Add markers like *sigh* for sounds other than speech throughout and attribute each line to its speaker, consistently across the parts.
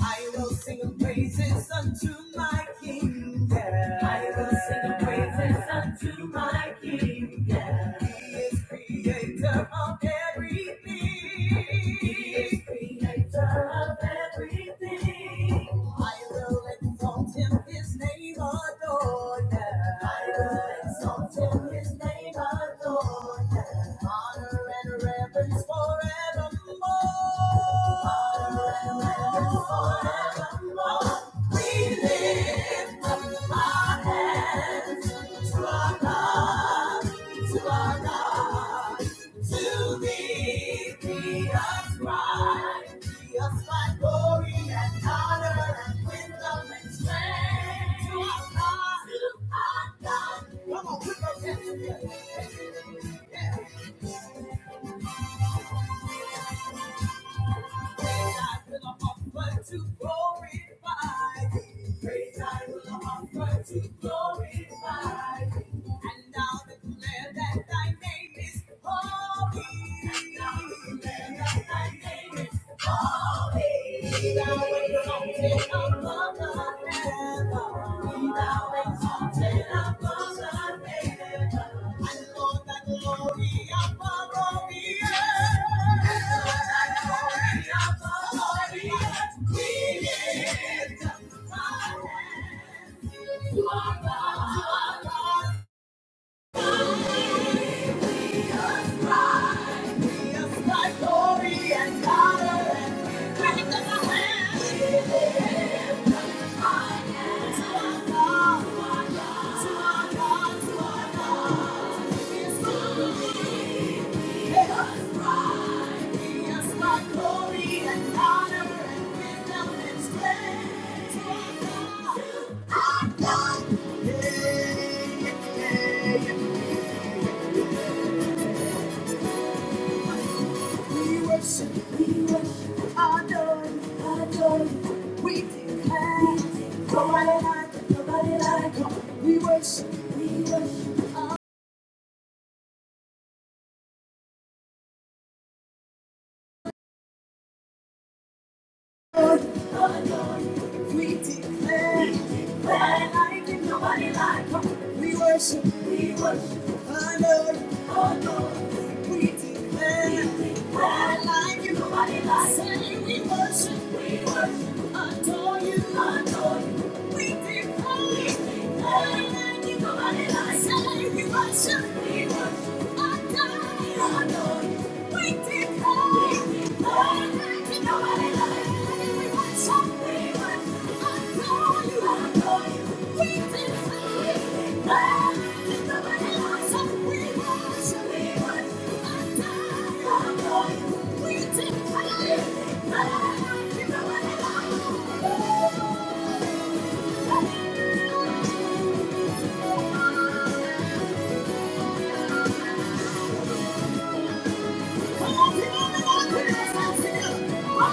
Speaker 1: I will sing praises unto my King. Yeah. I will sing praises unto my King. Yeah. He is creator of everything. He is creator of everything. I will exalt him, his name adore. Yeah. I will exalt him, his name adore. Yeah. Honor and reverence forevermore. Come on, put those hands together. Yeah. Holy, thou art the Lord, our Father. Glory and honor and praise in the land. We worship, we worship, adore, adore. We declare, nobody like, nobody like. We worship, we worship. Lord, we declare, we declare, like nobody like We worship, we worship, our Lord, our Lord. We declare, we declare, like it, nobody like you. we worship, we worship, adore you, adore you. We declare, we declare, like it, nobody like you. we worship, we worship.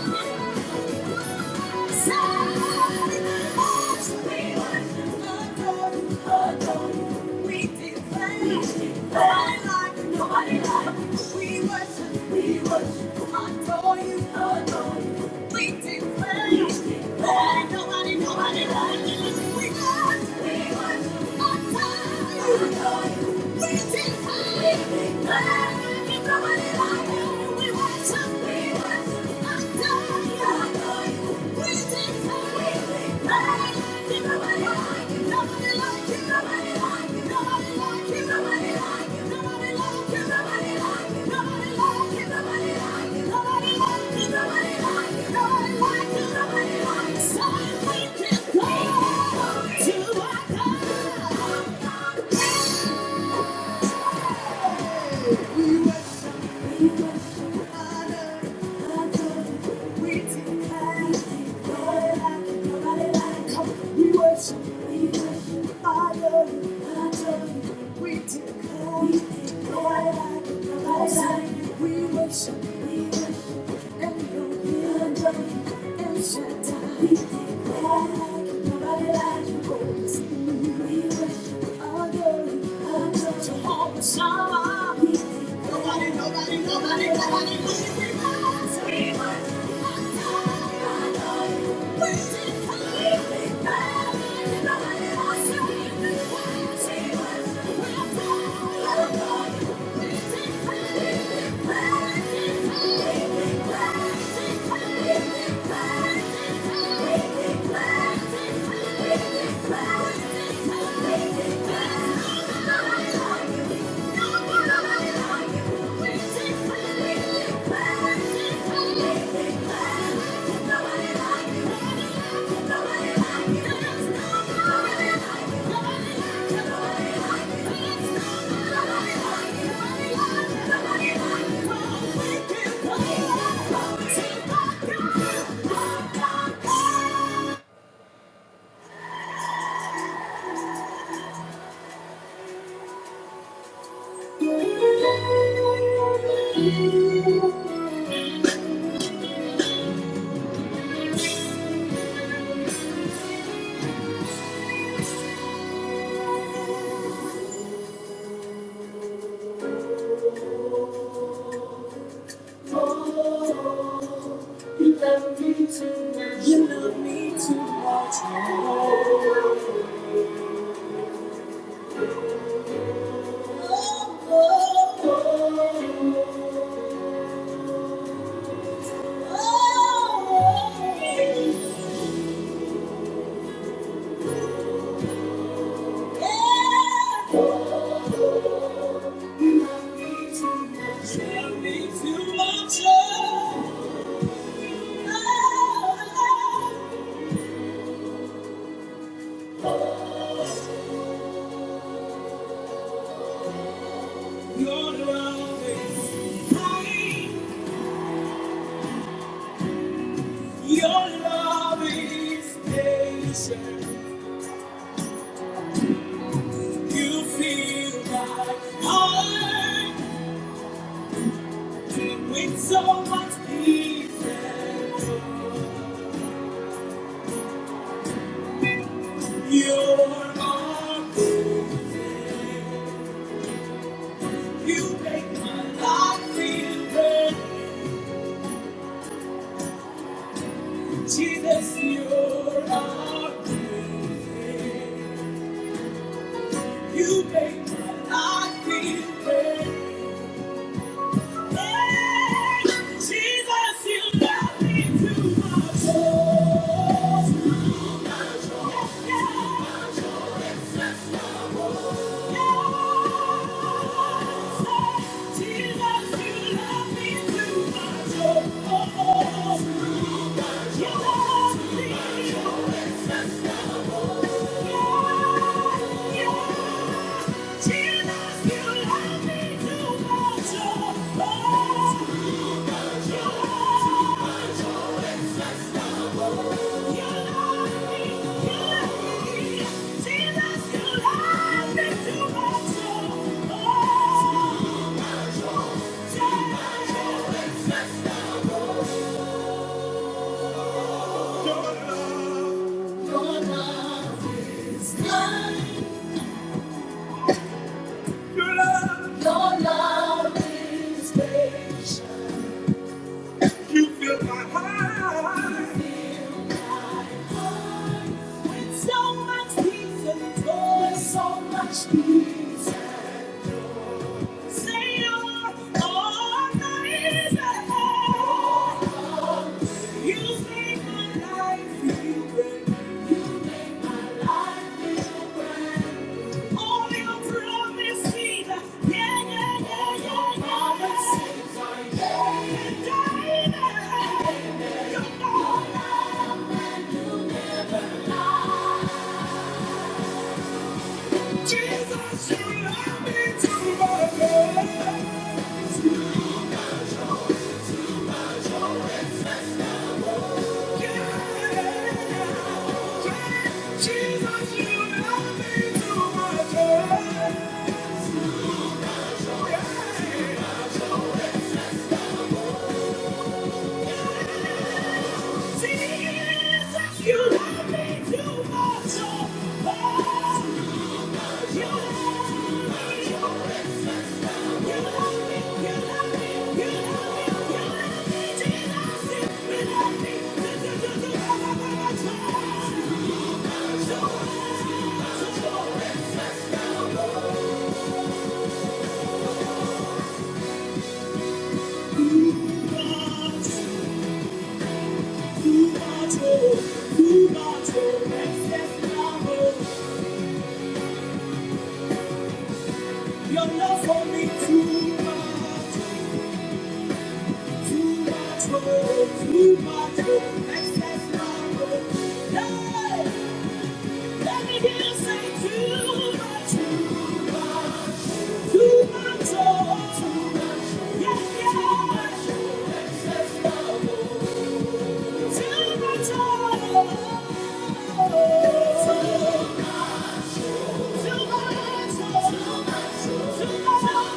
Speaker 1: Thank you. Nobody like you. We worship, we worship. Somebody like to we worship, we worship, and you're here, and Shaddai. Nobody, nobody, nobody, nobody, Nobody Thank you. Nobody like you. You love me too much. Oh, oh, oh, oh, oh. Yeah. Oh, You love me too much. You love me too much. Oh, oh, oh. Your love is kind. Your love is patient. You feel like heart with so much peace and your arms. You make my life feel brand new. Jesus, your arms. You make my life feel brand new. Hey, Jesus, you love me too much. Oh, yeah, yeah. Your love, your love, your love. Your love, Your love is patient. You fill my heart. You fill my heart With so much peace and joy, so much peace. Say you're all that is ahead. You make my life, you bring all your promises. Yeah, yeah, yeah, yeah, yeah. Promises. Yeah. David, Jesus, you love me too much. Yeah. Jesus, you love me too much. Oh, Jesus, you love me too much. Oh, you love me. You love me. You love me. You love me. Jesus, you love me. You love me. You love me. You love Your love for me too much, too much, oh, too much, oh, excess love. oh. Hey, let me hear you say too much, too much, too much, oh, too much, yeah, yeah, too much, oh, excess love. oh. Too much, oh, too much, oh. You made my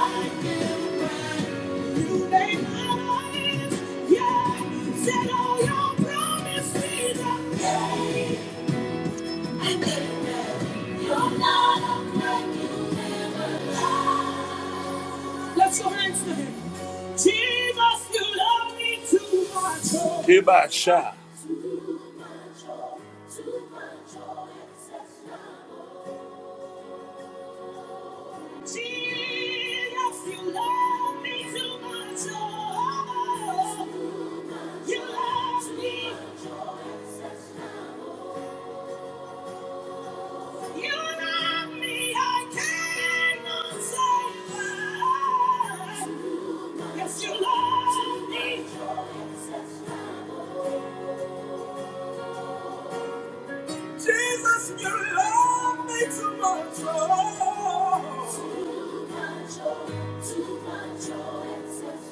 Speaker 1: Yeah. Let's go hands to Jesus, you love me too much. Kibasha. Jesus, you love me too much. Oh, you love me. Jesus, you love me too much. Oh. Too much, oh, too much, oh, excess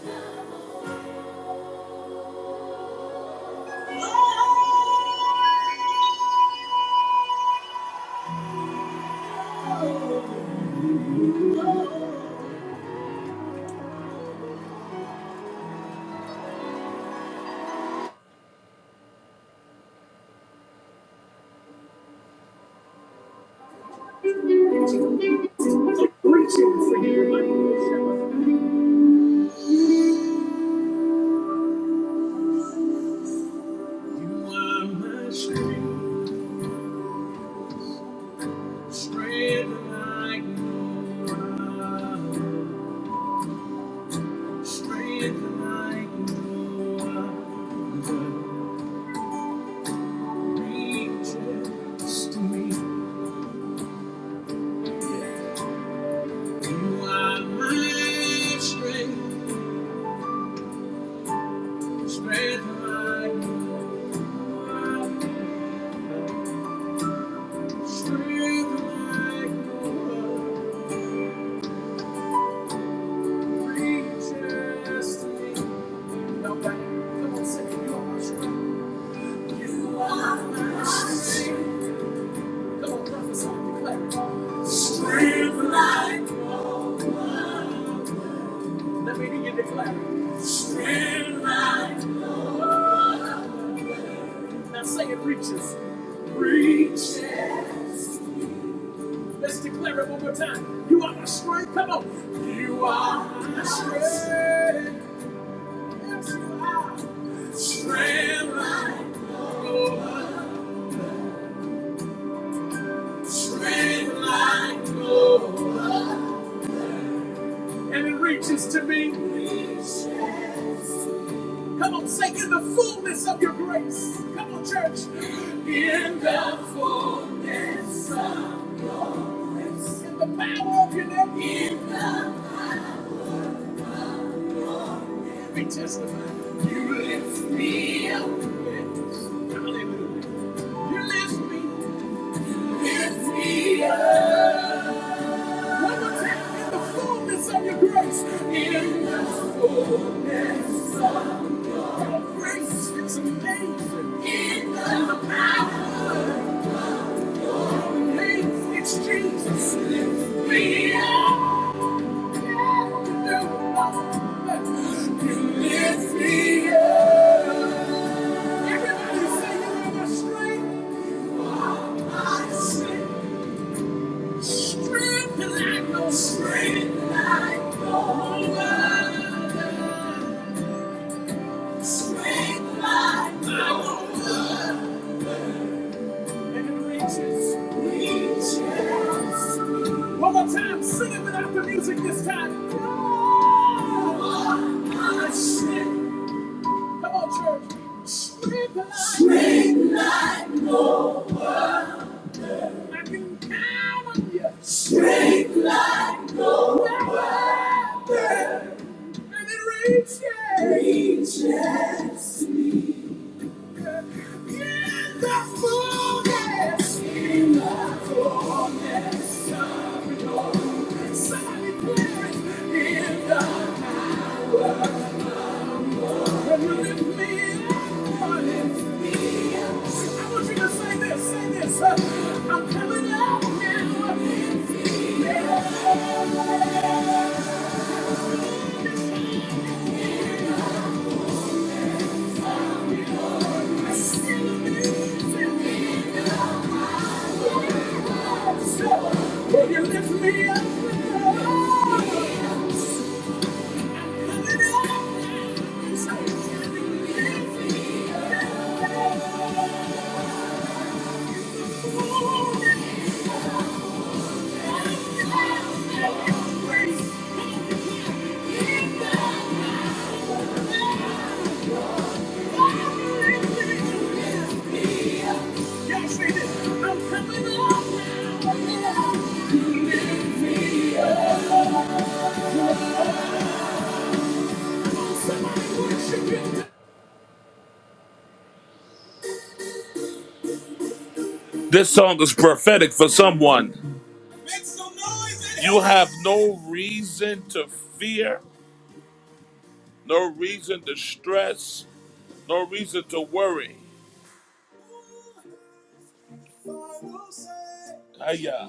Speaker 1: love. you, You are my strength, strength and I know. Strength like no reaches to me. You are my strength, strength like no strength like no reaches to me. come on, sing You are my strength. You are my strength. Come on, prophesy, declare it. Strength. Let me hear you declare Now say it reaches. Reaches. Let's declare it one more time. You are my strength. Come on. You are my strength. Yes, you are. Strength like no Strength like no And it reaches to me. Reaches. Come on, say in the fullness of your grace. Come on, church. In the fullness of In the power of your name. In the I testify. You lift me up. Hallelujah. You lift me. Lift me up. One more time. In the fullness of your grace. In the fullness of your grace. It's amazing. In the power of your name. It's Jesus. Lift me up. Yeah. You lift me up. Everybody say you want strength. I say strength like no strength like no other. Strength like no other. And it reaches, reaches. One more time, sing it without the music this time. Oh, Come on, church. Straight like, strength like. I can count on you. Strength like no other. I'm coming out now. Yeah. Will you lift me up with your arms? Lift me up. This song is prophetic for someone. You have no reason to fear, no reason to stress, no reason to worry. Hiya.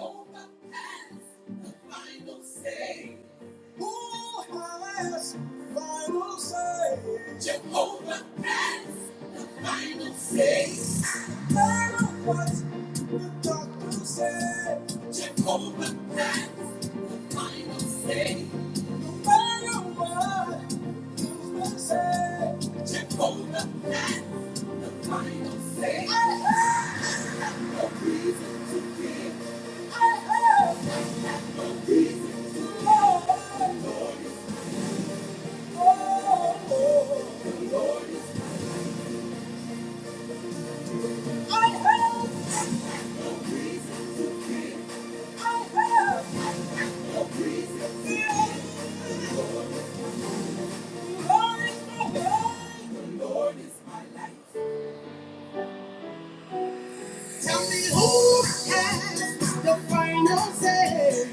Speaker 1: Tell me who has the final say.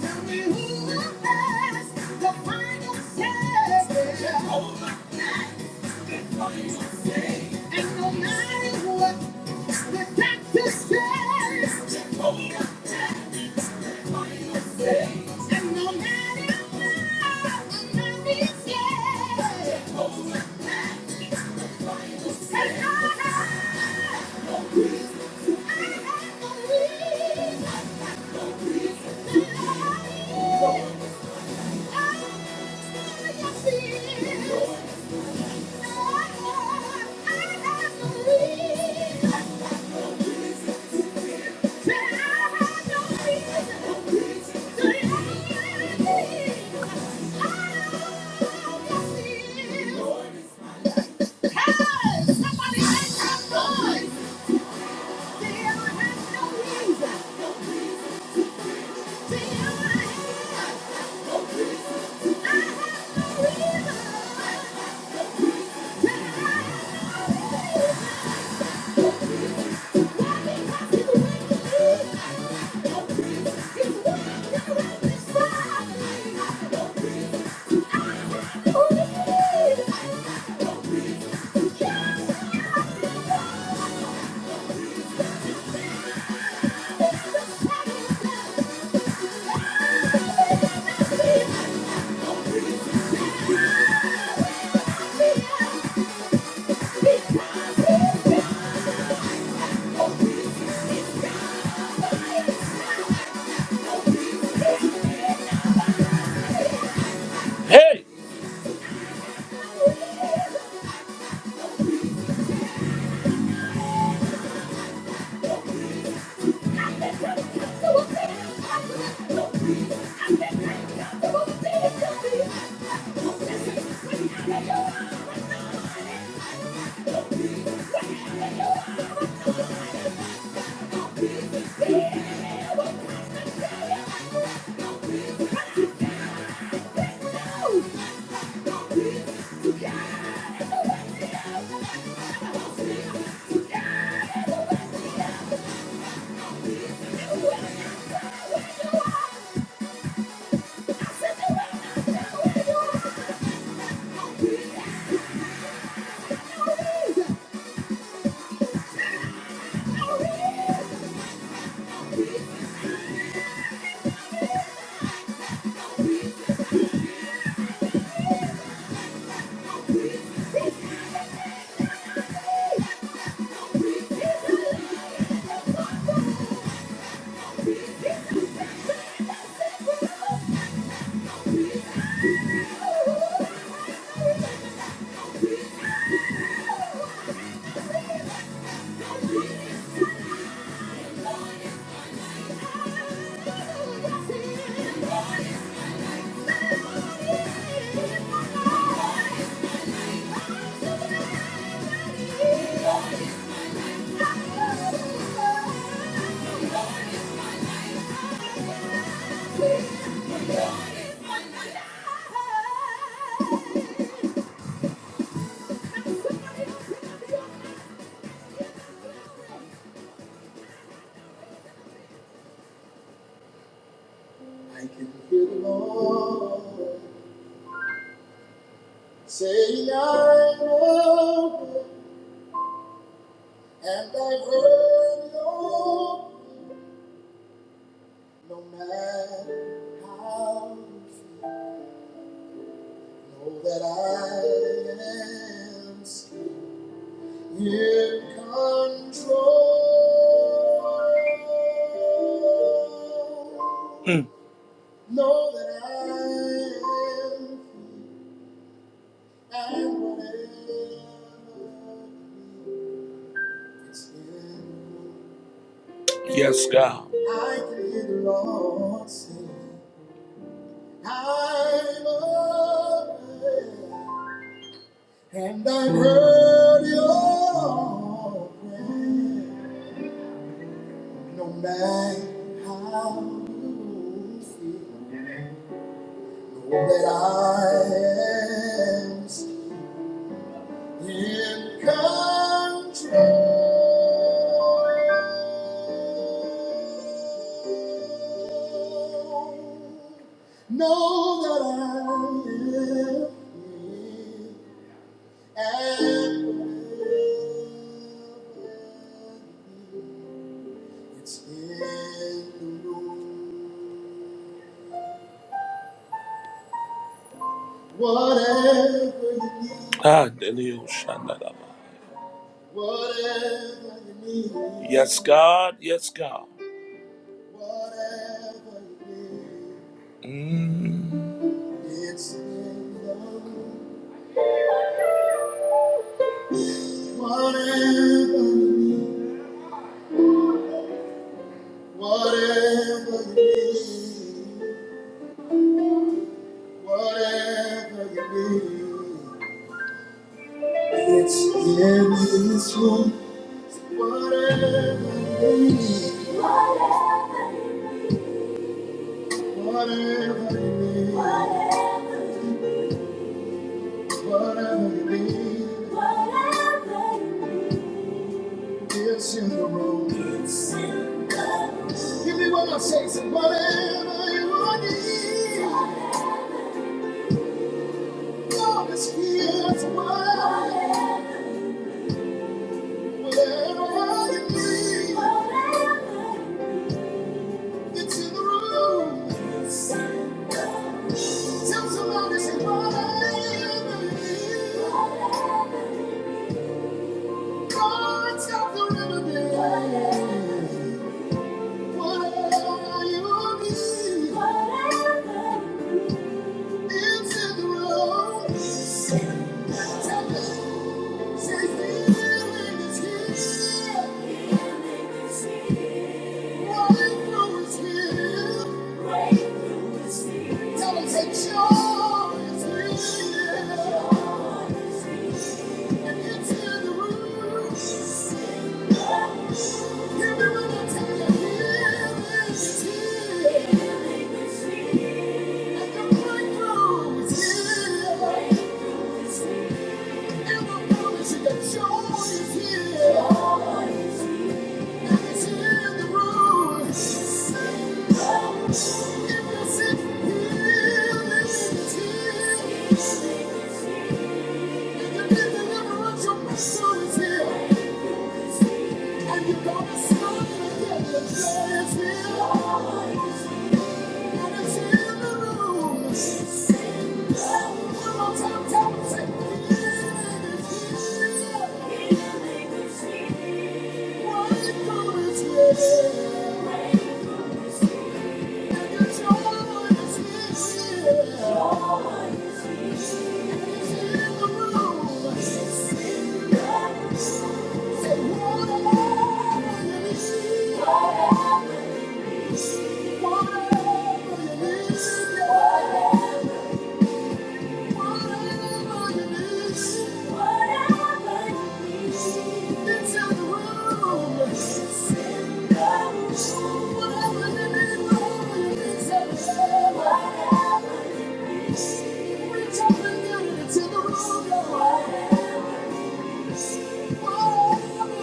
Speaker 1: Tell me who has the final say. And no matter what the doctor says, and no matter what the mommy says, and I, I believe. Hey! Say I know that you no matter how, know that I am in control. Mm. Know that I am and whatever. Yes, God. Lord, say, I'm a- and I heard your prayer. No matter how that I am in control. Know that I am here and will It's in the room. Whatever you need. Ah, Delio Shandalaba. Whatever you need. Yes, God. Yes, God. Whatever you need. Mm. It's in the room. Whatever you need. Whatever you need. Whatever you need. It's in this room. Whatever it is, whatever it is, whatever it is, it's in the room. God's got the remedy. Whatever you need, it's in the room. Take it. Thank you. And you're gonna smile and get your joy is here. Thank you. Whatever it is, reach up and down and it's in the room. Just let it go.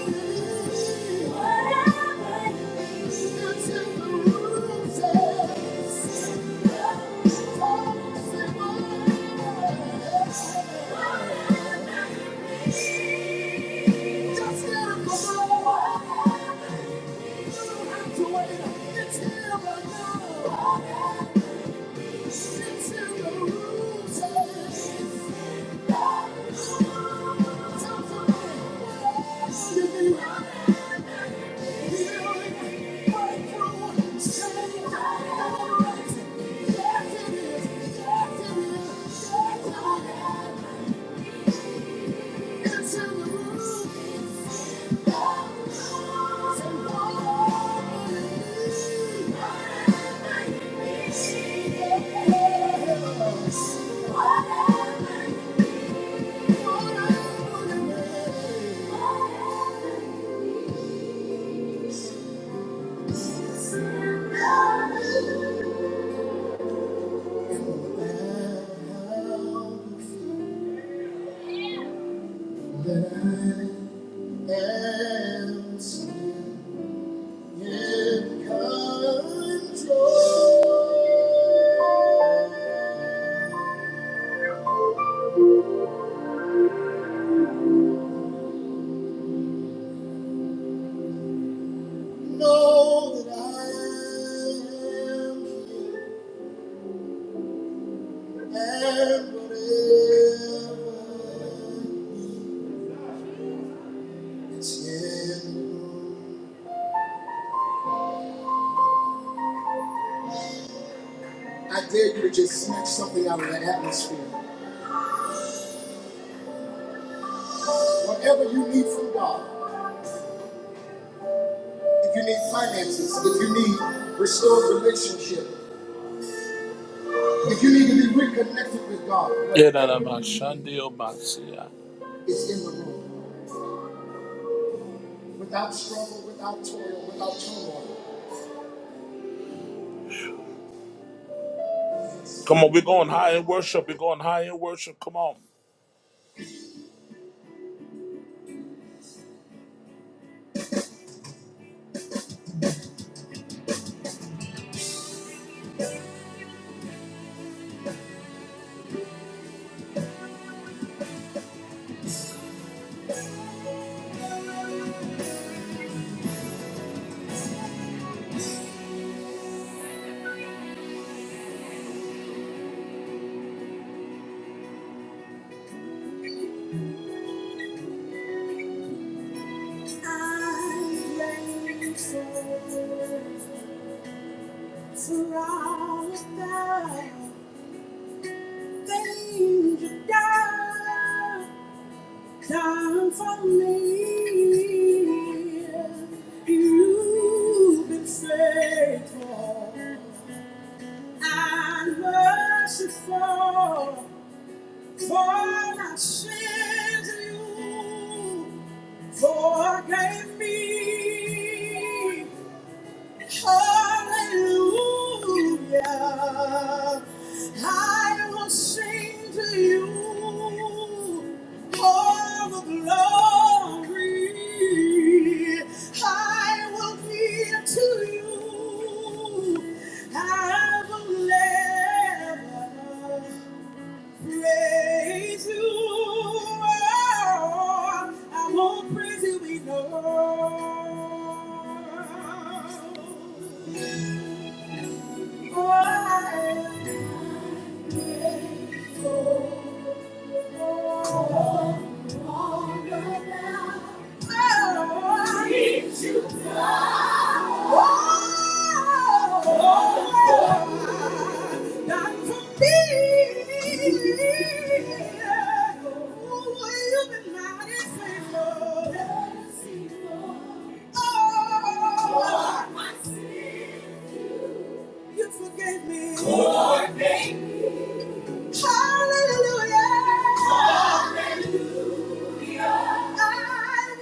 Speaker 1: You don't have to wait until I know. Thank you. And in control. Know that I am here and whatever is in I dare you to just snatch something out of the atmosphere. Whatever you need from God, if you need finances, if you need restored relationship, if you need to be reconnected with God, whatever you need Erarabashandiobasia. is in the room. Without struggle, without toil, without turmoil. Come on, we're going high in worship. We're going high in worship. Come on. Come for me. You've been faithful and merciful for my sins. you Forgive me. Hallelujah. I will sing to you all the glory. I will give to you. I will never praise you. oh, I won't praise you enough. Oh, I see. You forgave me. Forgave me. Hallelujah. Hallelujah. I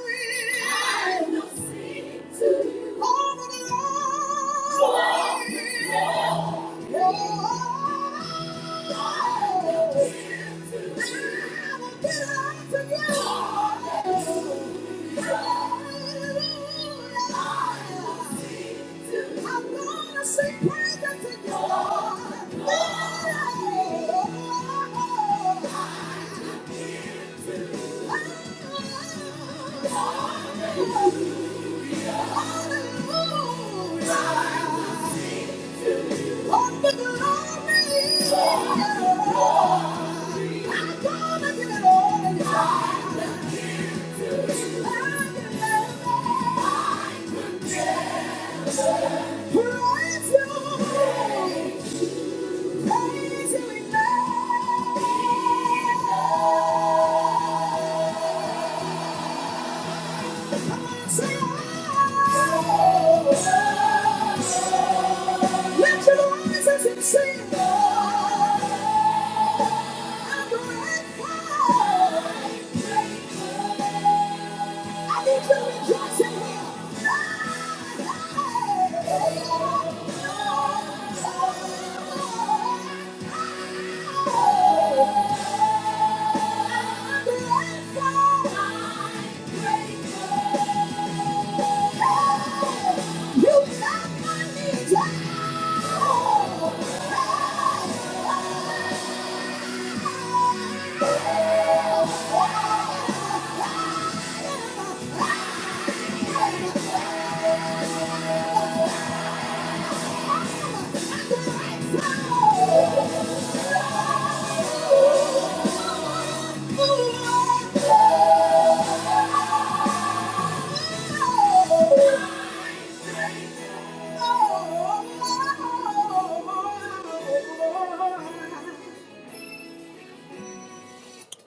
Speaker 1: will. I will sing to you. All the Lord. Glory. Oh. I will get up to you. Hallelujah. I'm gonna sing praises to you, Lord. Under the glory. I'm gonna give it all to you. I will praise you. Praise you in vain. Say, oh, Lift your voices and sing.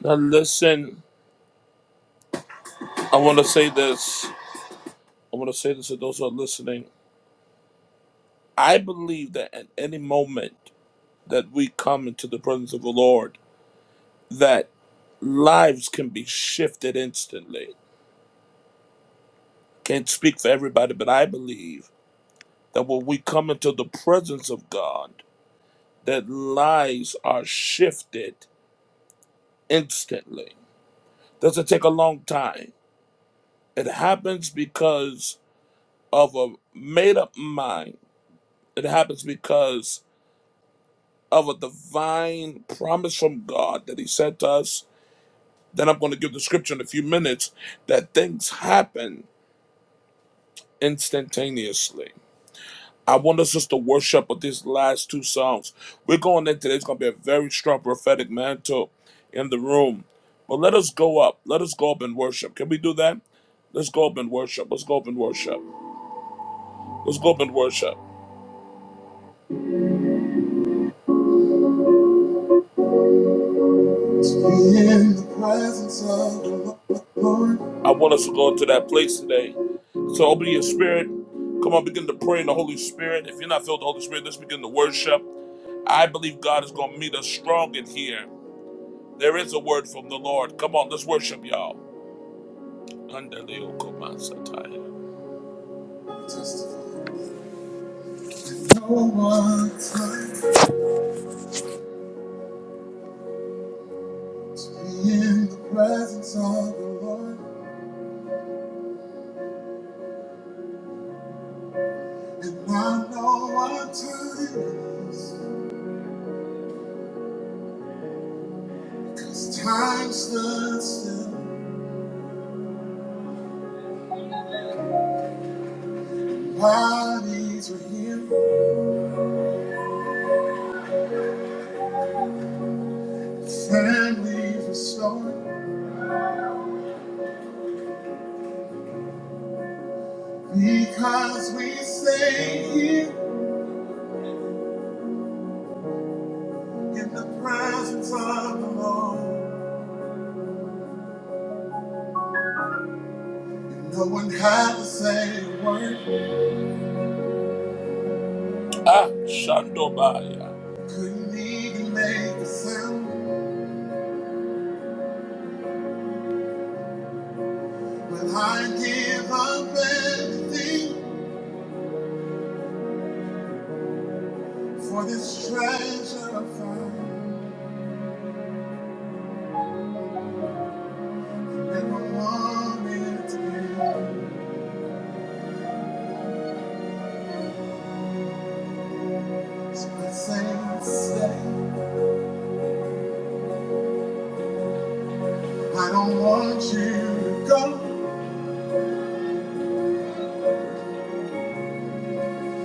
Speaker 1: Now, listen, I want to say this. I want to say this to those who are listening. I believe that at any moment that we come into the presence of the Lord, that lives can be shifted instantly. Can't speak for everybody, but I believe that when we come into the presence of God, that lives are shifted instantly. Doesn't take a long time. It happens because of a made up mind. It happens because of a divine promise from God that He sent us. Then I'm going to give the scripture in a few minutes that things happen instantaneously. I want us just to worship with these last two songs. We're going in today. It's going to be a very strong prophetic mantle in the room. But let us go up. Let us go up and worship. Can we do that? Let's go up and worship. Let's go up and worship. Let's go up and worship. In the presence of the Lord. I want us to go into that place today. So open your spirit. Come on, begin to pray in the Holy Spirit. If you're not filled with the Holy Spirit, let's begin to worship. I believe God is going to meet us strong in here. There is a word from the Lord. Come on, let's worship y'all. No one's like to be in the presence of the Lord, and I know our time it is, because time stood still, bodies were healed, families restored, because we stay here in the presence of the Lord, and no one had to say a word. Ah, Shandobaya. Couldn't even make a sound, but I give up everything for this treasure I found. Never wanted to be. So I say, stay. I don't want you to go,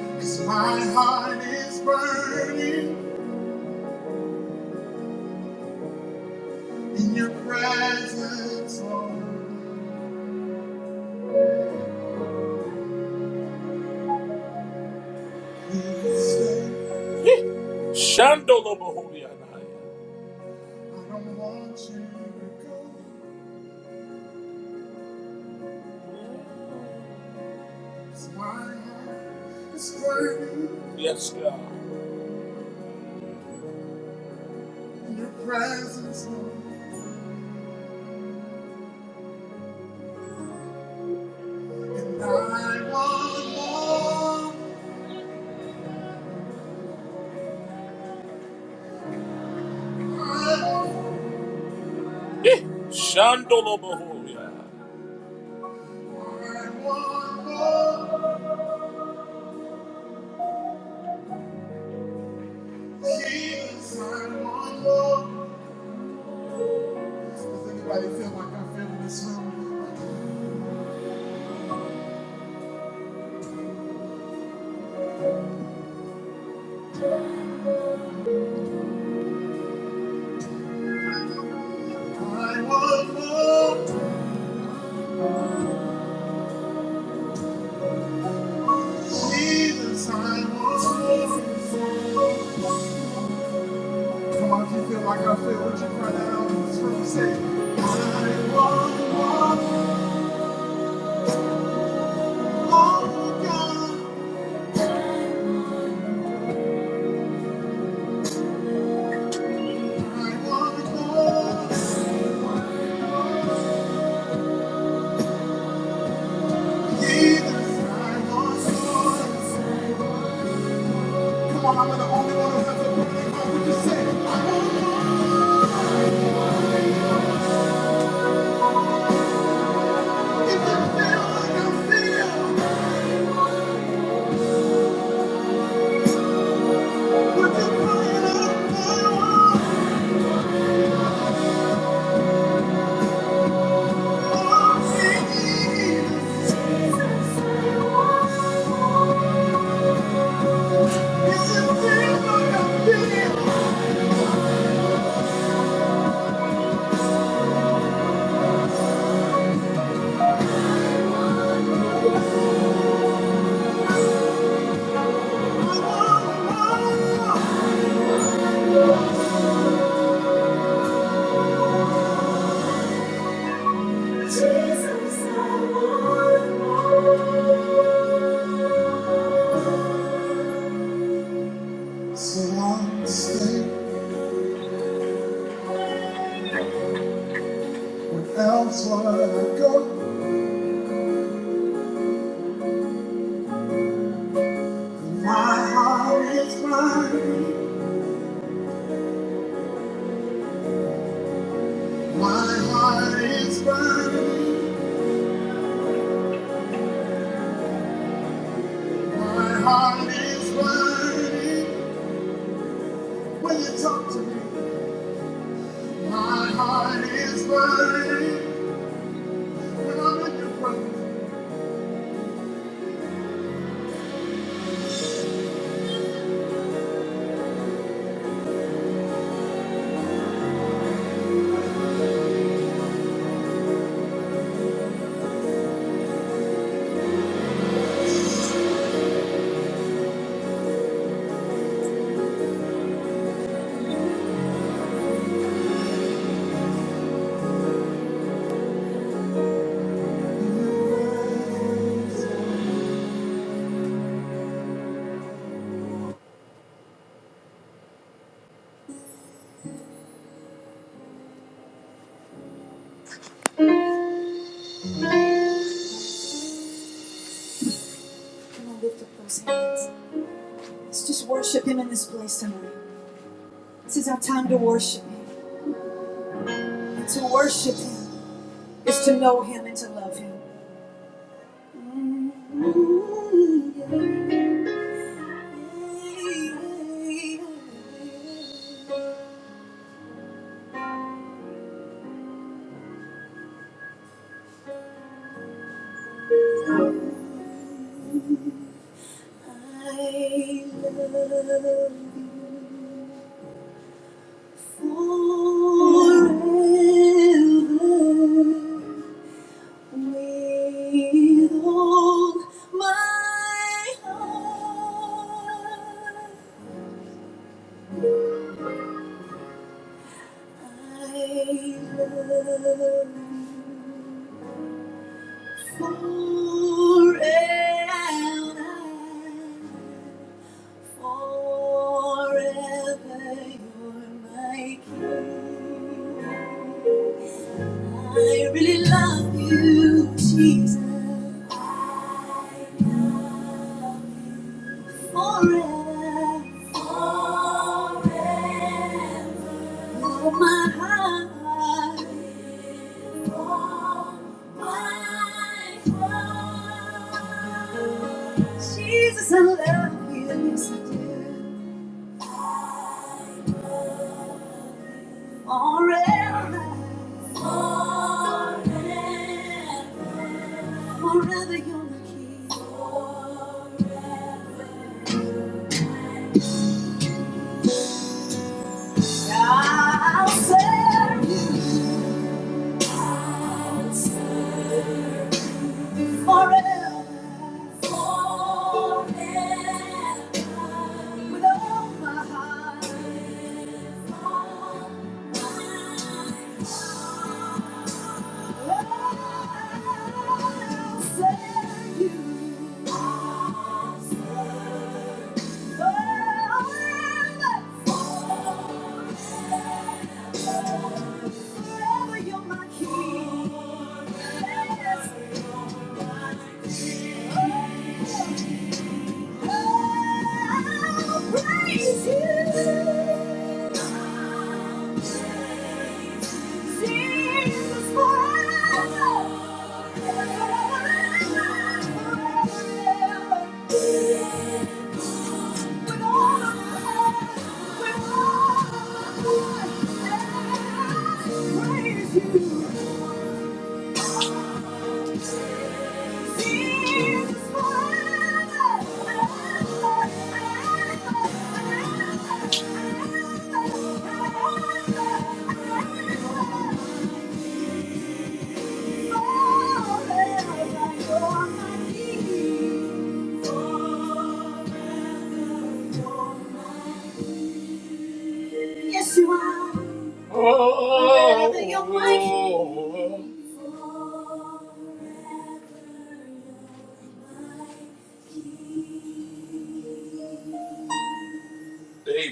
Speaker 1: cause my heart is burning in your presence, Lord. Please stay. Shandolobohulianaya. I don't want you to go. It's my heart is burning. Yes, God. In your presence, Lord. And I want more. I- Eh, Shandolobohoya. I want more. Jesus, I want more. Does anybody feel like I feel in this room? I want more. Jesus, I want more. Sometimes you feel like I feel what you cried out in this room. Say, I want more, oh God. I want more Jesus. I want more. Come on, I'm the only one who has a burning heart. Would you say, I want more? If you feel like I feel, would you cry it out, I want Jesus? Jesus, I want more. So I stay when elsewhere I go. My heart is burning. My heart is burning. My heart is burning. When you talk to me, my heart is burning. When I'm in your presence. Come on, lift up those hands. Let's just worship Him in this place tonight. This is our time to worship Him. And to worship Him is to know Him and to love Him. Forever. Forever you're my king. I really love you, Jesus. Forever, forever. You're my heart. Jesus, I love you, yes I do. Forever. Forever forever you're my king. Forever, I'll serve you forever. forever With all my heart. I'll serve you forever. Forever you're my king. Praise you. Thank you. Yes, you are. Oh, Wherever your mind is.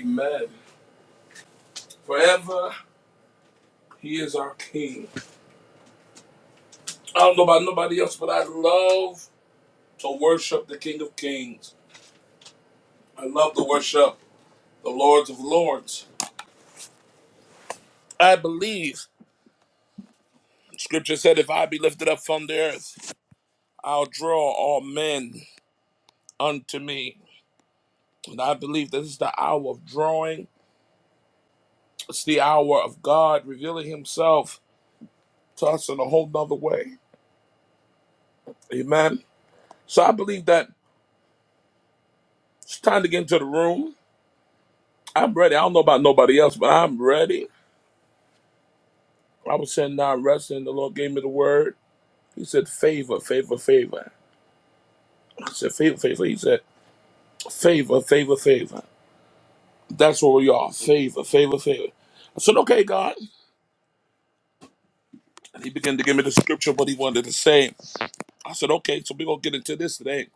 Speaker 1: Amen. Forever, He is our King. I don't know about nobody else, but I love to worship the King of Kings. I love to worship the Lords of Lords. I believe Scripture said, "If I be lifted up from the earth, I'll draw all men unto me." And I believe this is the hour of drawing. It's the hour of God revealing himself to us in a whole nother way. Amen. So I believe that it's time to get into the room. I'm ready. I don't know about nobody else, but I'm ready. I was sitting down resting. The Lord gave me the word. He said, favor, favor, favor. I said, favor, favor. He said, favor, favor, favor. That's where we are. Favor, favor, favor. I said, okay, God. And he began to give me the scripture, what he wanted to say. I said, okay, so we're going to get into this today.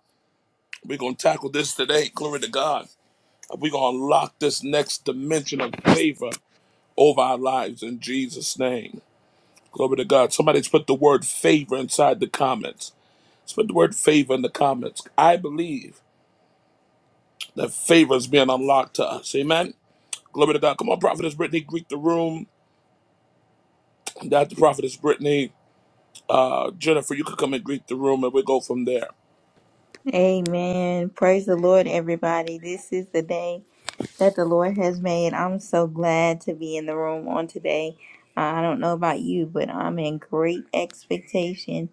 Speaker 1: We're going to tackle this today. Glory to God. We're going to unlock this next dimension of favor over our lives in Jesus' name. Glory to God. Somebody's put the word favor inside the comments. Let's put the word favor in the comments. I believe that favor is being unlocked to us. Amen. Glory to God. Come on, Prophetess Brittany, greet the room. Dr. Prophetess Brittany, uh, Jennifer, you could come and greet the room and we'll go from there.
Speaker 2: Amen. Praise the Lord, everybody. This is the day that the Lord has made. I'm so glad to be in the room on today. Uh, I don't know about you, but I'm in great expectation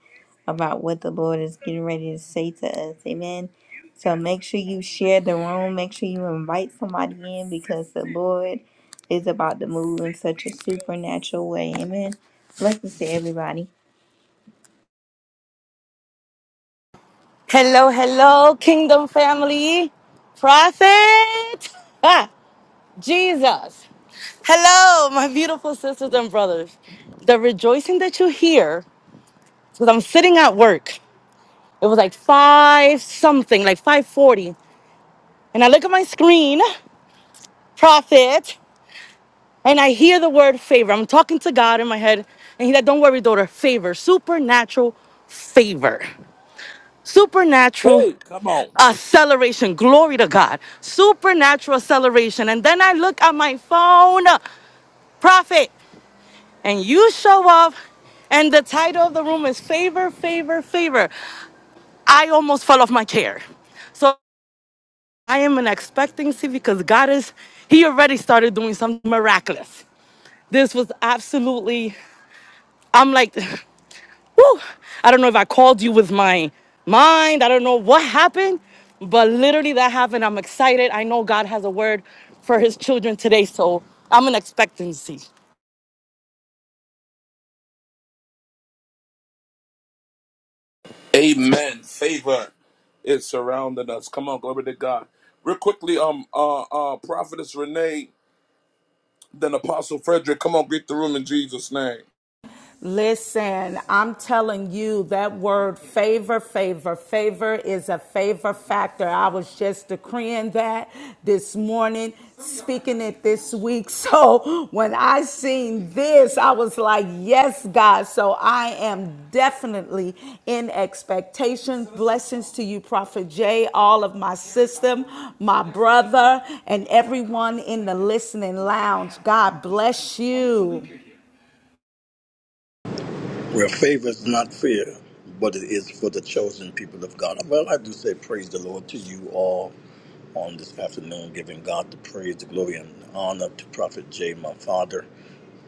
Speaker 2: about what the Lord is getting ready to say to us. Amen. So make sure you share the room. Make sure you invite somebody in because the Lord is about to move in such a supernatural way. Amen. Blessings to everybody.
Speaker 3: Hello, hello, kingdom family, prophet, ah, Jesus. Hello, my beautiful sisters and brothers. The rejoicing that you hear, because I'm sitting at work. It was like five something, like 540. And I look at my screen, prophet, and I hear the word favor. I'm talking to God in my head. And he's like, don't worry, daughter, favor, supernatural favor, supernatural
Speaker 1: Hey, come on.
Speaker 3: acceleration. Glory to God. Supernatural acceleration. And then I look at my phone, prophet, and you show up, and the title of the room is Favor, Favor, Favor. I almost fell off my chair. So I am in expectancy because God is, He already started doing something miraculous. This was absolutely, I'm like, *laughs* whew, I don't know if I called you with my mind. I don't know what happened, but literally that happened. I'm excited. I know God has a word for his children today, so I'm in expectancy.
Speaker 1: Amen. Favor is surrounding us. Come on, glory to God. Real quickly, um, uh, uh, prophetess Renee, then Apostle Frederick. Come on, greet the room in Jesus' name.
Speaker 4: Listen, I'm telling you that word favor, favor, favor is a favor factor. I was just decreeing that this morning, speaking it this week. *laughs* So when I seen this, I was like, yes, God. So I am definitely in expectation. Blessings to you, Prophet Jay, all of my system, my brother, and everyone in the listening lounge. God bless you.
Speaker 5: Where favor is not fear, but it is for the chosen people of God. Well, I do say praise the Lord to you all on this afternoon, giving God the praise, the glory, and honor to Prophet Jay, my father,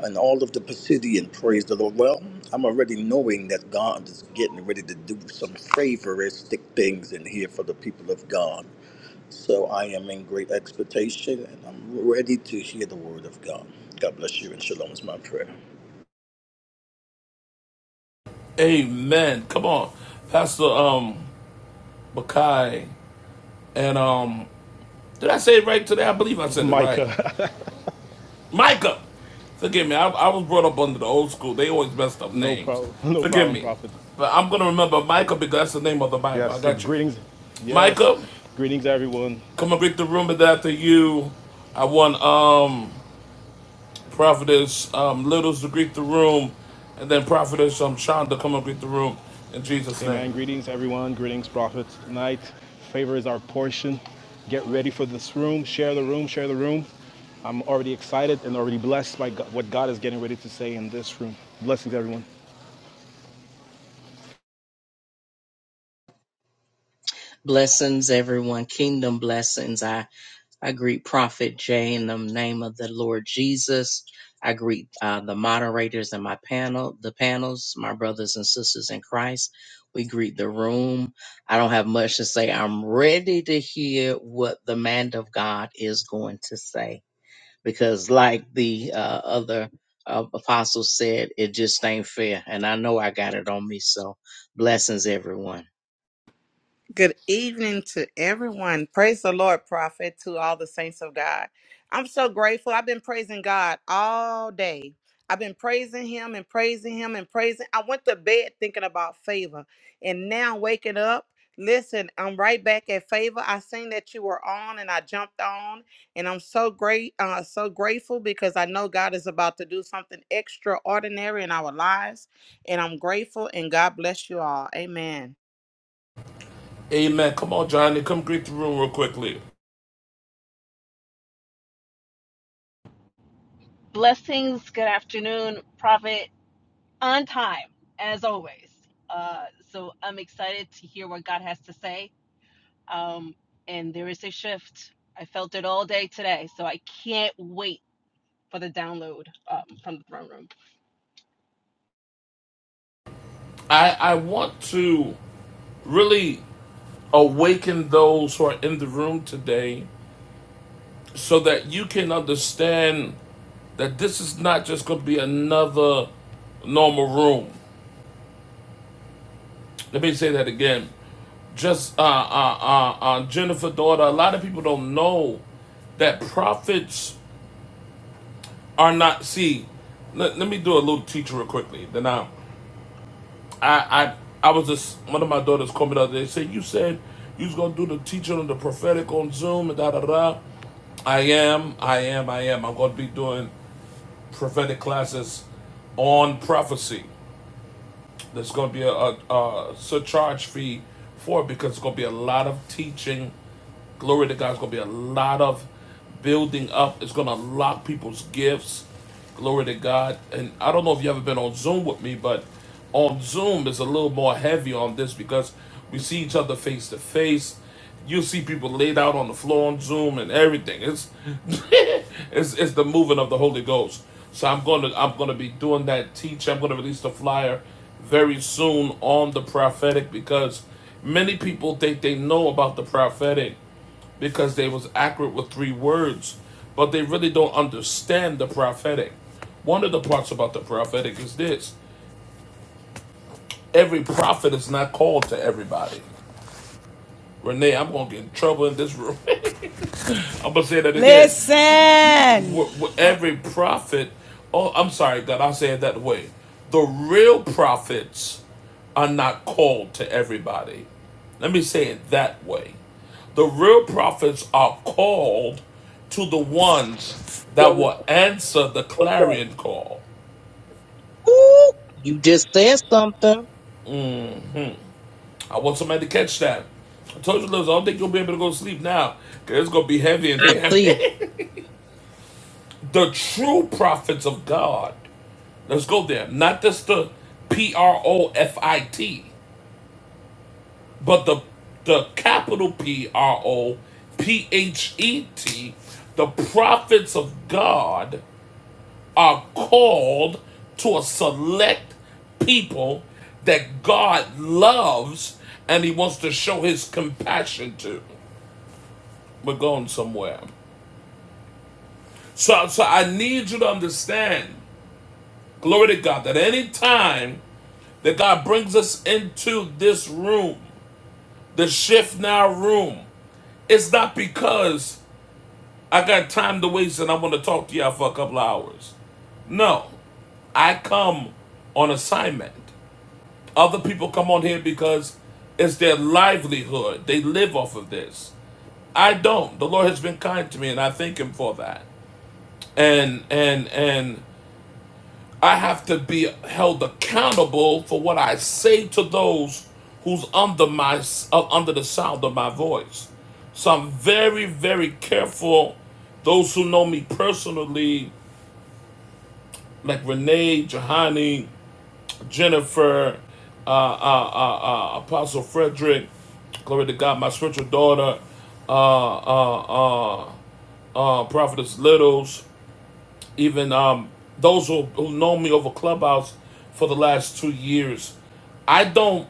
Speaker 5: and all of the Pisidian. Praise the Lord. Well, I'm already knowing that God is getting ready to do some favoristic things in here for the people of God. So I am in great expectation, and I'm ready to hear the word of God. God bless you, and shalom is my prayer.
Speaker 1: Amen. Come on, Pastor um Bakai and um, did I say it right today? I believe I said it right.
Speaker 6: Micah.
Speaker 1: Micah, forgive me. I, I was brought up under the old school. They always messed up
Speaker 6: *laughs* no
Speaker 1: names.
Speaker 6: problem. No
Speaker 1: Forgive
Speaker 6: problem,
Speaker 1: me,
Speaker 6: Prophet.
Speaker 1: but I'm gonna remember Micah because that's the name of the Bible. I
Speaker 6: Yes, the
Speaker 1: got you,
Speaker 6: greetings. Yes,
Speaker 1: Micah.
Speaker 6: greetings, everyone.
Speaker 1: Come and greet the room, but after you, I want um prophetess um Littles to greet the room, and then prophetess um Shonda come and greet the room in Jesus'
Speaker 6: Amen.
Speaker 1: name.
Speaker 6: Greetings, everyone. Greetings, Prophet. Tonight, favor is our portion. Get ready for this room. Share the room. Share the room. I'm already excited and already blessed by God, what God is getting ready to say in this room. Blessings, everyone.
Speaker 7: Blessings, everyone. Kingdom blessings. I, I greet Prophet Jay in the name of the Lord Jesus. I greet uh, the moderators and my panel, the panels, my brothers and sisters in Christ. We greet the room. I don't have much to say. I'm ready to hear what the man of God is going to say because, like the uh, other uh, apostle said, it just ain't fair. And I know I got it on me. So, blessings, everyone.
Speaker 8: Good evening to everyone. Praise the Lord, prophet, to all the saints of God. I'm so grateful. I've been praising God all day. I've been praising Him and praising Him and praising. I went to bed thinking about favor, and now waking up. Listen, I'm right back at favor. I seen that you were on, and I jumped on, and I'm so great, uh, so grateful because I know God is about to do something extraordinary in our lives, and I'm grateful. And God bless you all. Amen.
Speaker 1: Amen. Come on, Johnny, come greet the room real quickly.
Speaker 9: Blessings. Good afternoon, Prophet. On time, as always. Uh, so I'm excited to hear what God has to say. Um, and there is a shift. I felt it all day today, so I can't wait for the download um, from the throne room.
Speaker 1: I I want to really awaken those who are in the room today, so that you can understand that this is not just going to be another normal room. Let me say that again. just uh, uh, uh, uh, Jennifer daughter. A lot of people don't know that prophets are not. See, let, let me do a little teacher real quickly. Then I, I, I, I was just one of my daughters called me the other day. Say you said you was gonna do the teaching on the prophetic on Zoom and da da da. I am, I am, I am. I'm gonna be doing prophetic classes on prophecy. There's gonna be a, a, a surcharge fee for it because it's gonna be a lot of teaching Glory to God. It's going to be a lot of building up. It's going to lock people's gifts. Glory to God. And I don't know if you ever been on Zoom with me, but on Zoom it's a little more heavy on this because we see each other face to face. You see people laid out on the floor on Zoom and everything. It's *laughs* it's it's the moving of the Holy Ghost. So I'm gonna I'm gonna be doing that teach. I'm gonna release the flyer very soon on the prophetic because many people think they know about the prophetic because they was accurate with three words, but they really don't understand the prophetic. One of the parts about the prophetic is this: every prophet is not called to everybody. Renee, I'm gonna get in trouble in this room. *laughs* I'm gonna say that again.
Speaker 4: Listen.
Speaker 1: every prophet, oh, I'm sorry that I say it that way. The real prophets are not called to everybody. Let me say it that way. The real prophets are called to the ones that will answer the clarion call.
Speaker 7: Ooh, you just said something.
Speaker 1: I want somebody to catch that. I told you, Liz, I don't think you'll be able to go to sleep now because it's going to be heavy in
Speaker 7: I
Speaker 1: here. *laughs*
Speaker 7: see.
Speaker 1: the true prophets of God Let's go there. Not just the P R O F I T, but the the capital P R O P H E T. The prophets of God are called to a select people that God loves and he wants to show his compassion to. We're going somewhere. So, so I need you to understand, glory to God, that any time that God brings us into this room, the shift now room. It's not because I got time to waste and I want to talk to y'all for a couple of hours. No, I come on assignment. Other people come on here because it's their livelihood. They live off of this. I don't. The Lord has been kind to me and I thank him for that. And and and I have to be held accountable for what I say to those who's under my uh, under the sound of my voice. So I'm very, very careful. Those who know me personally, like Renee, Jahani, Jennifer, uh, uh, uh, uh, Apostle Frederick, glory to God, my spiritual daughter, uh, uh, uh, uh, Prophetess Littles, even um, those who, who know me over Clubhouse for the last two years, I don't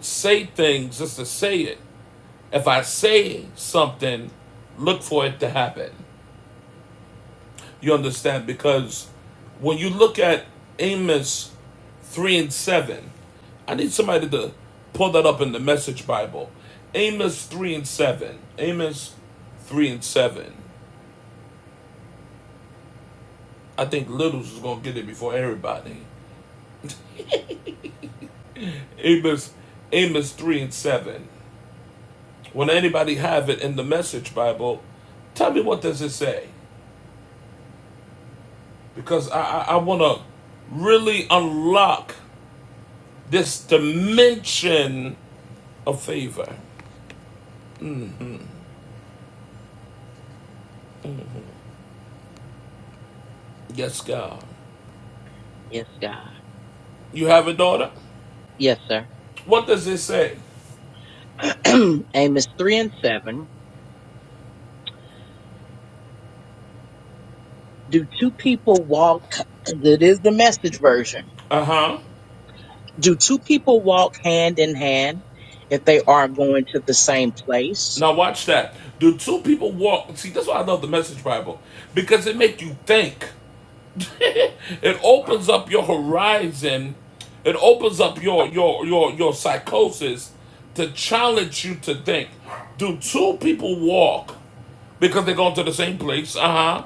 Speaker 1: say things just to say it. If I say something, look for it to happen. You understand? Because when you look at Amos 3 and 7, I need somebody to pull that up in the Message Bible. Amos 3 and 7. Amos 3 and 7. I think Littles is going to get it before everybody. Amos, Amos 3 and 7. When anybody have it in the Message Bible, tell me what does it say? Because I I, I want to really unlock this dimension of favor. Yes, God.
Speaker 7: Yes, God.
Speaker 1: You have a daughter?
Speaker 7: Yes, sir.
Speaker 1: What does it say?
Speaker 7: *clears throat* Amos 3 and 7. Do two people walk, That is the message version.
Speaker 1: Uh huh.
Speaker 7: Do two people walk hand in hand if they are going to the same place?
Speaker 1: Now watch that. Do two people walk? See, that's why I love the Message Bible because it make you think. *laughs* it opens up your horizon it opens up your your your your psychosis to challenge you to think do two people walk because they're going to the same place uh-huh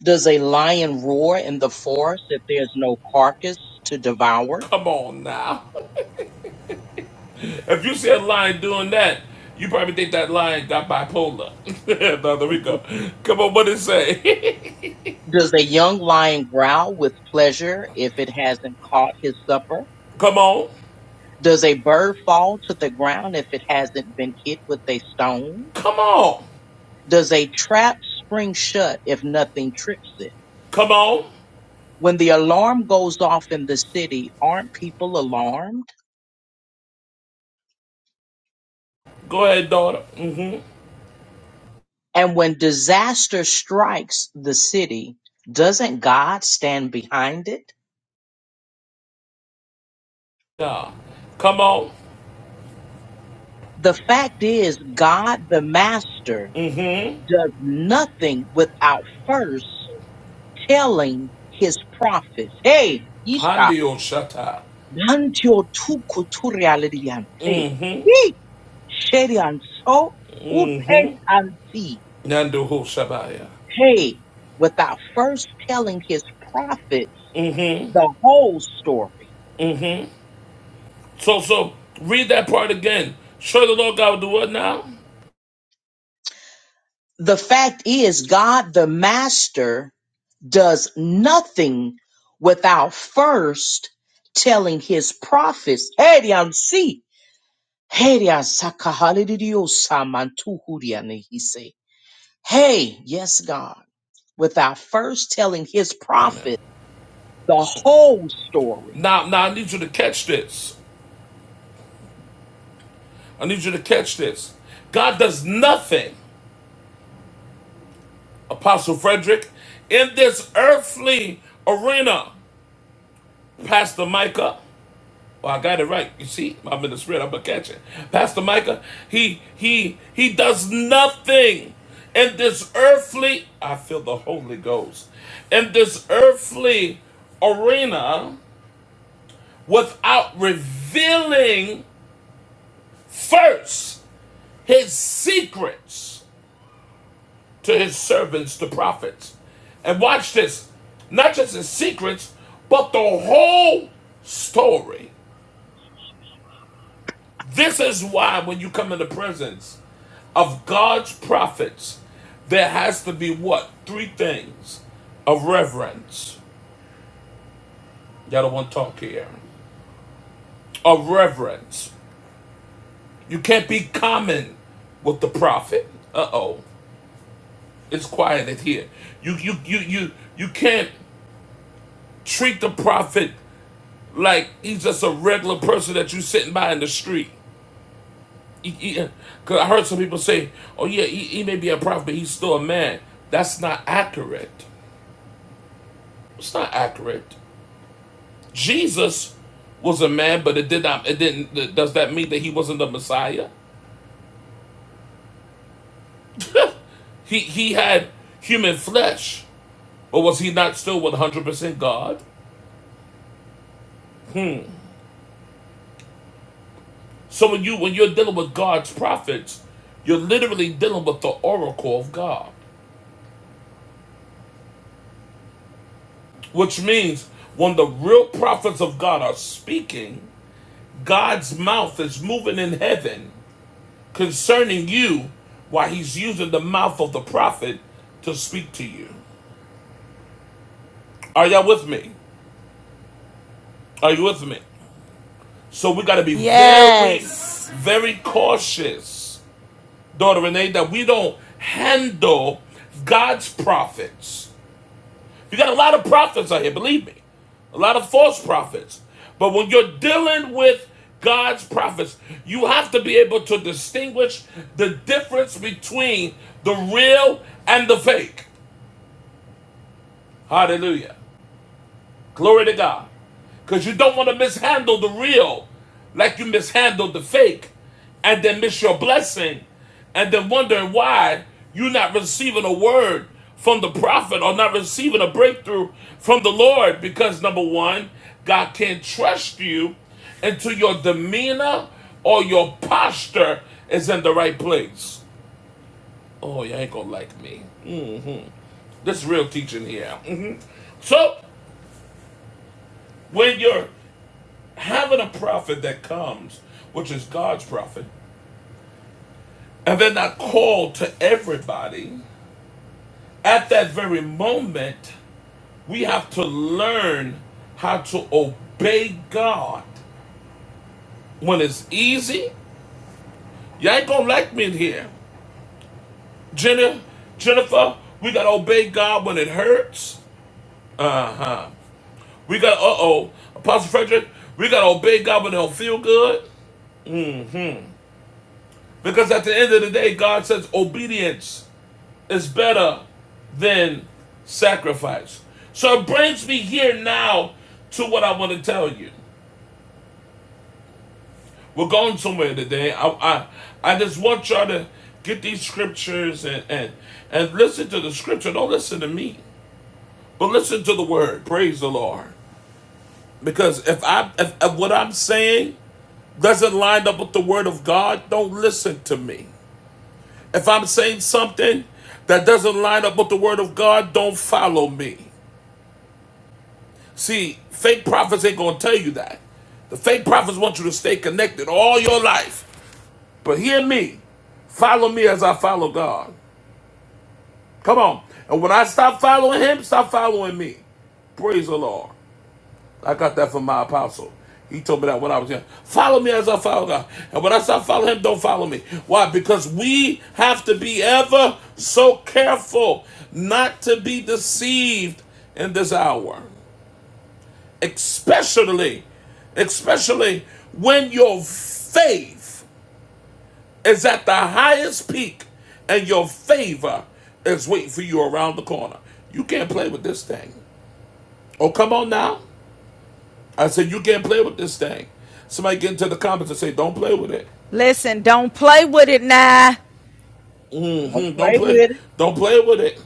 Speaker 7: Does a lion roar in the forest if there's no carcass to devour?
Speaker 1: come on now *laughs* if you see a lion doing that you probably think that lion got bipolar *laughs* no there
Speaker 7: *laughs*
Speaker 1: we go come on what did it say
Speaker 7: Does a young lion growl with pleasure if it hasn't caught his supper?
Speaker 1: *laughs* come on
Speaker 7: Does a bird fall to the ground if it hasn't been hit with a stone?
Speaker 1: come on
Speaker 7: Does a trap spring shut if nothing trips it?
Speaker 1: come on
Speaker 7: When the alarm goes off in the city, aren't people alarmed?
Speaker 1: go ahead daughter mm-hmm
Speaker 7: And when disaster strikes the city, doesn't God stand behind it?
Speaker 1: yeah come on
Speaker 7: The fact is, God the Master
Speaker 1: mm-hmm.
Speaker 7: does nothing without first telling his prophets, Hey, Yeshua
Speaker 1: handio shut
Speaker 7: Nantio tu kuturi aliriante. He sherian so utes anti.
Speaker 1: Nanduhu Shabaya.
Speaker 7: Hey, without first telling his prophet the whole story.
Speaker 1: So, so read that part again. Show the Lord God will do what now?
Speaker 7: The fact is, God the Master does nothing without first telling his prophets. Hey, di anse. hey, Herian si. Herian sakahalidio samantuhuriane, he say, Hey, yes, God. without first telling his
Speaker 1: Amen.
Speaker 7: prophet the whole story.
Speaker 1: Now, now I need you to catch this. I need you to catch this. God does nothing, Apostle Frederick, in this earthly arena, Pastor Micah. Well, I got it right. You see, I'm in the spirit. I'm a catcher. Pastor Micah, he he he does nothing in this earthly. I feel the Holy Ghost in this earthly arena without revealing first his secrets to his servants, the prophets. And watch this, not just his secrets, but the whole story. This is why when you come into presence of God's prophets, there has to be what? Three things of reverence. Y'all don't want to talk here. Of reverence. You can't be common with the prophet. Uh oh. It's quiet in here. You you you you you can't treat the prophet like he's just a regular person that you sitting by in the street. Because I heard some people say, "Oh yeah, he, he may be a prophet, but he's still a man." That's not accurate. It's not accurate. Jesus was a man, but it did not. It didn't. Does that mean that he wasn't the Messiah? *laughs* he he had human flesh, or was he not still one hundred percent God? So when you when you're dealing with God's prophets, you're literally dealing with the oracle of God, which means when the real prophets of God are speaking, God's mouth is moving in heaven concerning you, while He's using the mouth of the prophet to speak to you. Are y'all with me? Are you with me? So we got to be very,
Speaker 4: Yes.
Speaker 1: very cautious, daughter Renee, that we don't handle God's prophets. You got a lot of prophets out here, believe me, a lot of false prophets. But when you're dealing with God's prophets, you have to be able to distinguish the difference between the real and the fake. Hallelujah. Glory to God. Because you don't want to mishandle the real like you mishandled the fake and then miss your blessing and then wondering why you're not receiving a word from the prophet or not receiving a breakthrough from the Lord because number one, God can't trust you until your demeanor or your posture is in the right place. Oh, you ain't gonna like me. Mm. This real teaching here. Mhm. So, when you're having a prophet that comes, which is God's prophet, and they're not called to everybody, at that very moment, we have to learn how to obey God. When it's easy, you ain't gonna like me in here. Jenna, Jennifer, we gotta obey God when it hurts. Uh huh. We gotta, uh oh, Apostle Frederick, we gotta obey God when it don't feel good. Because at the end of the day, God says obedience is better than sacrifice. So it brings me here now to what I want to tell you. We're going somewhere today. I I, I just want y'all to get these scriptures and, and and listen to the scripture. Don't listen to me, but listen to the word. Praise the Lord. Because if I if, if what I'm saying doesn't line up with the word of God, don't listen to me. If I'm saying something that doesn't line up with the word of God, don't follow me. See, fake prophets ain't gonna tell you that. The fake prophets want you to stay connected all your life. But hear me. Follow me as I follow God. Come on. And when I stop following him, stop following me. Praise the Lord. I got that from my apostle. He told me that when I was young. Follow me as I follow God. And when I stop following him, don't follow me. Why? Because we have to be ever so careful not to be deceived in this hour. especially especially when your faith is at the highest peak and your favor is waiting for you around the corner you can't play with this thing oh come on now i said you can't play with this thing somebody get into the comments and say don't play with it
Speaker 4: Listen, don't play with it now.
Speaker 7: Don't
Speaker 1: Mm, don't
Speaker 7: play
Speaker 1: play
Speaker 7: with it.
Speaker 1: don't play with it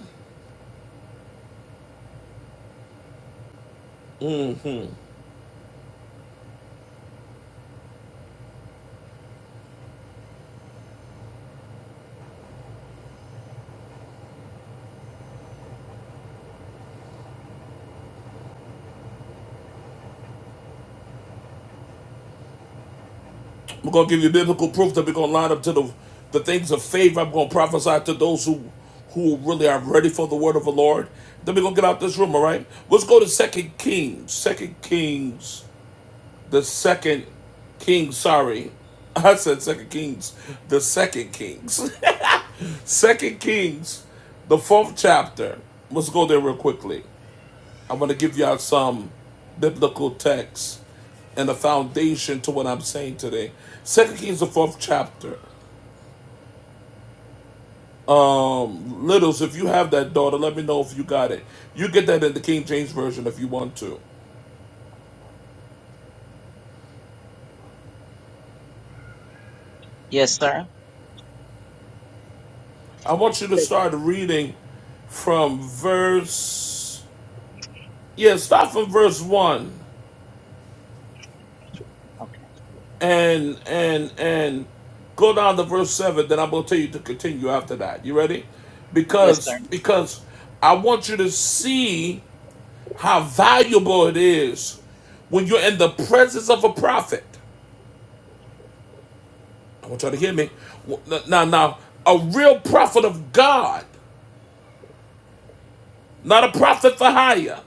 Speaker 1: I'm going to give you biblical proof that we're going to line up to the, the things of favor. I'm going to prophesy to those who, who really are ready for the word of the Lord. Then we're going to get out this room, all right? Let's go to Second Kings. Second Kings, the second king, sorry. *laughs* I said Second Kings, the second Kings. *laughs* second Kings, the fourth chapter. Let's go there real quickly. I'm going to give you out some biblical text and a foundation to what I'm saying today. Second Kings, the fourth chapter. Um, Littles, if you have that daughter, let me know if you got it. You get that in the King James Version if you want to.
Speaker 7: Yes, sir.
Speaker 1: I want you to start reading from verse yeah, start from verse one
Speaker 7: Okay.
Speaker 1: and and and go down to verse seven, then I'm gonna tell you to continue after that. You ready?
Speaker 7: Yes,
Speaker 1: Because
Speaker 7: sir.
Speaker 1: because I want you to see how valuable it is when you're in the presence of a prophet. I want y'all to hear me. Now, now, a real prophet of God, not a prophet for hire,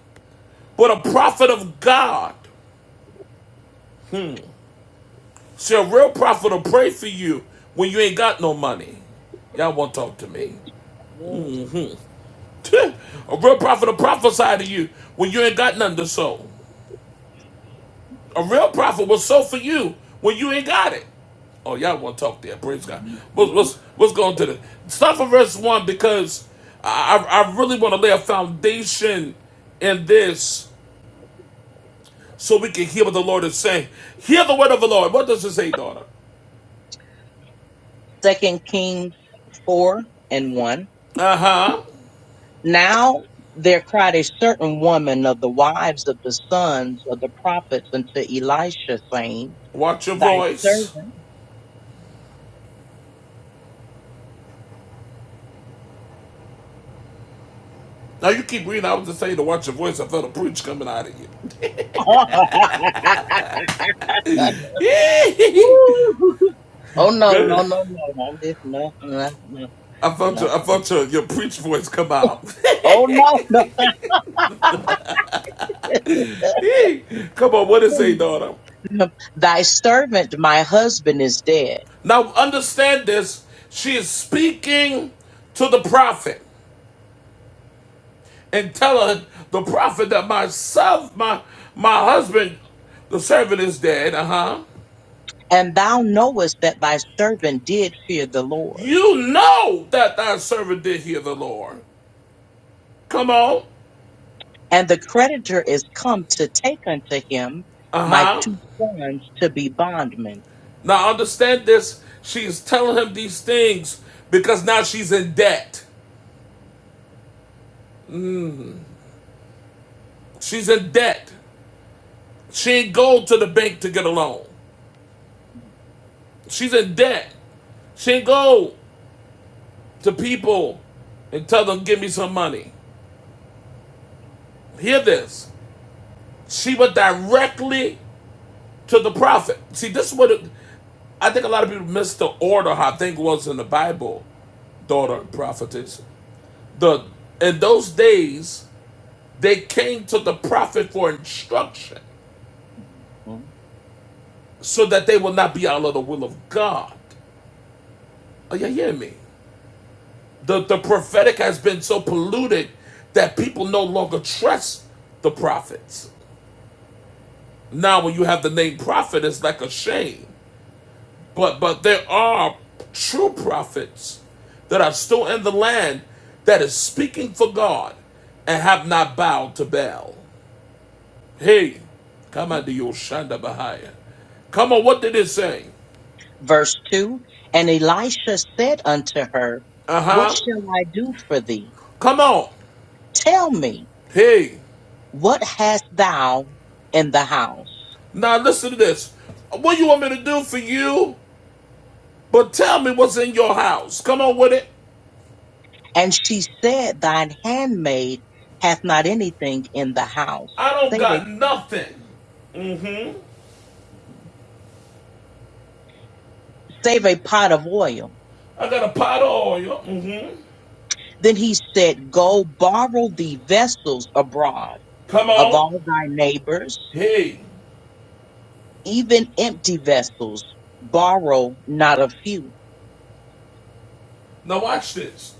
Speaker 1: but a prophet of God. See, a real prophet will pray for you when you ain't got no money. Y'all won't talk to me.
Speaker 7: Yes.
Speaker 1: *laughs* a real prophet will prophesy to you when you ain't got nothing to sow. A real prophet will sow for you when you ain't got it. Oh, y'all want to talk there? Praise God. What's
Speaker 7: Mhm.
Speaker 1: what's what's going to the start from verse one because I I really want to lay a foundation in this so we can hear what the Lord is saying. Hear the word of the Lord. What does it say, daughter?
Speaker 7: Second Kings four and one.
Speaker 1: Uh huh.
Speaker 7: Now there cried a certain woman of the wives of the sons of the prophets unto Elisha, saying,
Speaker 1: Watch your
Speaker 7: Thy
Speaker 1: voice.
Speaker 7: servant.
Speaker 1: Now you keep reading. I was just saying to watch your voice. I felt a preach coming out of
Speaker 7: *laughs*
Speaker 1: you.
Speaker 7: Woo! oh
Speaker 1: *laughs*
Speaker 7: no, no,
Speaker 1: Good.
Speaker 7: no, no, no, this- no, no, no,
Speaker 1: I felt
Speaker 7: no.
Speaker 1: your I felt your, your preach voice come out. *laughs*
Speaker 7: Oh no, no.
Speaker 1: come on, what does it
Speaker 7: *laughs*
Speaker 1: say, daughter?
Speaker 7: Thy servant, my husband, is dead,
Speaker 1: Now understand this. She is speaking to the prophet and telling the prophet that myself, my my husband, the servant is dead, uh-huh.
Speaker 7: and thou knowest that thy servant did fear the Lord.
Speaker 1: You know that thy servant did hear the Lord. Come on.
Speaker 7: And the creditor is come to take unto him my
Speaker 1: Uh-huh.
Speaker 7: two sons to be bondmen.
Speaker 1: Now understand this. She's telling him these things because now she's in debt. She's in debt. She ain't go to the bank to get a loan. She's in debt. She ain't go. to people and tell them, give me some money. Hear this. She went directly to the prophet. See, this is what it, I think a lot of people miss the order, how I think it was in the Bible, daughter and prophetess. The, in those days, they came to the prophet for instruction so that they will not be out of the will of God. Are you hearing me? The, the prophetic has been so polluted that people no longer trust the prophets. Now, when you have the name prophet, it's like a shame. But but there are true prophets that are still in the land that is speaking for God and have not bowed to Baal. Hey, come
Speaker 7: Mhm.
Speaker 1: on, the Yoshanda Bahaya. Come on, what did it say?
Speaker 7: Verse 2 And Elisha said unto her,
Speaker 1: Uh
Speaker 7: What
Speaker 1: huh.
Speaker 7: shall I do for thee?
Speaker 1: Come on.
Speaker 7: Tell me,
Speaker 1: Hey,
Speaker 7: what hast thou in the house?
Speaker 1: now listen to this. What do you want me to do for you? But tell me what's in your house. Come on with it.
Speaker 7: And she said, Thine handmaid hath not anything in the house,
Speaker 1: I don't
Speaker 7: save a,
Speaker 1: got nothing. Mhm.
Speaker 7: save a pot of oil.
Speaker 1: I got a pot of oil. Mm-hmm.
Speaker 7: Then he said, Go borrow thee vessels abroad
Speaker 1: Come
Speaker 7: of
Speaker 1: on.
Speaker 7: all thy neighbors
Speaker 1: Hey,
Speaker 7: Even empty vessels borrow not a few.
Speaker 1: now watch this.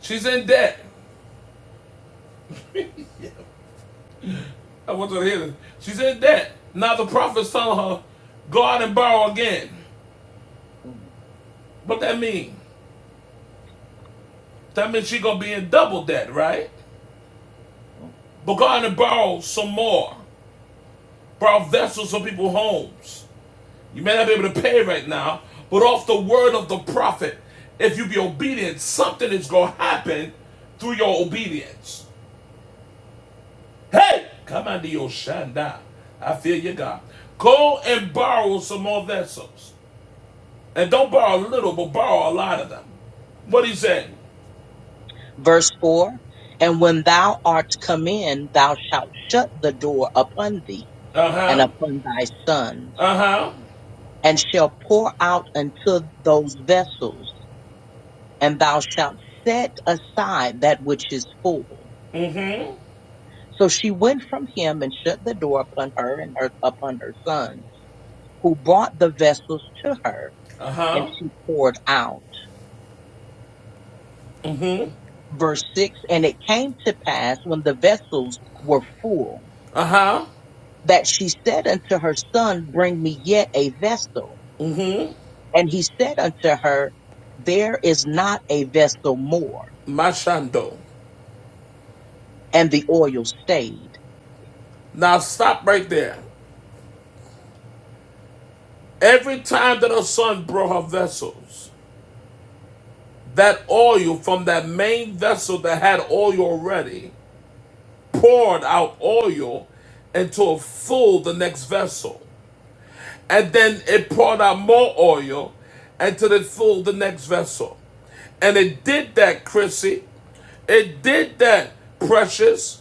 Speaker 1: She's in debt. I want you to hear this. She's in debt. Now the prophet's telling her, go out and borrow again. What that mean? That means she gonna be in double debt, right? But go out and borrow some more. Borrow vessels from people's homes. You may not be able to pay right now, but off the word of the prophet, if you be obedient, something is gonna happen through your obedience. Hey, come under your shanda. I feel you, God. Go and borrow some more vessels. And don't borrow a little, but borrow a lot of them. What he said?
Speaker 7: Verse 4 And when thou art come in, thou shalt shut the door upon thee
Speaker 1: Uh
Speaker 7: and
Speaker 1: huh.
Speaker 7: upon thy son.
Speaker 1: Uh huh.
Speaker 7: and shall pour out unto those vessels, and thou shalt set aside that which is full.
Speaker 1: Mm hmm.
Speaker 7: So she went from him and shut the door upon her and her, upon her sons, who brought the vessels to her,
Speaker 1: Uh
Speaker 7: and
Speaker 1: huh.
Speaker 7: she poured out.
Speaker 1: Mm hmm.
Speaker 7: Verse 6 And it came to pass when the vessels were full,
Speaker 1: Uh huh.
Speaker 7: that she said unto her son, Bring me yet a vessel.
Speaker 1: Mm
Speaker 7: And he said unto her, There is not a vessel more.
Speaker 1: hmm. Mashando.
Speaker 7: And the oil stayed.
Speaker 1: Now stop right there. Every time that her son brought her vessels, that oil from that main vessel that had oil already poured out oil until it filled the next vessel. And then it poured out more oil until it filled the next vessel. And it did that, Chrissy. It did that, precious,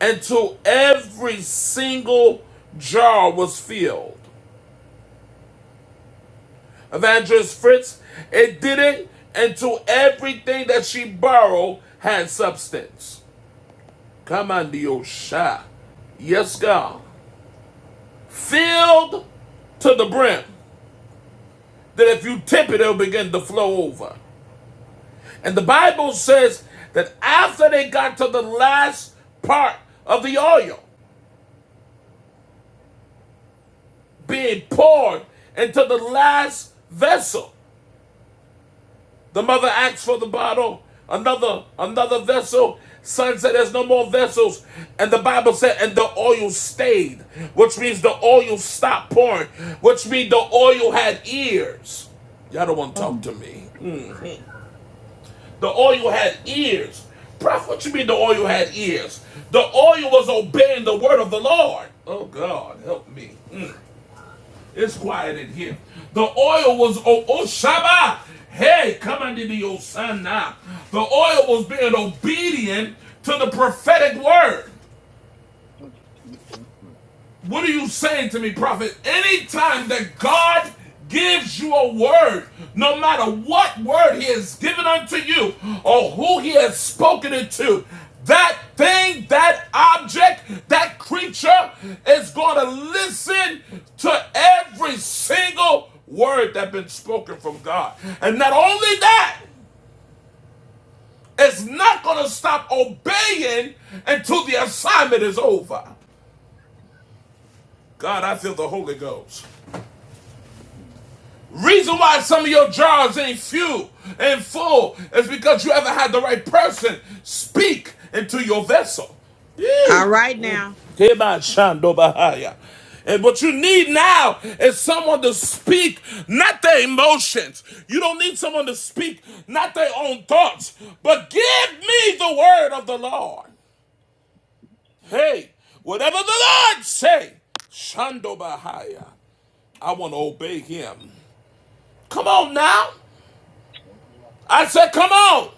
Speaker 1: until every single jar was filled. Evangelist Fritz, it did it until everything that she borrowed had substance. Come on, Diosha. Yes, God. filled to the brim, that if you tip it, it'll begin to flow over. And the Bible says that after they got to the last part of the oil being poured into the last vessel, the mother asked for the bottle, another another vessel. Son said, "There's no more vessels," and the Bible said, "And the oil stayed," which means the oil stopped pouring, which means the oil had ears. Y'all don't want to talk
Speaker 7: Um,
Speaker 1: to me. The oil had ears. Prophet, what you mean the oil had ears? The oil was obeying the word of the Lord. Oh God, help me. Mm, it's quiet in here. The oil was oh, oh Shabbat. Hey, come on to me, oh son now. The oil was being obedient to the prophetic word. What are you saying to me, prophet? Anytime that God gives you a word, no matter what word he has given unto you or who he has spoken it to, that thing, that object, that creature is going to listen to every single word that's been spoken from God. And not only that, it's not going to stop obeying until the assignment is over. God, I feel the Holy Ghost.
Speaker 7: Mm,
Speaker 1: Reason why some of your jars ain't few and full is because you haven't had the right person speak into your vessel.
Speaker 8: All
Speaker 1: Yee.
Speaker 8: right
Speaker 1: Mm.
Speaker 8: now.
Speaker 1: And what you need now is someone to speak, not their emotions. You don't need someone to speak, not their own thoughts, but give me the word of the Lord. Hey, whatever the Lord say, Shando Bahaya, I want to obey him. Come on now. I said, come on.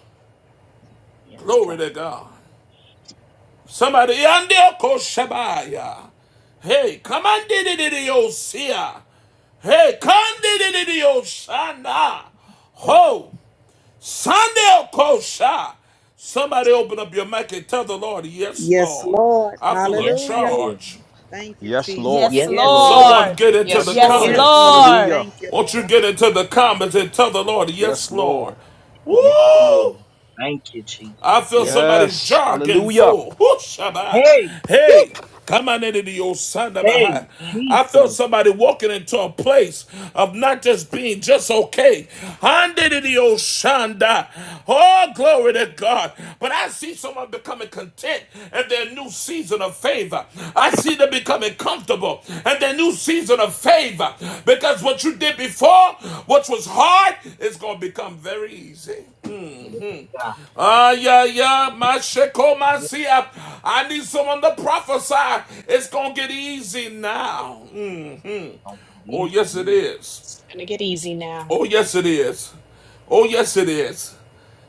Speaker 7: yes, God,
Speaker 1: Glory to God. Somebody, Yandio Koshabaya. Hey, come on, Dididiosia. Hey, come, Dididioshana.
Speaker 7: God.
Speaker 1: Ho, Sandeo Kosha. Somebody open up your mic and tell the Lord, yes,
Speaker 8: Yes,
Speaker 1: Lord.
Speaker 8: Lord.
Speaker 1: I feel a
Speaker 7: Yes,
Speaker 8: Hallelujah.
Speaker 7: Lord.
Speaker 1: charge.
Speaker 8: Thank you,
Speaker 6: Yes,
Speaker 8: Jesus.
Speaker 6: Lord.
Speaker 4: Yes,
Speaker 7: Yes,
Speaker 8: Yes,
Speaker 7: Lord.
Speaker 8: Lord.
Speaker 1: Someone
Speaker 4: Lord.
Speaker 1: get into
Speaker 9: Yes,
Speaker 1: the
Speaker 6: Yes,
Speaker 4: Yes,
Speaker 9: Lord.
Speaker 6: Lord.
Speaker 8: Yes,
Speaker 1: comments.
Speaker 8: Lord.
Speaker 4: Lord.
Speaker 6: Hallelujah.
Speaker 8: Thank you,
Speaker 1: Won't you
Speaker 8: Lord.
Speaker 1: get into the comments and tell the Lord,
Speaker 6: Yes,
Speaker 1: yes, Lord.
Speaker 6: Lord.
Speaker 7: Yes, Lord.
Speaker 1: Woo!
Speaker 7: Thank you,
Speaker 1: I
Speaker 7: Jesus.
Speaker 1: feel
Speaker 7: Yes, Lord.
Speaker 1: somebody's
Speaker 6: Yes.
Speaker 1: jar getting
Speaker 6: Hallelujah.
Speaker 1: full. Whoo, Shabbat.
Speaker 7: Hey, woo,
Speaker 1: Hey, come on into the old Osana
Speaker 7: hey,
Speaker 1: behind. I feel
Speaker 7: Jesus.
Speaker 1: somebody walking into a place of not just being just okay. Under the old Osanda. Oh, glory to God. But I see someone becoming content in their new season of favor. I see them becoming comfortable in their new season of favor. Because what you did before, what was hard, is going to become very easy.
Speaker 7: Yes,
Speaker 1: Mm-hmm.
Speaker 7: God.
Speaker 1: Ah, yeah, yeah, my sheko,
Speaker 7: Yes,
Speaker 1: I need someone to prophesy. It's gonna get easy now. hmm
Speaker 7: I'm
Speaker 1: Oh,
Speaker 7: releasing
Speaker 1: yes, it
Speaker 7: now.
Speaker 1: is.
Speaker 9: Gonna get
Speaker 1: Oh, yes, it is.
Speaker 7: Yes.
Speaker 1: Oh, yes, it is.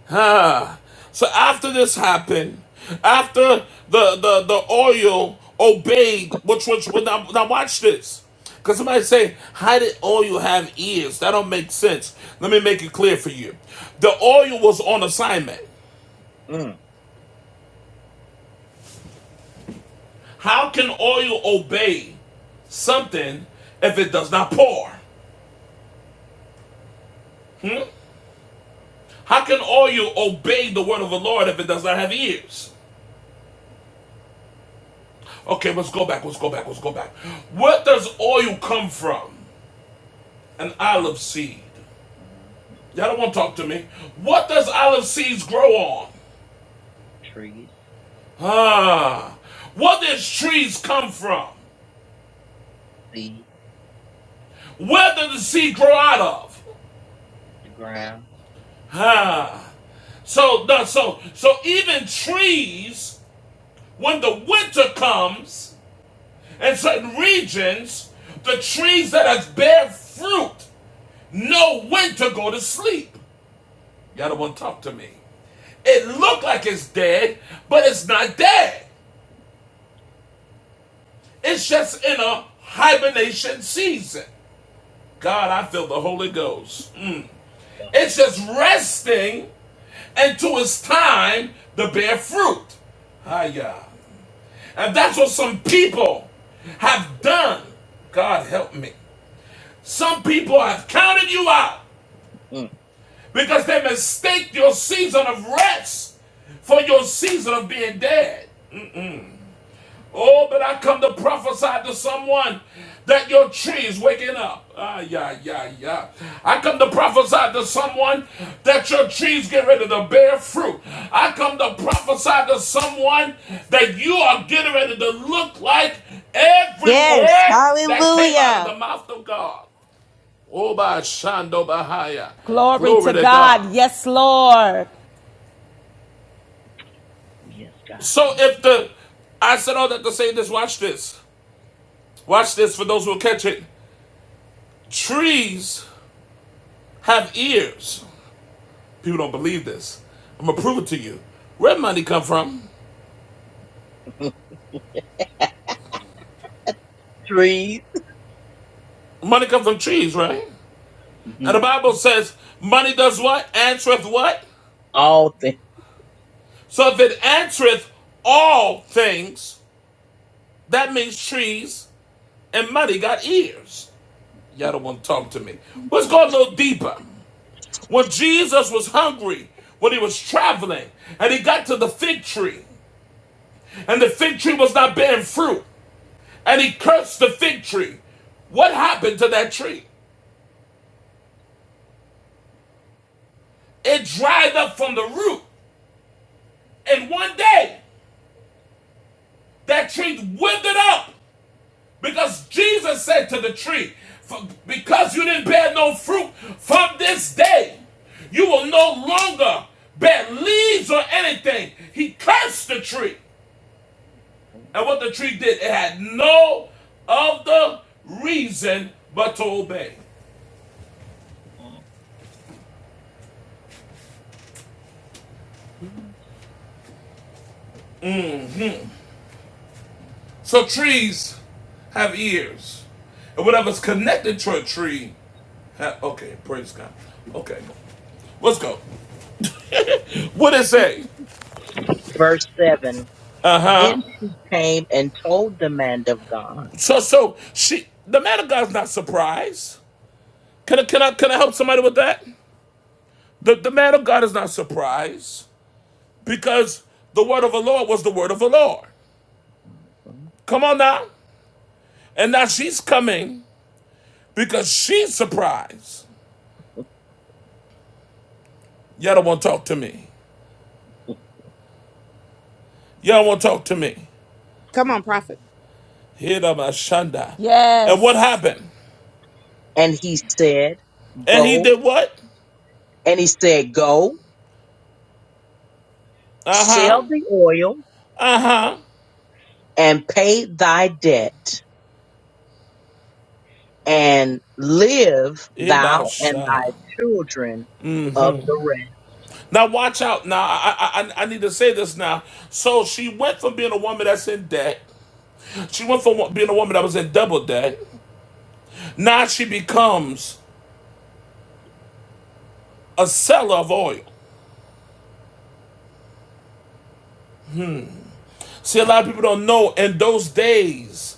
Speaker 1: Ah. So after this happened, after the the the oil obeyed, which which well, now, now watch this. Because somebody say, how did oil have ears? That don't make sense. Let me make it clear for you. The oil was on assignment.
Speaker 7: mm.
Speaker 1: How can oil obey something if it does not pour? Hmm? How can oil obey the word of the Lord if it does not have ears? Okay, let's go back, let's go back, let's go back. Where does oil come from? An
Speaker 7: um,
Speaker 1: olive seed.
Speaker 7: uh, the
Speaker 1: Y'all don't want to talk to me. What does olive seeds grow on?
Speaker 7: trees,
Speaker 1: Ah. What does trees come from?
Speaker 7: seed,
Speaker 1: Where does the seed grow out of?
Speaker 7: the ground.
Speaker 1: Ah. So, no, so, so even trees When the winter comes, in certain regions, the trees that has bear fruit know when to go to sleep. Y'all don't want to talk to me. It look like it's dead, but it's not dead. It's just in a hibernation season. God, I feel the Holy Ghost. Mm.
Speaker 7: So,
Speaker 1: It's just resting until it's time to bear fruit. Hiya. And that's what some people have done. God help me. Some people have counted you out
Speaker 7: mm,
Speaker 1: because they mistake your season of rest for your season of being dead. Oh, but I come to prophesy to someone that your tree is waking up. Ah, yeah, yeah, yeah. I come to prophesy to someone that your trees get ready to bear fruit. I come to prophesy to someone that you are getting ready to look like every
Speaker 2: Yes.
Speaker 1: word that came out of
Speaker 2: Hallelujah.
Speaker 1: the mouth of God. Oba Shando Bahaya.
Speaker 4: Glory
Speaker 1: Glory
Speaker 4: to
Speaker 1: to
Speaker 4: God.
Speaker 1: God.
Speaker 4: Yes, Lord.
Speaker 7: oh, yes, God,
Speaker 1: So
Speaker 7: thank
Speaker 1: if the I said all that to say this, watch this. Watch this for those who will catch it. Trees have ears. People don't believe this. I'm gonna prove it to you. Where money come from?
Speaker 7: you. *laughs* trees,
Speaker 1: Money come from trees, right? And the
Speaker 7: mhm,
Speaker 1: Bible says, money does what? Answereth what?
Speaker 7: all things.
Speaker 1: So if it answereth all things, that means trees and money got ears. Y'all don't want to talk to me. Let's go a little deeper. When Jesus was hungry, when he was traveling, and he got to the fig tree, and the fig tree was not bearing fruit, and he cursed the fig tree, what happened to that tree? It dried up from the root. And one day, that tree withered up because Jesus said to the tree, Because you didn't bear no fruit from this day, you will no longer bear leaves or anything. He cursed the tree. And what the tree did, it had no other reason but to obey.
Speaker 7: *laughs*
Speaker 1: So trees have ears. And whatever's connected to a tree, ha- okay, praise God. Okay, let's go. *laughs* what it say?
Speaker 7: Verse 7
Speaker 1: Uh huh.
Speaker 7: Then she came and told the man of God,
Speaker 1: So, so she, the man of God's not surprised. Can I, can I, can I help somebody with that? The, the man of God is not surprised because the word of the Lord was the word of the Lord. Come on now. And now she's coming. because she's surprised. Y'all don't want to talk to me. Y'all don't want to talk to me.
Speaker 8: Come on, prophet.
Speaker 1: Hira Mashanda. And what
Speaker 4: Yes.
Speaker 1: happened?
Speaker 7: and he said,
Speaker 1: And he
Speaker 7: Go.
Speaker 1: did what?
Speaker 7: And he said, Go,
Speaker 1: Uh huh.
Speaker 7: sell the oil
Speaker 1: Uh huh.
Speaker 7: and pay thy debt, and live thou and
Speaker 1: Ibasha.
Speaker 7: thy children of the
Speaker 1: Now watch out. Now I I I need to say this now. So she went from being a woman that's in debt. She went from being a woman that was in double debt. Now she becomes a seller of oil. See, a lot of people don't know in those days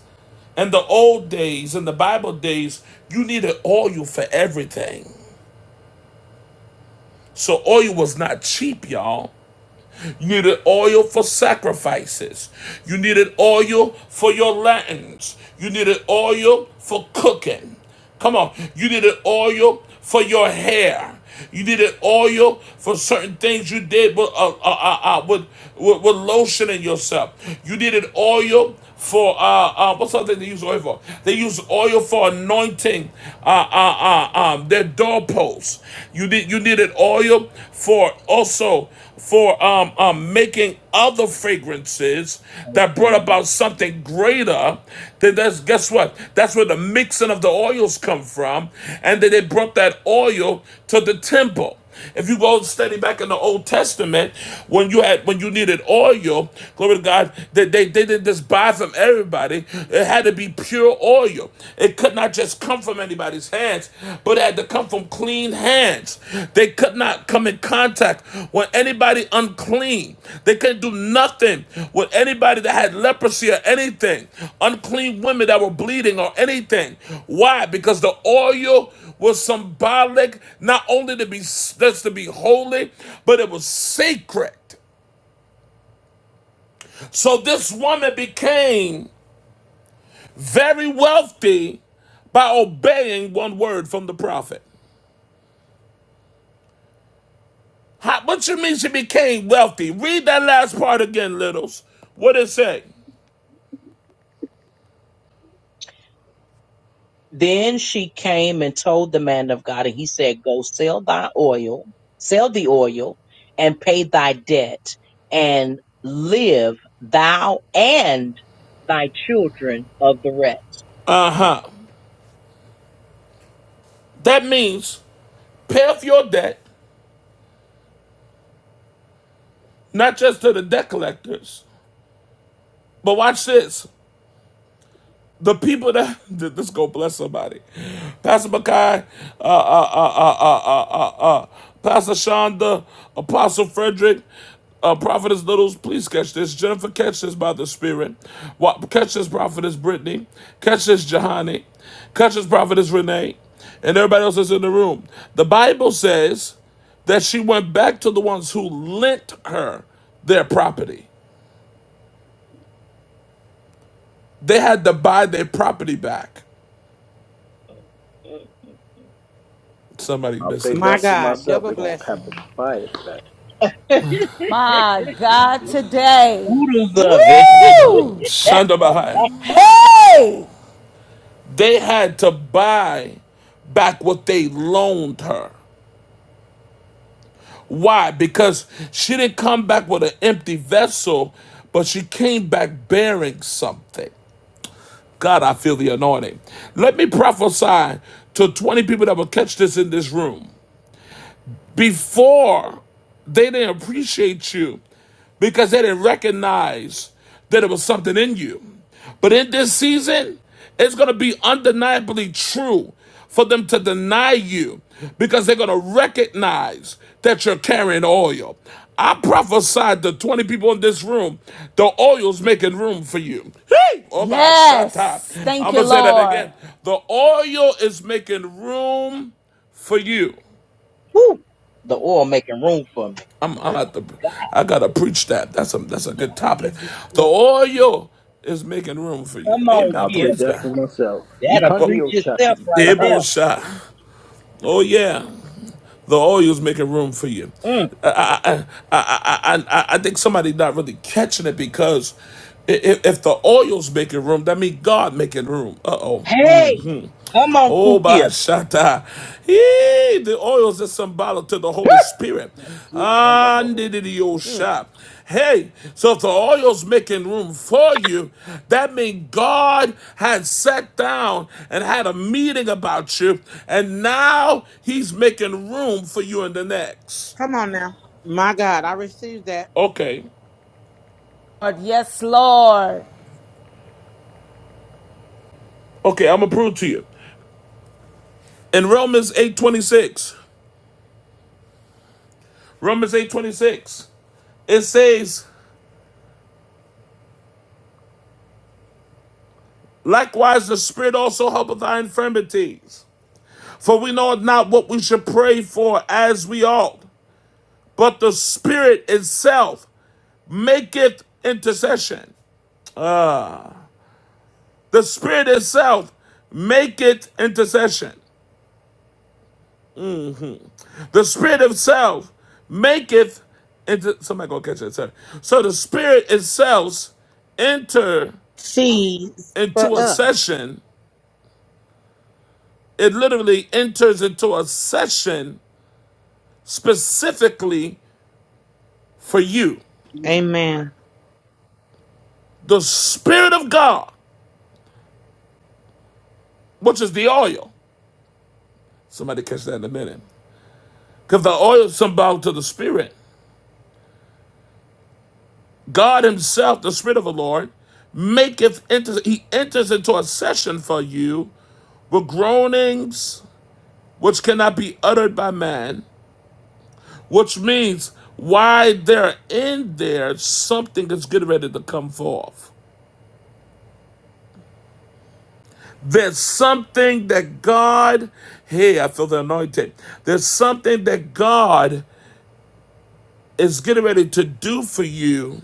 Speaker 1: In the old days, in the Bible days, you needed oil for everything. So oil was not cheap, y'all. You needed oil for sacrifices. You needed oil for your lanterns. You needed oil for cooking. Come on. You needed oil for your hair. You needed oil for certain things you did with, uh, uh, uh, uh, with, with, with lotioning yourself. You needed oil for, uh, uh, what's the other thing they use oil for? They use oil for anointing uh, uh, uh, um, their doorposts. You, need, you needed oil for also for um, um, making other fragrances that
Speaker 7: rest.
Speaker 1: brought about something greater, then that's guess what? That's where the mixing of the oils come from, and then they brought that oil to the temple. If you go study back in the Old Testament, when you had when you needed oil, glory to God, they, they, they didn't just buy from everybody. It had to be pure oil. It could not just come from anybody's hands, but it had to come from clean hands. They could not come in contact with anybody unclean. They couldn't do nothing with anybody that had leprosy or anything, unclean women that were bleeding or anything. Why? Because the oil was symbolic, not only to be that's to be holy, but it was sacred. So this woman became very wealthy by obeying one word from the prophet. How, what you mean she became wealthy? Read that last part again, Littles. What it say?
Speaker 7: Then she came and told the man of God, and he said, Go sell thy oil, sell the oil, and pay thy debt, and live thou and thy children of the rest.
Speaker 1: Uh huh. That means pay off your debt, not just to the debt collectors, but watch this. the people that *laughs* th- this go bless somebody. Pastor Mackay, uh, uh, uh, uh, uh, uh, uh, uh, Pastor Shonda, Apostle Frederick, uh, Prophetess Littles, please catch this. Jennifer, catch this by the Spirit. Wa- Catch this, Prophetess Brittany. Catch this, Jahani. Catch this, Prophetess Renee. And everybody else that's in the room. The Bible says that she went back to the ones who lent her their property. They had to buy their property back. Somebody
Speaker 5: I'll
Speaker 1: missing
Speaker 5: take
Speaker 8: My
Speaker 5: that for
Speaker 1: this.
Speaker 8: God,
Speaker 5: myself.
Speaker 8: double
Speaker 5: They're gonna
Speaker 8: blessing.
Speaker 5: have to buy it for that.
Speaker 7: *laughs*
Speaker 4: My God, today.
Speaker 7: Oodles of it. *laughs*
Speaker 4: Woo!
Speaker 7: That,
Speaker 1: Shonda Bahia.
Speaker 4: Hey!
Speaker 1: They had to buy back what they loaned her. Why? Because she didn't come back with an empty vessel, but she came back bearing something. God, I feel the anointing. Let me prophesy to 20 people that will catch this in this room. Before, they didn't appreciate you because they didn't recognize that it was something in you. But in this season, it's going to be undeniably true for them to deny you because they're going to recognize that you're carrying oil. I prophesied to 20 people in this room, the oil's making room for you. Hey! Oh, my, shut up.
Speaker 4: Yes. Thank
Speaker 1: I'm
Speaker 4: you,
Speaker 1: going to say that
Speaker 4: Lord.
Speaker 1: again. The oil is making room for you.
Speaker 7: whew, the oil making room for me.
Speaker 1: I'm
Speaker 7: My
Speaker 1: I'm
Speaker 7: God,
Speaker 1: at the I gotta preach that. That's a that's a good
Speaker 7: you
Speaker 1: topic.
Speaker 7: just
Speaker 1: The
Speaker 7: well,
Speaker 1: oil is making room for you.
Speaker 7: come on
Speaker 1: Amen.
Speaker 5: I'll
Speaker 7: here.
Speaker 5: take
Speaker 1: Praise
Speaker 5: that for
Speaker 1: God.
Speaker 5: myself.
Speaker 7: That'll preach
Speaker 5: Ikandio shaka.
Speaker 7: itself right
Speaker 1: The
Speaker 7: there.
Speaker 1: Oh yeah. The oil is making room for you.
Speaker 7: Mm.
Speaker 1: I I I I I, I think somebody not really catching it because if if the oil's making room, that means God making room. Uh oh.
Speaker 7: Hey, come on
Speaker 1: Oh,
Speaker 7: through here.
Speaker 1: Bashata. Yee, the oils are symbolic to the Holy Spirit.
Speaker 5: Ikanda baho.
Speaker 1: Andididiyosha. Hey, so if the oil's making room for you, that means God had sat down and had a meeting about you, and now He's making room for you in the next.
Speaker 8: Come on now. My God, I receive that
Speaker 1: Okay.
Speaker 4: yes, Lord.
Speaker 1: Okay, I'm gonna prove to you. In Romans 8:26, Romans 8:26, it says, Likewise, the Spirit also helpeth our infirmities. For we know not what we should pray for as we ought, but the Spirit itself maketh intercession. The Spirit itself maketh intercession. The Spirit itself maketh inter- somebody gonna catch that. Sorry. So the Spirit itself enter
Speaker 8: seeds for
Speaker 1: into a
Speaker 8: us.
Speaker 1: session. It literally enters into a session specifically for you.
Speaker 8: Amen.
Speaker 1: the Spirit of God, which is the oil. Somebody catch that in a minute. Because the oil is symbolic to the Spirit. God Himself, the Spirit of the Lord, maketh enter, He enters into a session for you with groanings which cannot be uttered by man, which means why they're in there, something is getting ready to come forth. There's something that God, hey, I feel the anointing. There's something that God is getting ready to do for you.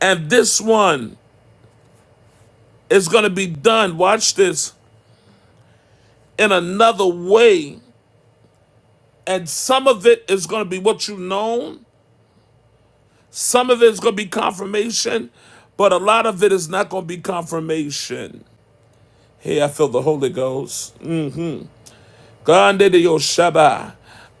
Speaker 1: And this one is going to be done, watch this, in another way. And some of it is going to be what you've known, some of it is going to be confirmation, but a lot of it is not going to be confirmation. Hey, I feel the Holy Ghost. Mm-hmm. Grande de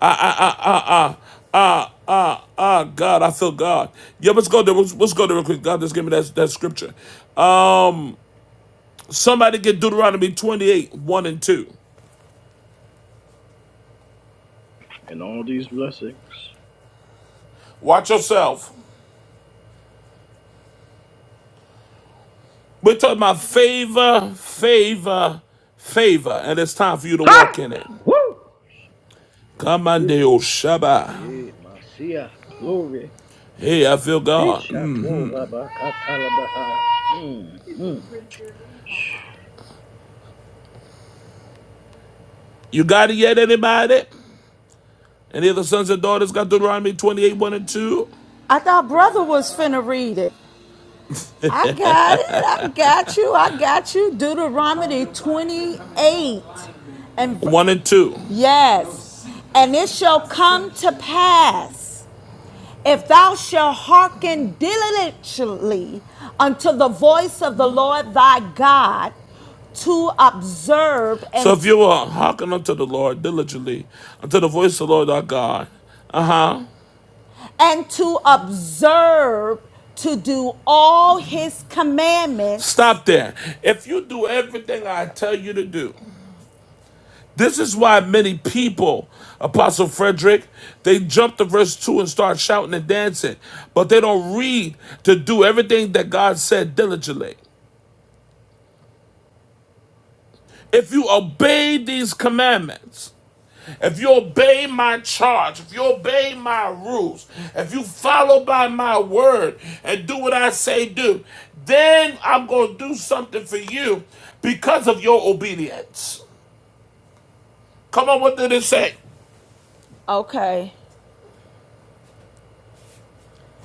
Speaker 1: Ah, ah, ah, ah, ah, ah, ah, ah, God, I feel God. Yeah, let's go there. Let's, let's go there real quick. God, just give me that, that scripture. Somebody get Deuteronomy 28, 1 and 2.
Speaker 5: And all these blessings.
Speaker 1: Watch yourself. We're talking about favor, favor, favor, and it's time for you to walk in it.
Speaker 5: Woo!
Speaker 1: Come on, Deo Shabbat.
Speaker 5: Eh, Masia. Glory.
Speaker 1: Hey, I feel God. Mm.
Speaker 5: Ishato rabakatalabaha. Mm, mm.
Speaker 1: You got it yet, anybody? Any of the sons and daughters got Deuteronomy 28, 1 and 2?
Speaker 4: I thought brother was finna read it. I got it. I got you. I got you. Deuteronomy 28. And v-
Speaker 1: 1 and 2.
Speaker 4: yes. And it shall come to pass if thou shalt hearken diligently unto the voice of the Lord thy God to observe and
Speaker 1: So if you are hearken unto the Lord diligently, unto the voice of the Lord our God, uh huh.
Speaker 4: and to observe to do all his commandments.
Speaker 1: Stop there. If you do everything I tell you to do, This is why many people, Apostle Frederick, they jump to verse 2 and start shouting and dancing, but they don't read to do everything that God said diligently. If you obey these commandments, if you obey my charge, if you obey my rules, if you follow by my word and do what I say do, then I'm going to do something for you because of your obedience. Come on, what did it say?
Speaker 4: Okay.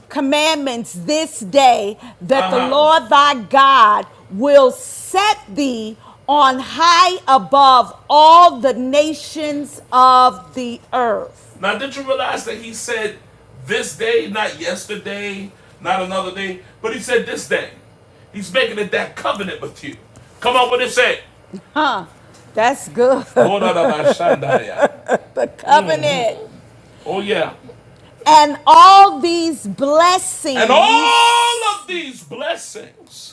Speaker 4: commandments this day that
Speaker 1: Uh
Speaker 4: the
Speaker 1: huh.
Speaker 4: Lord thy God will set thee on high above all the nations of the earth.
Speaker 1: Now, did you realize that he said this day, not yesterday, not another day, but he said this day? He's making it that covenant with you. Come on, what it say?
Speaker 4: Huh, that's good. *laughs* Covenant.
Speaker 1: Oh, yeah.
Speaker 4: And all these
Speaker 1: And all
Speaker 4: blessings,
Speaker 1: of these blessings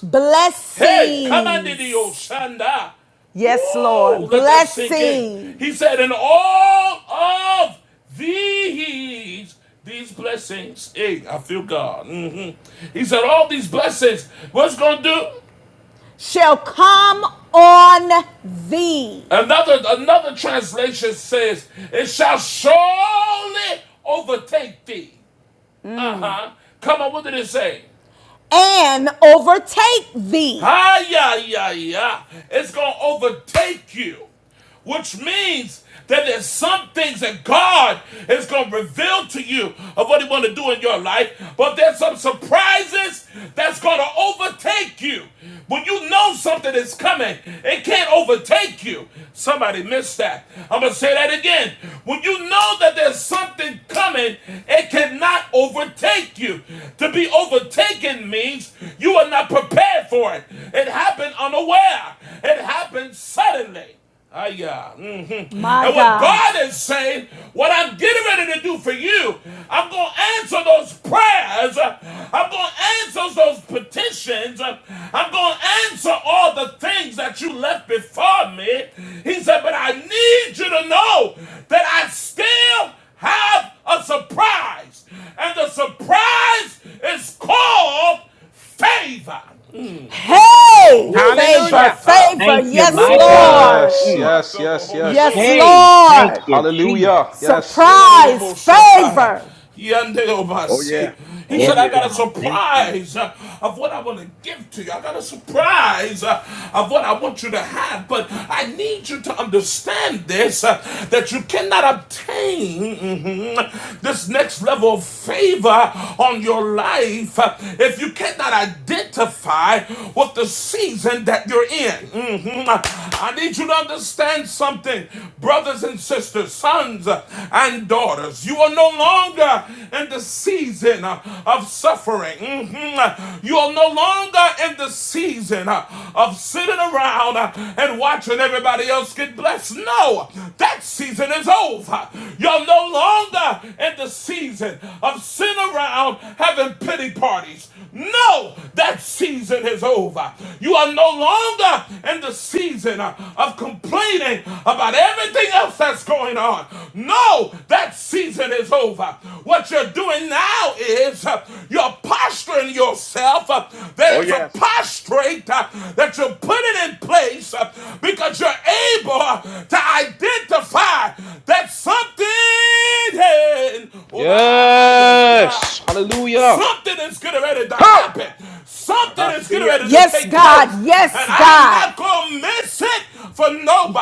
Speaker 1: Hey, come under the
Speaker 4: blessings,
Speaker 1: Oshanda.
Speaker 4: yes,
Speaker 1: Woo,
Speaker 4: Lord,
Speaker 1: let that sink in. He said,
Speaker 4: blessings
Speaker 1: in all of these, these blessings. Hey, I feel God. Mhm. He said, all these blessings. What's gonna do?
Speaker 4: shall come on thee
Speaker 1: Another another translation says, it shall surely overtake thee. Uh-huh. Come on, what did it say?
Speaker 4: and overtake thee
Speaker 1: Hi, yeah yeah yeah, It's going to overtake you, which means that there's some things that God is going to reveal to you of what He want to do in your life, but there's some surprises that's going to overtake you. When you know something is coming, it can't overtake you. Somebody missed that. I'm going to say that again. When you know that there's something coming, it cannot overtake you. To be overtaken means you are not prepared for forth. It happened unaware. It happened suddenly. Ah, yeah. mhm.
Speaker 4: My
Speaker 1: And what
Speaker 4: God.
Speaker 1: God is saying, what I'm getting ready to do for you, I'm going to answer those prayers. I'm going to answer those petitions. I'm going to answer all the things that you left before me. He said, but I need you to know that I still have a surprise. And the surprise is called favor. Mm.
Speaker 4: Hey,
Speaker 1: Woo,
Speaker 4: favor,
Speaker 8: Hallelujah.
Speaker 1: shut up.
Speaker 4: favor.
Speaker 7: Thank you,
Speaker 1: Woo,
Speaker 4: Yes,
Speaker 7: my God.
Speaker 4: Lord.
Speaker 6: Yes,
Speaker 7: Mm.
Speaker 1: I
Speaker 6: yes,
Speaker 1: feel the
Speaker 6: yes,
Speaker 1: Holy
Speaker 6: yes.
Speaker 4: Yes,
Speaker 1: Ghost.
Speaker 7: Hey, thank
Speaker 4: Lord.
Speaker 7: you, Jesus.
Speaker 6: Hallelujah. Yes.
Speaker 4: Surprise, favor.
Speaker 5: Oh, y-
Speaker 1: He
Speaker 5: oh,
Speaker 7: Yes,
Speaker 1: said,
Speaker 5: yeah.
Speaker 1: I got a
Speaker 7: God. Thank you.
Speaker 1: surprise uh, of what I want to give to you. I got a surprise uh, of what I want you to have. But I need you to understand this uh, that you cannot obtain mhm, this next level of favor on your life uh, if you cannot identify with the season that you're in. Mhm. I need you to understand something, brothers and sisters, sons and daughters. You are no longer in the season of suffering. Mhm. You are no longer in the season of sitting around and watching everybody else get blessed. No, that season is over. You're no longer in the season of sitting around having pity parties. No, that season is over. You are no longer in the season uh, of complaining about everything else that's going on. No, that season is over. What you're doing now is uh, you're posturing yourself. uh, There
Speaker 5: oh
Speaker 1: is a
Speaker 5: yes.
Speaker 1: prostrate uh, that you're putting in place uh, because you're able uh, to identify that something. Oh, my, yeah, yeah.
Speaker 6: Yes. Hallelujah.
Speaker 1: Something is getting ready to
Speaker 5: Ho!
Speaker 1: happen. Something is getting
Speaker 5: Mahasia.
Speaker 1: ready to
Speaker 4: Yes,
Speaker 1: take place.
Speaker 4: God.
Speaker 1: And
Speaker 4: Yes,
Speaker 1: I'm
Speaker 4: God.
Speaker 1: not going to miss it for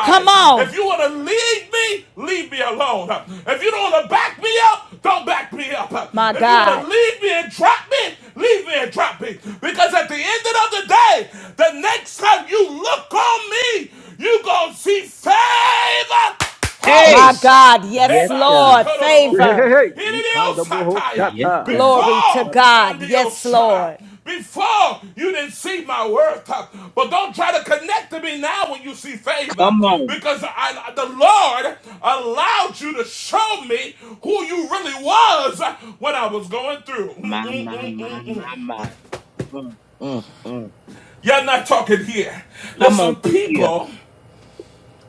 Speaker 4: Come on.
Speaker 1: If you want to leave me, leave me alone. If you don't want to back me up, don't back me up.
Speaker 4: My
Speaker 1: If you want to
Speaker 4: God.
Speaker 1: leave me and drop me, leave me and drop me. Because at the end of the day, the next time you look on me, you going to see favor Ho,
Speaker 4: My
Speaker 7: Hey!
Speaker 1: sha,
Speaker 4: God. Yes,
Speaker 7: Yes,
Speaker 1: eba,
Speaker 7: God.
Speaker 4: Lord.
Speaker 1: sikoro no
Speaker 5: Hey,
Speaker 1: boho.
Speaker 5: hey,
Speaker 4: Favor.
Speaker 5: hey.
Speaker 1: Iridio
Speaker 5: Ikanda baho
Speaker 1: sataya.
Speaker 7: Yes,
Speaker 5: shata.
Speaker 7: God.
Speaker 4: Glory to
Speaker 1: Before and
Speaker 4: God.
Speaker 1: the
Speaker 4: Yes,
Speaker 1: ocean,
Speaker 4: Lord.
Speaker 1: before you didn't see my worth, but don't try to connect to me now when you see favor,
Speaker 7: Come on.
Speaker 1: because I, the Lord allowed you to show me who you really was when I was going through. Mm,
Speaker 7: My,
Speaker 1: mm,
Speaker 7: my,
Speaker 1: mm,
Speaker 7: my,
Speaker 1: mm, mm.
Speaker 7: my, my. Mm, mm, mm.
Speaker 1: You're not talking here. There's
Speaker 7: Come on
Speaker 1: some
Speaker 7: through here.
Speaker 1: people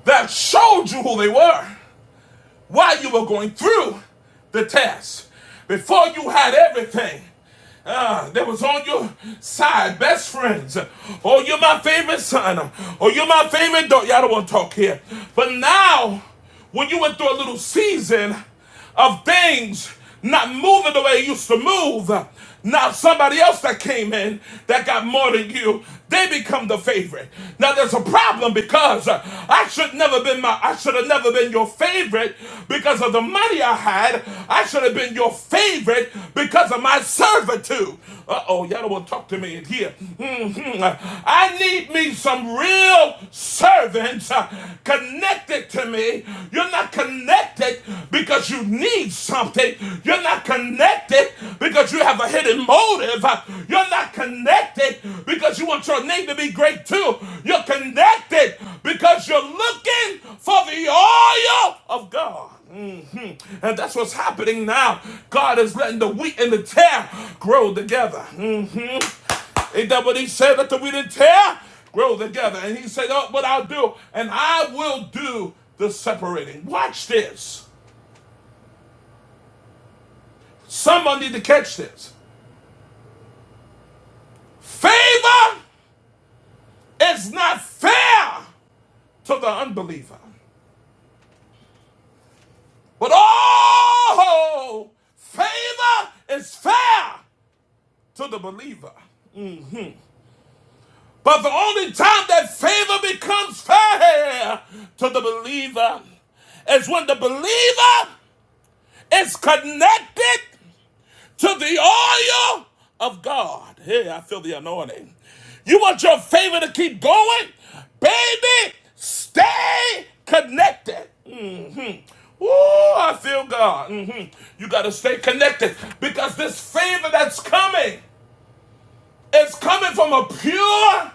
Speaker 1: that showed you who they were. while you were going through the test, before you had everything, uh, that was on your side, best friends. Oh, you're my favorite son. Oh, you're my favorite daughter. Y'all don't want to talk here. But now, when you went through a little season, of things not moving the way it used to move. Now somebody else that came in that got more than you, they become the favorite. Now there's a problem because uh, I should never been my I should have never been your favorite because of the money I had. I should have been your favorite because of my servitude. Uh-oh, y'all don't want to talk to me in here. Mhm. I need me some real servants relevant, uh, connected to me. You're not connected because you need something. You're not connected because you have a hidden motive. Uh, You're not connected because you want your name to be great too. You're connected because you're looking for the oil of God. Mhm. And that's what's happening now. God is letting the wheat and the tear grow together. Mhm. Ain't that what he said that we didn't tear? Grow together. And he said, Oh, but I'll do, and I will do the separating. Watch this. Someone need to catch this. Favor is not fair to the unbeliever. But oh, favor is fair to the believer. But the only time that favor becomes fair to the believer is when the believer is connected to the oil of God. Hey, I feel the anointing. You want your favor to keep going? Baby, stay connected. Mhm. Ooh, I feel God. Mhm. You got to stay connected because this favor that's coming is coming from a pure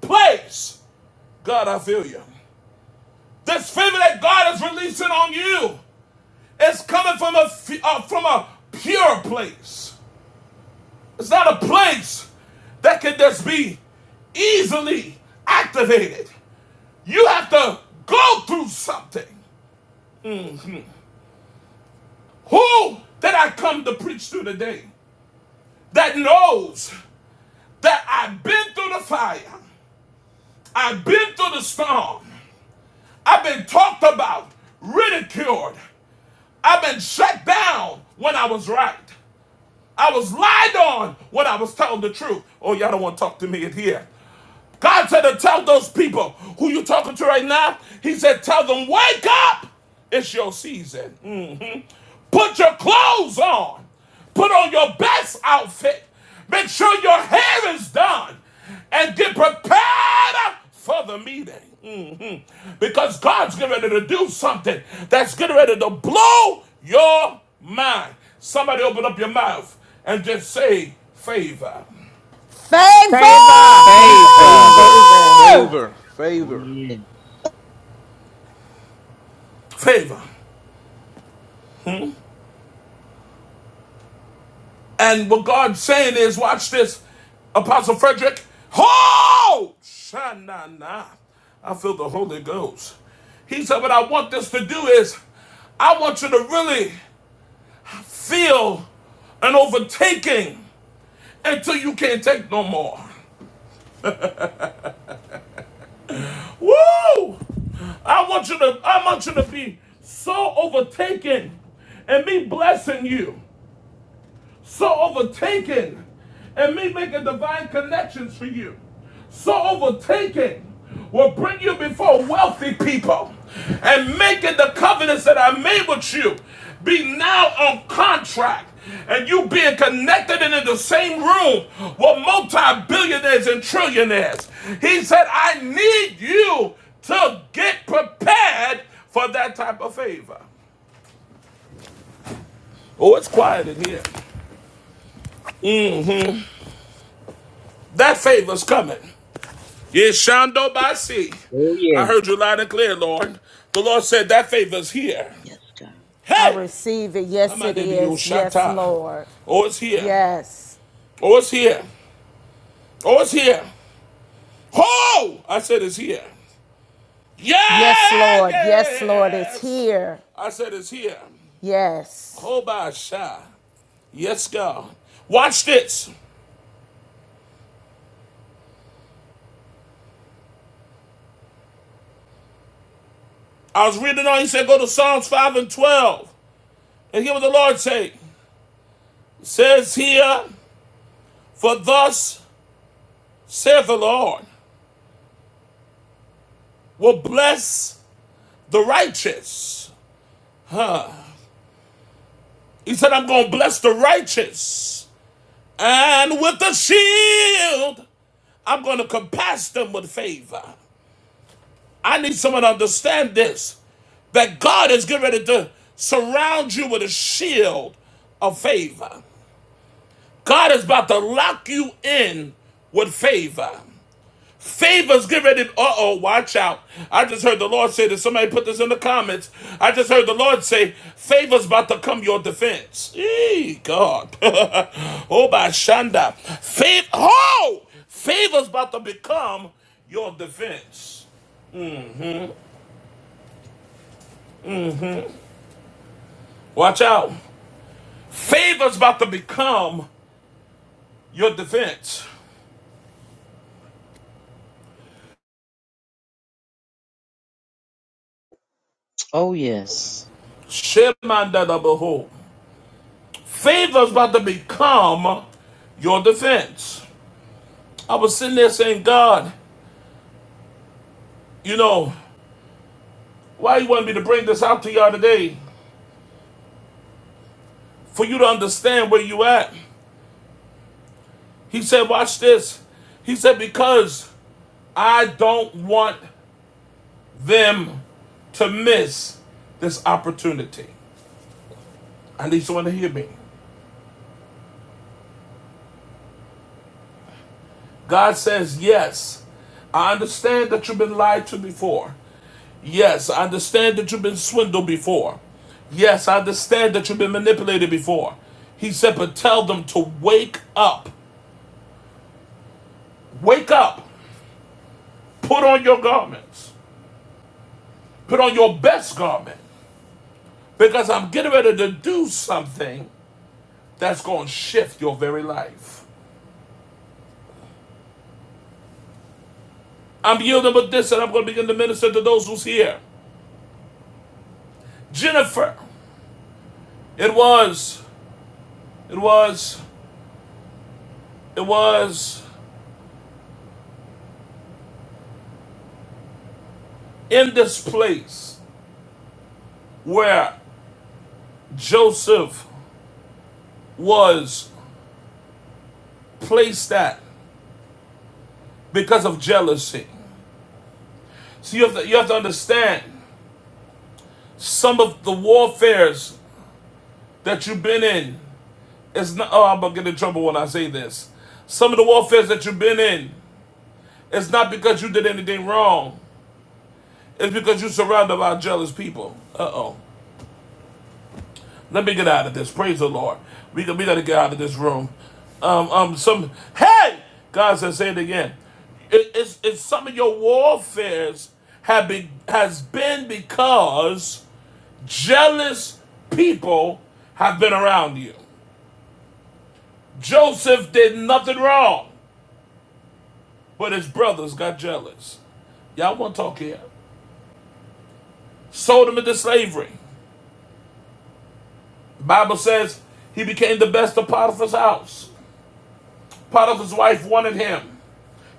Speaker 1: place. God, I feel you. This favor that God is releasing on you is coming from a uh, from a pure place. It's not a place that can just be easily activated. You have to go through something. Who did I come to preach to today that knows that I've been through the fire, I've been through the storm, I've been talked about, ridiculed, I've been shut down when I was right. I was lied on when I was telling the truth. Oh, y'all don't want to talk to me in here. God said to tell those people who you talking to right now, he said, tell them, wake up. It's your season. Mm. Put your clothes on. Put on your best outfit. Make sure your hair is done. And get prepared for the meeting. Mhm. Because God's getting ready to do something that's getting ready to blow your mind. Somebody open up your mouth and just say favor.
Speaker 4: Favor.
Speaker 8: Favor.
Speaker 10: Favor.
Speaker 7: Favor.
Speaker 6: Favor,
Speaker 2: Favor.
Speaker 6: favor,
Speaker 7: Oh,
Speaker 6: favor.
Speaker 7: yes.
Speaker 1: Favor. And what God's saying is, watch this, Apostle Frederick. Ho! Sha-na-na. I feel the Holy Ghost. He said, What I want this to do is, I want you to really feel an overtaking until you can't take no more. Woo! I want you to, I want you to be so overtaken and me blessing you. so overtaken and me making divine connections for you, so overtaken will bring you before wealthy people and making the covenants that I made with you be now on contract. And you being connected and in the same room with multi billionaires and trillionaires. He said, I need you to get prepared for that type of favor. Oh, it's quiet in here. That favor's coming. Yeshando Basi.
Speaker 7: Oh, yes.
Speaker 1: I heard you loud and clear, Lord. The Lord said that favor's here.
Speaker 7: Yes, God.
Speaker 4: I
Speaker 1: Hey!
Speaker 4: receive it.
Speaker 1: Come
Speaker 4: Yes,
Speaker 1: on,
Speaker 4: it
Speaker 1: Diddy
Speaker 4: is. Yes,
Speaker 1: Yoshata.
Speaker 4: Lord.
Speaker 1: Oh, it's here.
Speaker 4: Yes.
Speaker 1: Oh, it's here. Oh, it's here. Oh, I said it's here.
Speaker 4: Yes,
Speaker 1: Yeah,
Speaker 4: Lord. Yes, Lord. It's
Speaker 1: yes.
Speaker 4: here.
Speaker 1: I said it's here.
Speaker 4: Yes.
Speaker 1: Hobasha. Yes, God. Watch this. I was reading on, he said, go to Psalms 5 and 12. And hear what the Lord say. It says here, for thus saith the Lord. will bless the righteous. Huh. He said, I'm going to bless the righteous. And with the shield, I'm going to compass them with favor. I need someone to understand this that God is getting ready to surround you with a shield of favor. God is about to lock you in with favor. Favors, get ready. Uh oh, watch out. I just heard the Lord say that somebody put this in the comments. I just heard the Lord say, Favors about to come your defense. Eee, God. *laughs* oh, by Shanda. Fav- oh! Favors about to become your defense. Watch out. Favors about to become your defense.
Speaker 7: Oh, yes.
Speaker 1: Shemanda da behold. Favors about to become your defense. I was sitting there saying, God, you know, Why he wanted me to bring this out to y'all today? For you to understand where you at. He said, watch this. He said, because I don't want them to miss this opportunity. I need someone to hear me. God says, yes, I understand that you've been lied to before. Yes, I understand that you've been swindled before. Yes, I understand that you've been manipulated before. He said, but tell them to wake up. Wake up. Put on your garments. Put on your best garment because I'm getting ready to do something that's going to shift your very life. I'm yielding with this and I'm going to begin to minister to those who's here. Jennifer, it was, it was, it was in this place where Joseph was placed at because of jealousy. So you have to, you have to understand some of the warfares that you've been in It's not. Oh, I'm gonna get in trouble when I say this. Some of the warfare that you've been in, it's not because you did anything wrong. It's because you surrounded by jealous people. Uh oh. Let me get out of this. Praise the Lord. We we gotta get out of this room. Um um some. Hey, God says, say it again. It, it's it's some of your warfares have been has been because jealous people have been around you. Joseph did nothing wrong. But his brothers got jealous. Y'all want to talk here? Sold him into slavery. The Bible says he became the best of Potiphar's house. Potiphar's wife wanted him.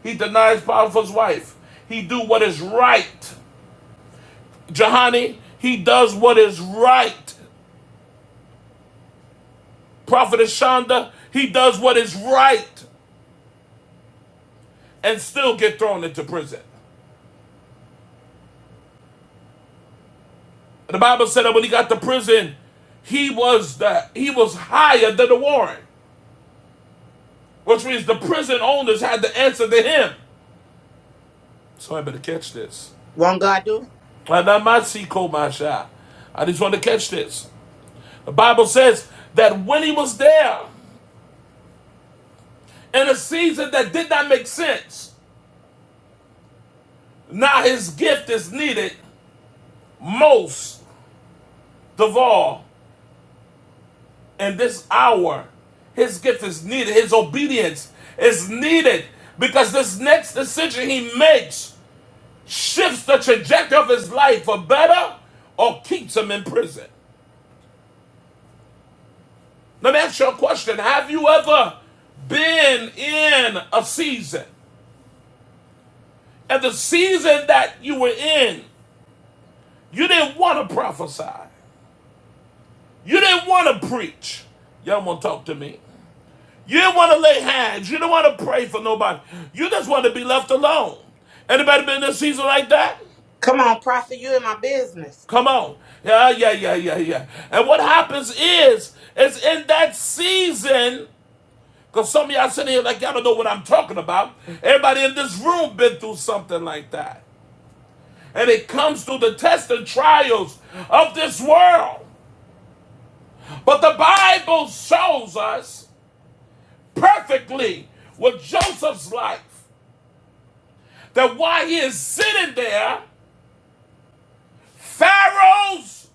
Speaker 1: He denies Potiphar's wife. He do what is right. Jehani he does what is right. Prophet Shonda, he does what is right and still get thrown into prison. The Bible said that when he got to prison, he was the he was higher than the warrant. which means the prison owners had to answer to him. So I better catch this.
Speaker 8: Won't God do it?
Speaker 1: And I might see Komasha. I just want to catch this. The Bible says that when he was there in a season that did not make sense, now his gift is needed most of all in this hour. His gift is needed, his obedience is needed because this next decision he makes shifts the trajectory of his life for better or keeps him in prison. Let me ask you a question. Have you ever been in a season? And the season that you were in, you didn't want to prophesy. You didn't want to preach. Y'all want to talk to me. You didn't want to lay hands. You didn't want to pray for nobody. You just want to be left alone. Anybody been in a season like that?
Speaker 8: Come on, prophet. You in my business.
Speaker 1: Come on. Yeah, yeah, yeah, yeah, yeah. And what happens is, is in that season, Because some of y'all sitting here like y'all don't know what I'm talking about. Everybody in this room been through something like that. And it comes through the tests and trials of this world. But the Bible shows us perfectly with Joseph's life that while he is sitting there, Pharaoh's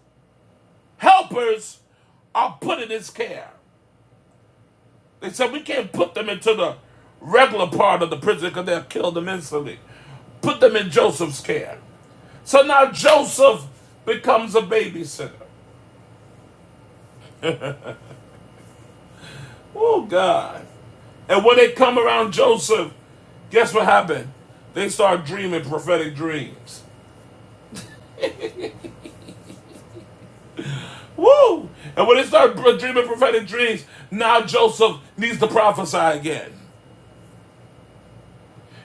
Speaker 1: helpers are put in his care. They said, We can't put them into the regular part of the prison because they'll kill them instantly. Put them in Joseph's care. So now Joseph becomes a babysitter. Oh, God. And when they come around Joseph, guess what happened? They start dreaming prophetic dreams. Woo! And when they start dreaming prophetic dreams, now Joseph needs to prophesy again.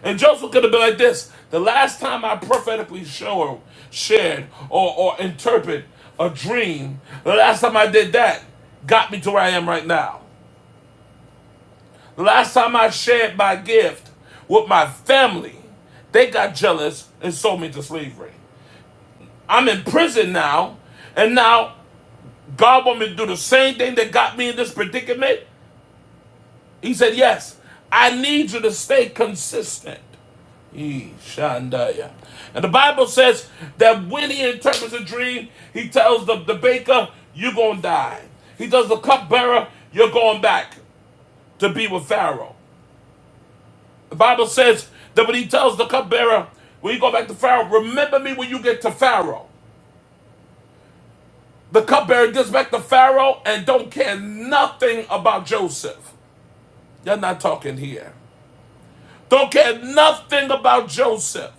Speaker 1: And Joseph could have been like this the last time I prophetically show, shared or, or interpret a dream, the last time I did that got me to where I am right now. Last time I shared my gift with my family, they got jealous and sold me to slavery. I'm in prison now, and now God want me to do the same thing that got me in this predicament. He said, Yes, I need you to stay consistent. Yee, And the Bible says that when he interprets a dream, he tells the, the baker, You're going to die. He tells the cupbearer, You're going back to be with Pharaoh. The Bible says that when he tells the cupbearer, when you go back to Pharaoh, remember me when you get to Pharaoh. The cupbearer gets back to Pharaoh and don't care nothing about Joseph. You're not talking here. Don't care nothing about Joseph.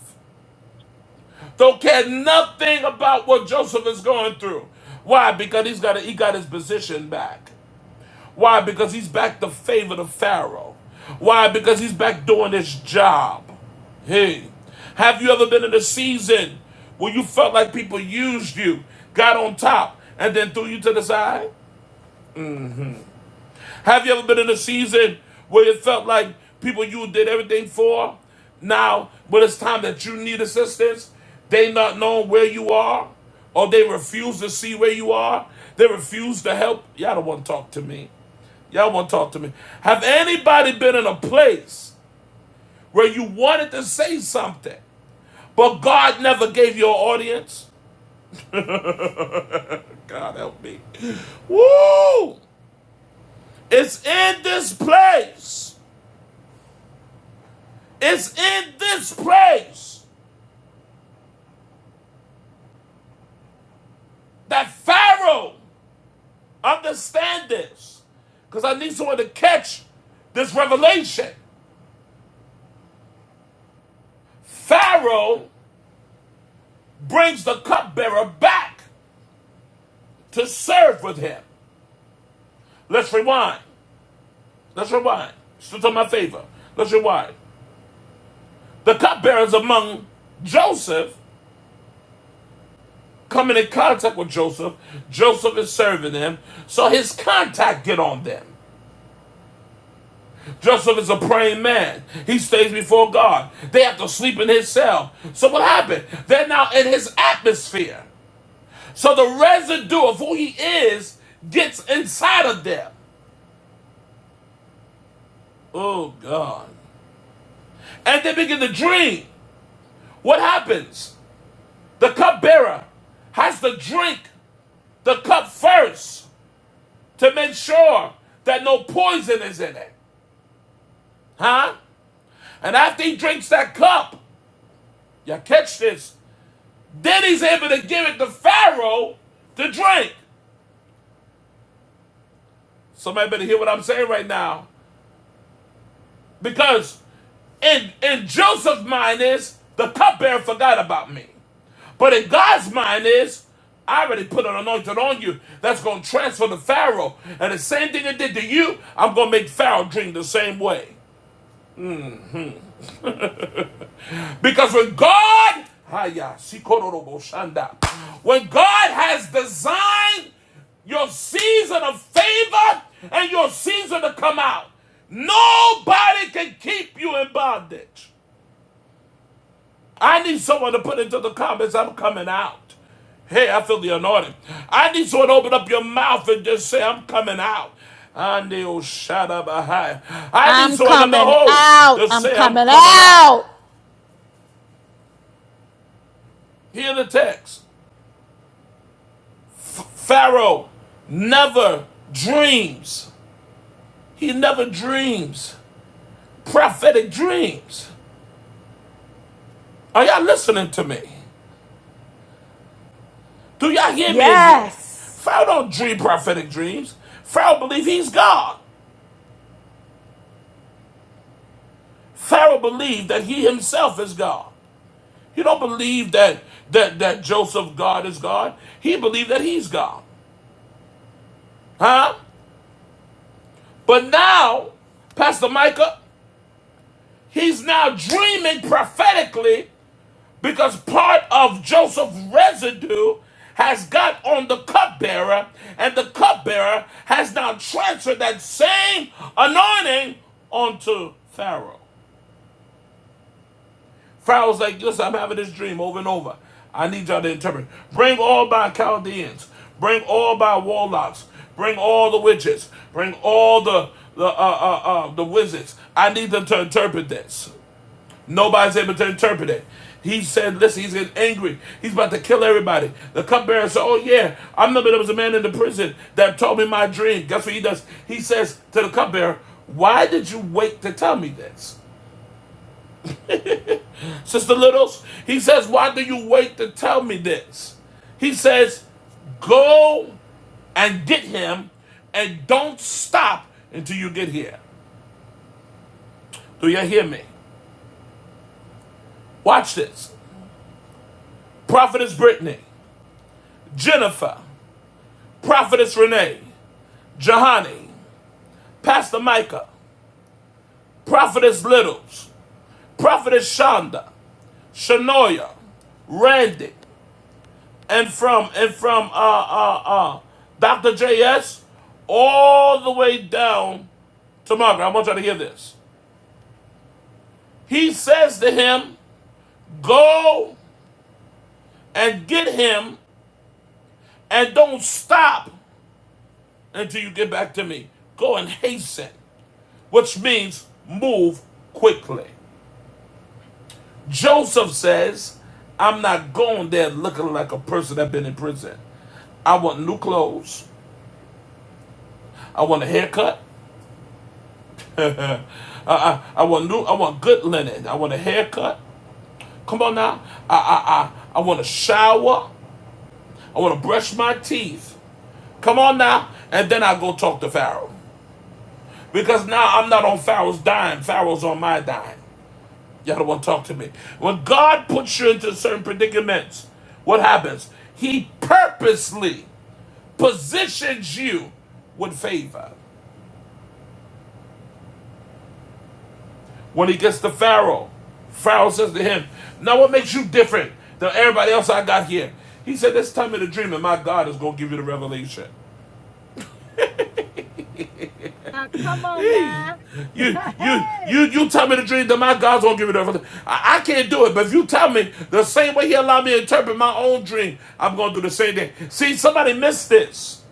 Speaker 1: Don't care nothing about what Joseph is going through. Why? Because he's got a, he got his position back. Why? Because he's back to favor the Pharaoh. Why? Because he's back doing his job. Hey, have you ever been in a season where you felt like people used you, got on top, and then threw you to the side? Have you ever been in a season where it felt like people you did everything for, now when it's time that you need assistance, they not knowing where you are, or they refuse to see where you are, they refuse to help. Y'all don't want to talk to me. Y'all want to talk to me. Have anybody been in a place where you wanted to say something, but God never gave you an audience? *laughs* God help me. Woo! It's in this place It's in this place that Pharaoh understands this. Because I need someone to catch this revelation. Pharaoh brings the cupbearer back to serve with him. Let's rewind. Let's rewind. Still to my favor. Let's rewind. The cupbearers among Joseph coming in contact with Joseph. Joseph is serving them. So his contact get on them. Joseph is a praying man. He stays before God. They have to sleep in his cell. So what happened? They're now in his atmosphere. So the residue of who he is gets inside of them. Oh God. And they begin to drink. What happens? The cupbearer has to drink the cup first to make sure that no poison is in it. Huh? And after he drinks that cup, you catch this, Then he's able to give it to Pharaoh to drink. Somebody better hear what I'm saying right now. Because in, in Joseph's mind is, the cupbearer forgot about me. But in God's mind is, I already put an anointing on you that's going to transfer to Pharaoh. And the same thing it did to you, I'm going to make Pharaoh drink the same way. *laughs* Because when God, Haya, Sikororobo Shanda. when God has designed your season of favor and your season to come out, nobody can keep you in bondage. I need someone to put into the comments, I'm coming out. Hey, I feel the anointing. I need someone to open up your mouth and just say, I'm coming out. And they'll I need
Speaker 4: I'm
Speaker 1: someone to
Speaker 4: coming
Speaker 1: behold
Speaker 4: out.
Speaker 1: to
Speaker 4: I'm
Speaker 1: say, I'm
Speaker 4: coming
Speaker 1: coming out.
Speaker 4: out.
Speaker 1: Hear the text. Pharaoh never dreams. He never dreams prophetic dreams. Are y'all listening to me? Do y'all hear me in here?
Speaker 4: Yes.
Speaker 1: Pharaoh don't dream prophetic dreams. Pharaoh believe he's God. Pharaoh believed that he himself is God. He don't believe that that that Joseph God is God. He believed that he's God. Huh? But now, Pastor Micah, he's now dreaming prophetically because part of Joseph's residue has got on the cupbearer, and the cupbearer has now transferred that same anointing onto Pharaoh. Pharaoh's like, listen, I'm having this dream over and over. I need y'all to interpret. Bring all my Chaldeans. Bring all my warlocks. Bring all the witches. Bring all the the uh, uh, uh, the wizards. I need them to interpret this. Nobody's able to interpret it. He said, listen, he's getting angry. He's about to kill everybody. The cupbearer said, oh yeah, I remember there was a man in the prison that told me my dream. Guess what he does? He says to the cupbearer, why did you wait to tell me this? *laughs* Sister Littles, he says, why do you wait to tell me this? He says, go and get him and don't stop until you get here. Do you hear me? Watch this. Prophetess Brittany, Jennifer, Prophetess Renee, Jahani, Pastor Micah, Prophetess Littles, Prophetess Shonda, Shanoya, Randy, and from and from uh uh uh Dr. JS all the way down to Margaret. I want y'all to hear this. He says to him, Go and get him and don't stop until you get back to me. Go and hasten, which means move quickly. Joseph says, I'm not going there looking like a person that been in prison. I want new clothes. I want a haircut. *laughs* I, I, I want new. I want good linen. I want a haircut. Come on now. I I I, I want a shower. I want to brush my teeth. Come on now. And then I go talk to Pharaoh. Because now I'm not on Pharaoh's dime. Pharaoh's on my dime. Y'all don't want to talk to me. When God puts you into certain predicaments, what happens? He purposely positions you with favor. When he gets to Pharaoh, Pharaoh says to him, Now what makes you different than everybody else I got here? He said, This time in the dream, and my God is gonna give you the revelation.
Speaker 4: Now, come on
Speaker 1: Hey,
Speaker 4: now. *laughs*
Speaker 1: you you
Speaker 4: hey,
Speaker 1: you you tell me the dream that my God's gonna give you the revelation. I, I can't do it, but if you tell me the same way he allowed me to interpret my own dream, I'm gonna do the same thing. See, somebody missed this.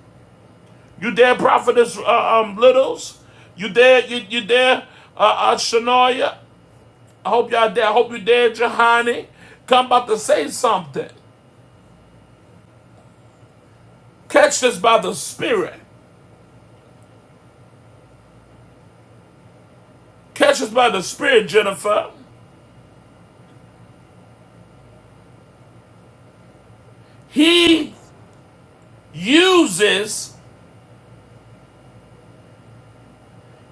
Speaker 1: You dare prophetess uh, um littles? You dare you you dare uh, uh Shania? I hope y'all there. I hope you're there, Johanny. Come about to say something. Catch this by the Spirit. Catch this by the Spirit, Jennifer. He uses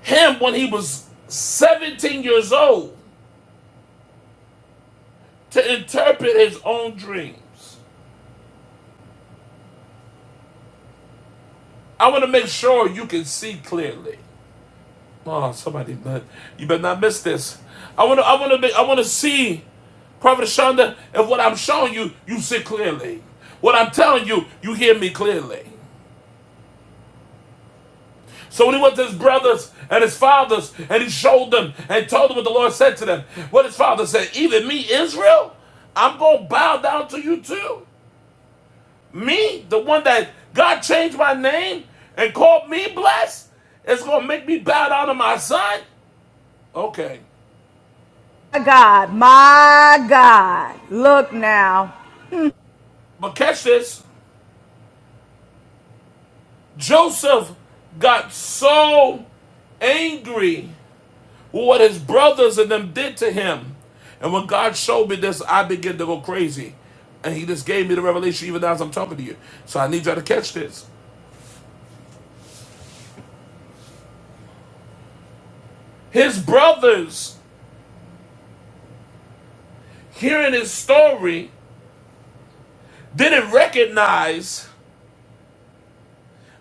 Speaker 1: him when he was 17 years old to interpret his own dreams. I want to make sure you can see clearly. Oh, somebody, but you better not miss this. I want to, I want to, be, I want to see, Prophet Shonda, if what I'm showing you, you see clearly. What I'm telling you, you hear me clearly. So when he went to his brothers and his fathers, and he showed them and told them what the Lord said to them, what his father said, even me, Israel, I'm gonna bow down to you too. Me, the one that God changed my name and called me blessed, it's gonna make me bow down to my son. Okay,
Speaker 4: My God. My God. Look now.
Speaker 1: but catch this. Joseph got so angry with what his brothers and them did to him. And when God showed me this, I began to go crazy. And he just gave me the revelation even now as I'm talking to you. So I need y'all to catch this. His brothers, hearing his story, didn't recognize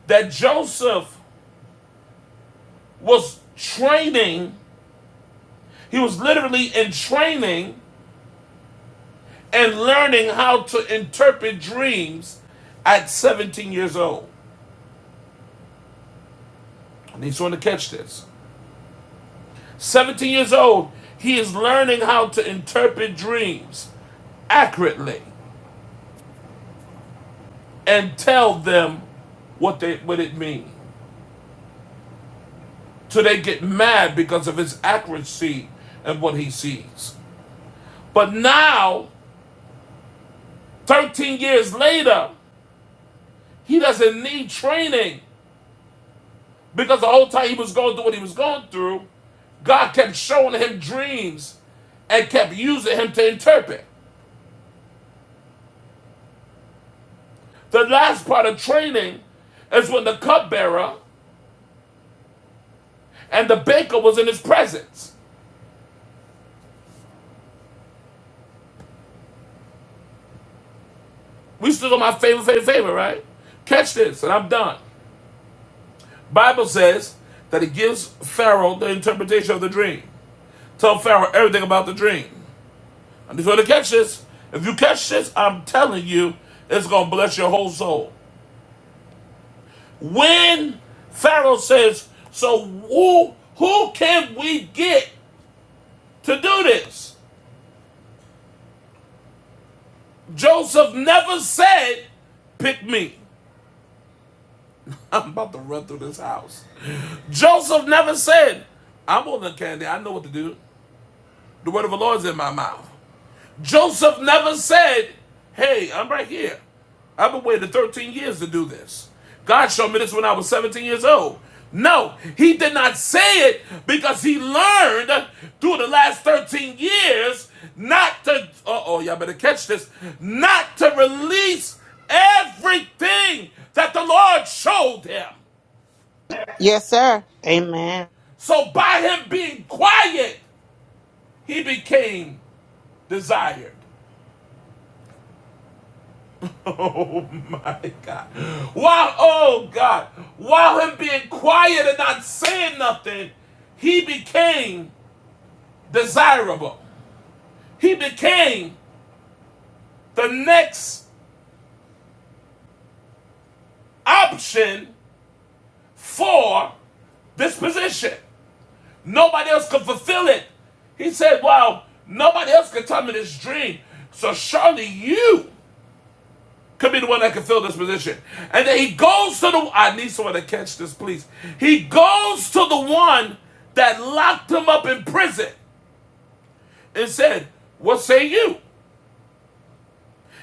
Speaker 1: that Joseph was training. He was literally in training and learning how to interpret dreams at 17 years old. And he's want to catch this. 17 years old, he is learning how to interpret dreams accurately and tell them what they what it means. So they get mad because of his accuracy and what he sees. But now, 13 years later, he doesn't need training because the whole time he was going through what he was going through, God kept showing him dreams and kept using him to interpret. The last part of training is when the cupbearer and the baker was in his presence. We still on my favorite, favorite, favorite, right? Catch this, and I'm done. Bible says that it gives Pharaoh the interpretation of the dream. Tell Pharaoh everything about the dream. And he's going to catch this. If you catch this, I'm telling you, it's going to bless your whole soul. When Pharaoh says, so who, who can we get to do this? Joseph never said, Pick me. I'm about to run through this house. Joseph never said, I'm on the candy. I know what to do. The word of the Lord is in my mouth. Joseph never said, Hey, I'm right here. I've been waiting 13 years to do this. God showed me this when I was 17 years old. No, he did not say it because he learned through the last 13 years not to, uh oh, y'all better catch this, not to release everything that the Lord showed him.
Speaker 8: Yes, sir. Amen.
Speaker 1: So by him being quiet, he became desired. *laughs* Oh my God. While, oh God, while him being quiet and not saying nothing, he became desirable. He became the next option for this position. Nobody else could fulfill it. He said, Well, nobody else could tell me this dream. So surely you Could be the one that can fill this position. And then he goes to the I need someone to catch this, please. He goes to the one that locked him up in prison and said, What say you?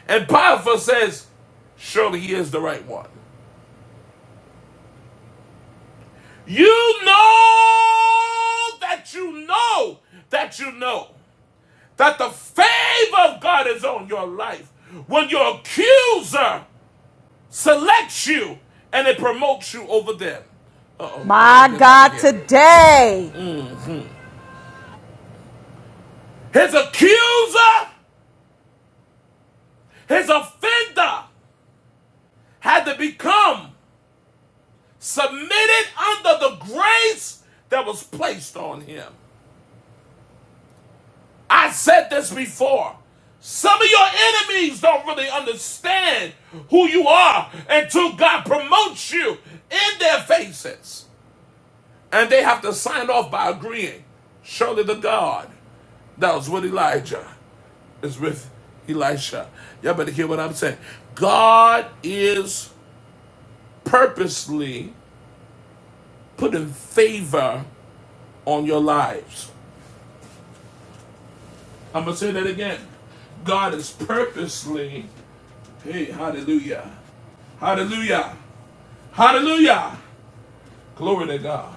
Speaker 1: And Potiphar says, Surely he is the right one. You know that you know that you know that the favor of God is on your life when your accuser selects you and it promotes you over them. Uh oh, I gotta
Speaker 4: My
Speaker 1: get out of
Speaker 4: God
Speaker 1: here.
Speaker 4: today.
Speaker 1: His accuser, his offender had to become submitted under the grace that was placed on him. I said this before. Some of your enemies don't really understand who you are until God promotes you in their faces. And they have to sign off by agreeing. Surely the God that was with Elijah is with Elisha. Y'all better hear what I'm saying. God is purposely putting favor on your lives. I'm going to say that again. God is purposely, hey, hallelujah, hallelujah, hallelujah, glory to God.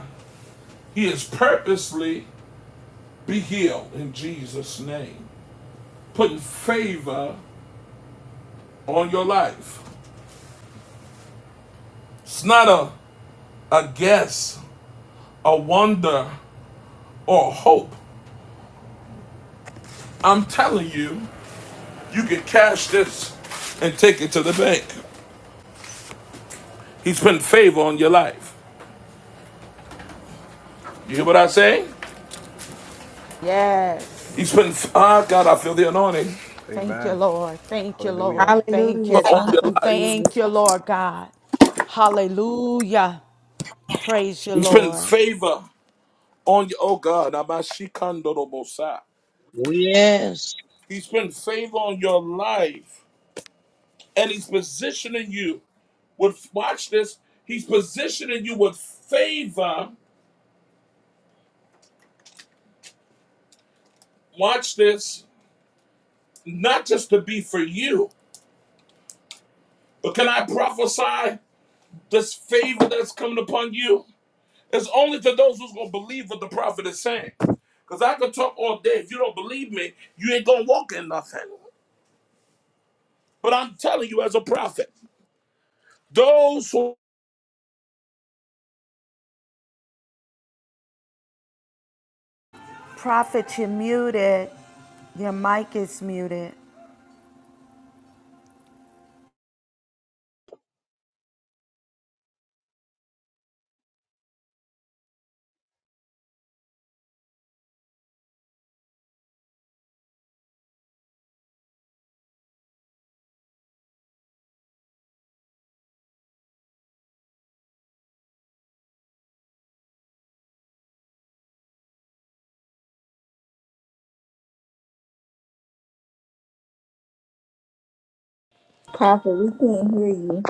Speaker 1: He is purposely be healed in Jesus' name, putting favor on your life. It's not a, a guess, a wonder, or a hope. I'm telling you, you can cash this and take it to the bank. He's putting favor on your life. You hear what I say?
Speaker 4: Yes.
Speaker 1: He's putting, ah, God, I feel the anointing
Speaker 4: Thank you,
Speaker 6: Amen.
Speaker 4: Lord. Thank you,
Speaker 6: Hallelujah.
Speaker 4: Lord. Thank you,
Speaker 2: Hallelujah.
Speaker 1: on
Speaker 2: Thank
Speaker 4: Father.
Speaker 1: your
Speaker 2: you,
Speaker 1: life.
Speaker 2: Jesus.
Speaker 4: Thank you, Lord God. Hallelujah. Praise you,
Speaker 1: He's putting
Speaker 4: Lord.
Speaker 1: favor on your, oh God, Abashikandorobosa.
Speaker 7: Oh, yes.
Speaker 1: He's putting favor on your life. And he's positioning you with, watch this, he's positioning you with favor, watch this, not just to be for you, but can I prophesy this favor that's coming upon you? It's only to those who's gonna believe what the prophet is saying. Cause I could talk all day. If you don't believe me, you ain't gonna walk in nothing. But I'm telling you as a prophet, those who
Speaker 4: Prophet, you're muted. Your mic is muted.
Speaker 2: Prophet, we can't hear you.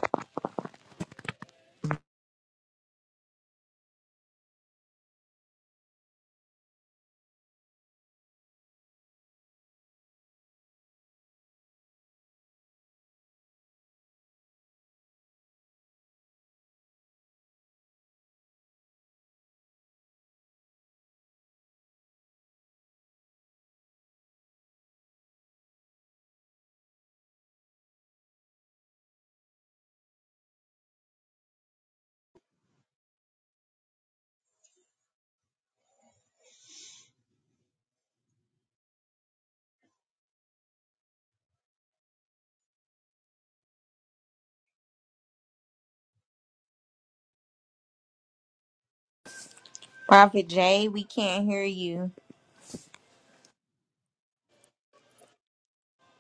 Speaker 2: Prophet Jay, we can't hear you.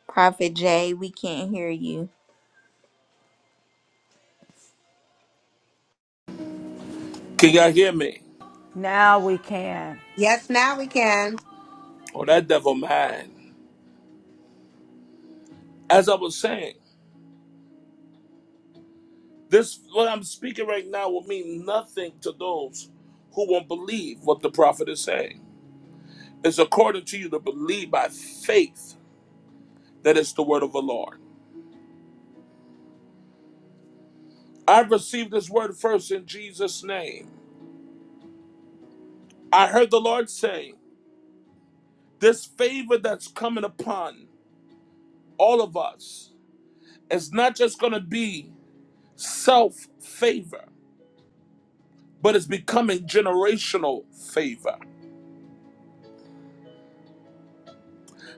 Speaker 2: Prophet Jay, we can't hear you.
Speaker 1: can y'all hear me?
Speaker 4: Now we can.
Speaker 11: Yes, now we can.
Speaker 1: Oh, that devil man. As I was saying, this what I'm speaking right now will mean nothing to those who won't believe what the prophet is saying. It's according to you to believe by faith that it's the word of the Lord. I received this word first in Jesus' name. I heard the Lord say. This favor that's coming upon all of us is not just going to be self favor, but it's becoming generational favor.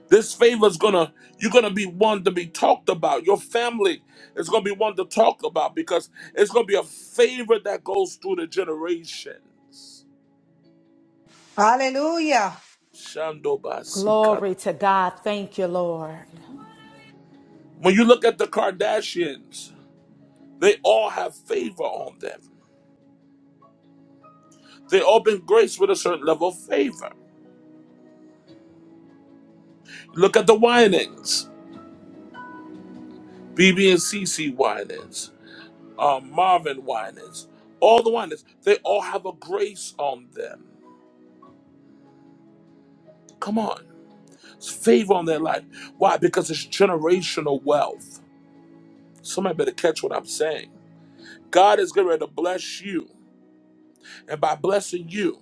Speaker 1: This favor is going to, you're going to be one to be talked about. Your family is going to be one to talk about because it's going to be a favor that goes through the generations.
Speaker 11: Hallelujah.
Speaker 1: Shandobasikata.
Speaker 4: Glory to God. Thank you, Lord.
Speaker 1: When you look at the Kardashians, they all have favor on them. They all been graced with a certain level of favor. Look at the Winans, BB and CC whinings, um, Marvin whinings, all the whinings. They all have a grace on them. Come on, it's favor on their life. Why? Because it's generational wealth. Somebody better catch what I'm saying. God is getting ready to bless you, and by blessing you,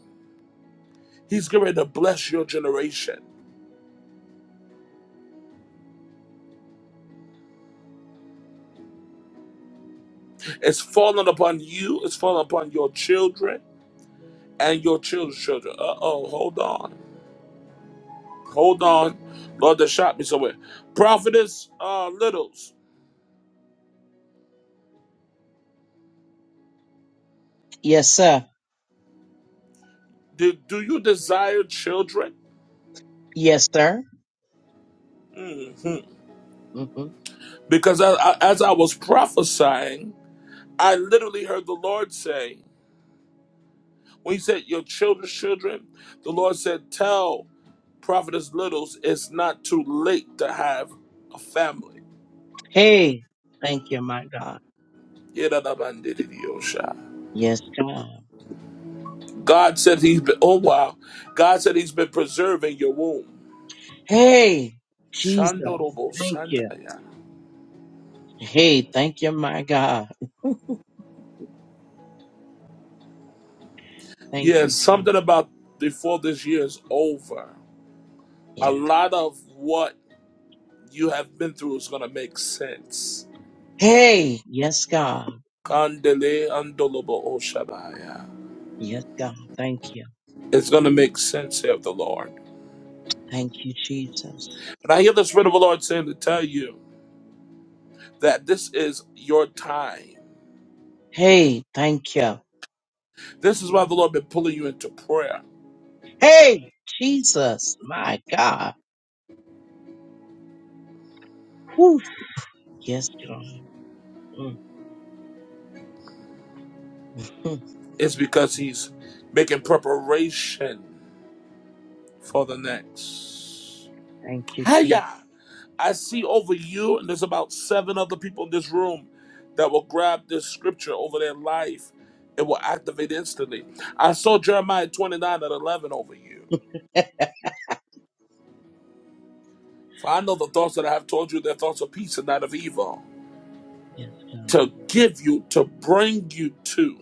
Speaker 1: He's getting ready to bless your generation. It's falling upon you. It's falling upon your children and your children's children. Uh oh, hold on. Hold on. Lord, that shot me somewhere. Prophetess uh, Littles,
Speaker 7: Yes, sir.
Speaker 1: do, do you desire children?
Speaker 7: Yes, sir.
Speaker 1: hmm
Speaker 7: hmm
Speaker 1: Because I, I, as I was prophesying, I literally heard the Lord say, when he said, Your children's children, the Lord said, Tell Prophetess Littles it's not too late to have a family.
Speaker 7: Hey. Thank you, my God. Yes, God.
Speaker 1: God said he's been, oh wow, God said he's been preserving your womb.
Speaker 7: Hey, Jesus.
Speaker 1: Shandorobo
Speaker 7: Thank you.
Speaker 1: Sandaya.
Speaker 7: Hey, thank you, my God. Thank
Speaker 1: Yeah,
Speaker 7: you,
Speaker 1: something about before this year is over. A
Speaker 7: Jesus.
Speaker 1: lot of what you have been through is gonna make sense.
Speaker 7: Hey, yes, God.
Speaker 1: Kandele andolobo oshabaya.
Speaker 7: Yes, God. Thank you.
Speaker 1: It's gonna make sense, saith the Lord.
Speaker 7: Thank you, Jesus.
Speaker 1: And I hear the Spirit of the Lord saying to tell you that this is your time.
Speaker 7: Hey, thank you.
Speaker 1: This is why the Lord been pulling you into prayer.
Speaker 7: Hey, Jesus. My God. Whew. Yes, God. Mm, mm.
Speaker 1: It's because He's making preparation for the next.
Speaker 7: Thank you, Jesus.
Speaker 1: Hiya! I see over you, and there's about seven other people in this room that will grab this scripture over their life. It will activate instantly. I saw Jeremiah 29 and 11 over you. For I know the thoughts that I have told you, they're thoughts of peace and not of evil,
Speaker 7: Yes,
Speaker 1: to
Speaker 7: God.
Speaker 1: give you, to bring you to,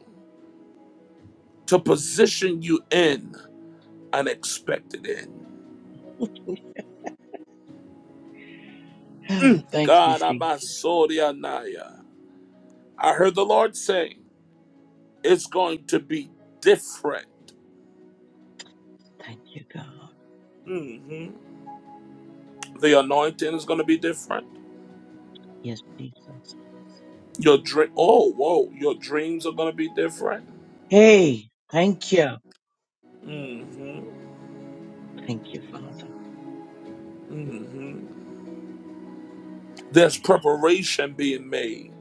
Speaker 1: to position you in an expected end.
Speaker 7: *sighs* Thank you,
Speaker 1: God, I'm
Speaker 7: Jesus.
Speaker 1: a Soria I heard the Lord say, it's going to be different.
Speaker 7: Thank you, God.
Speaker 1: Mhm. The anointing is going to be different.
Speaker 7: Yes, Jesus.
Speaker 1: Your dream, oh, whoa, your dreams are going to be different.
Speaker 7: Hey, thank you.
Speaker 1: hmm
Speaker 7: Thank you, Father.
Speaker 1: hmm There's preparation being made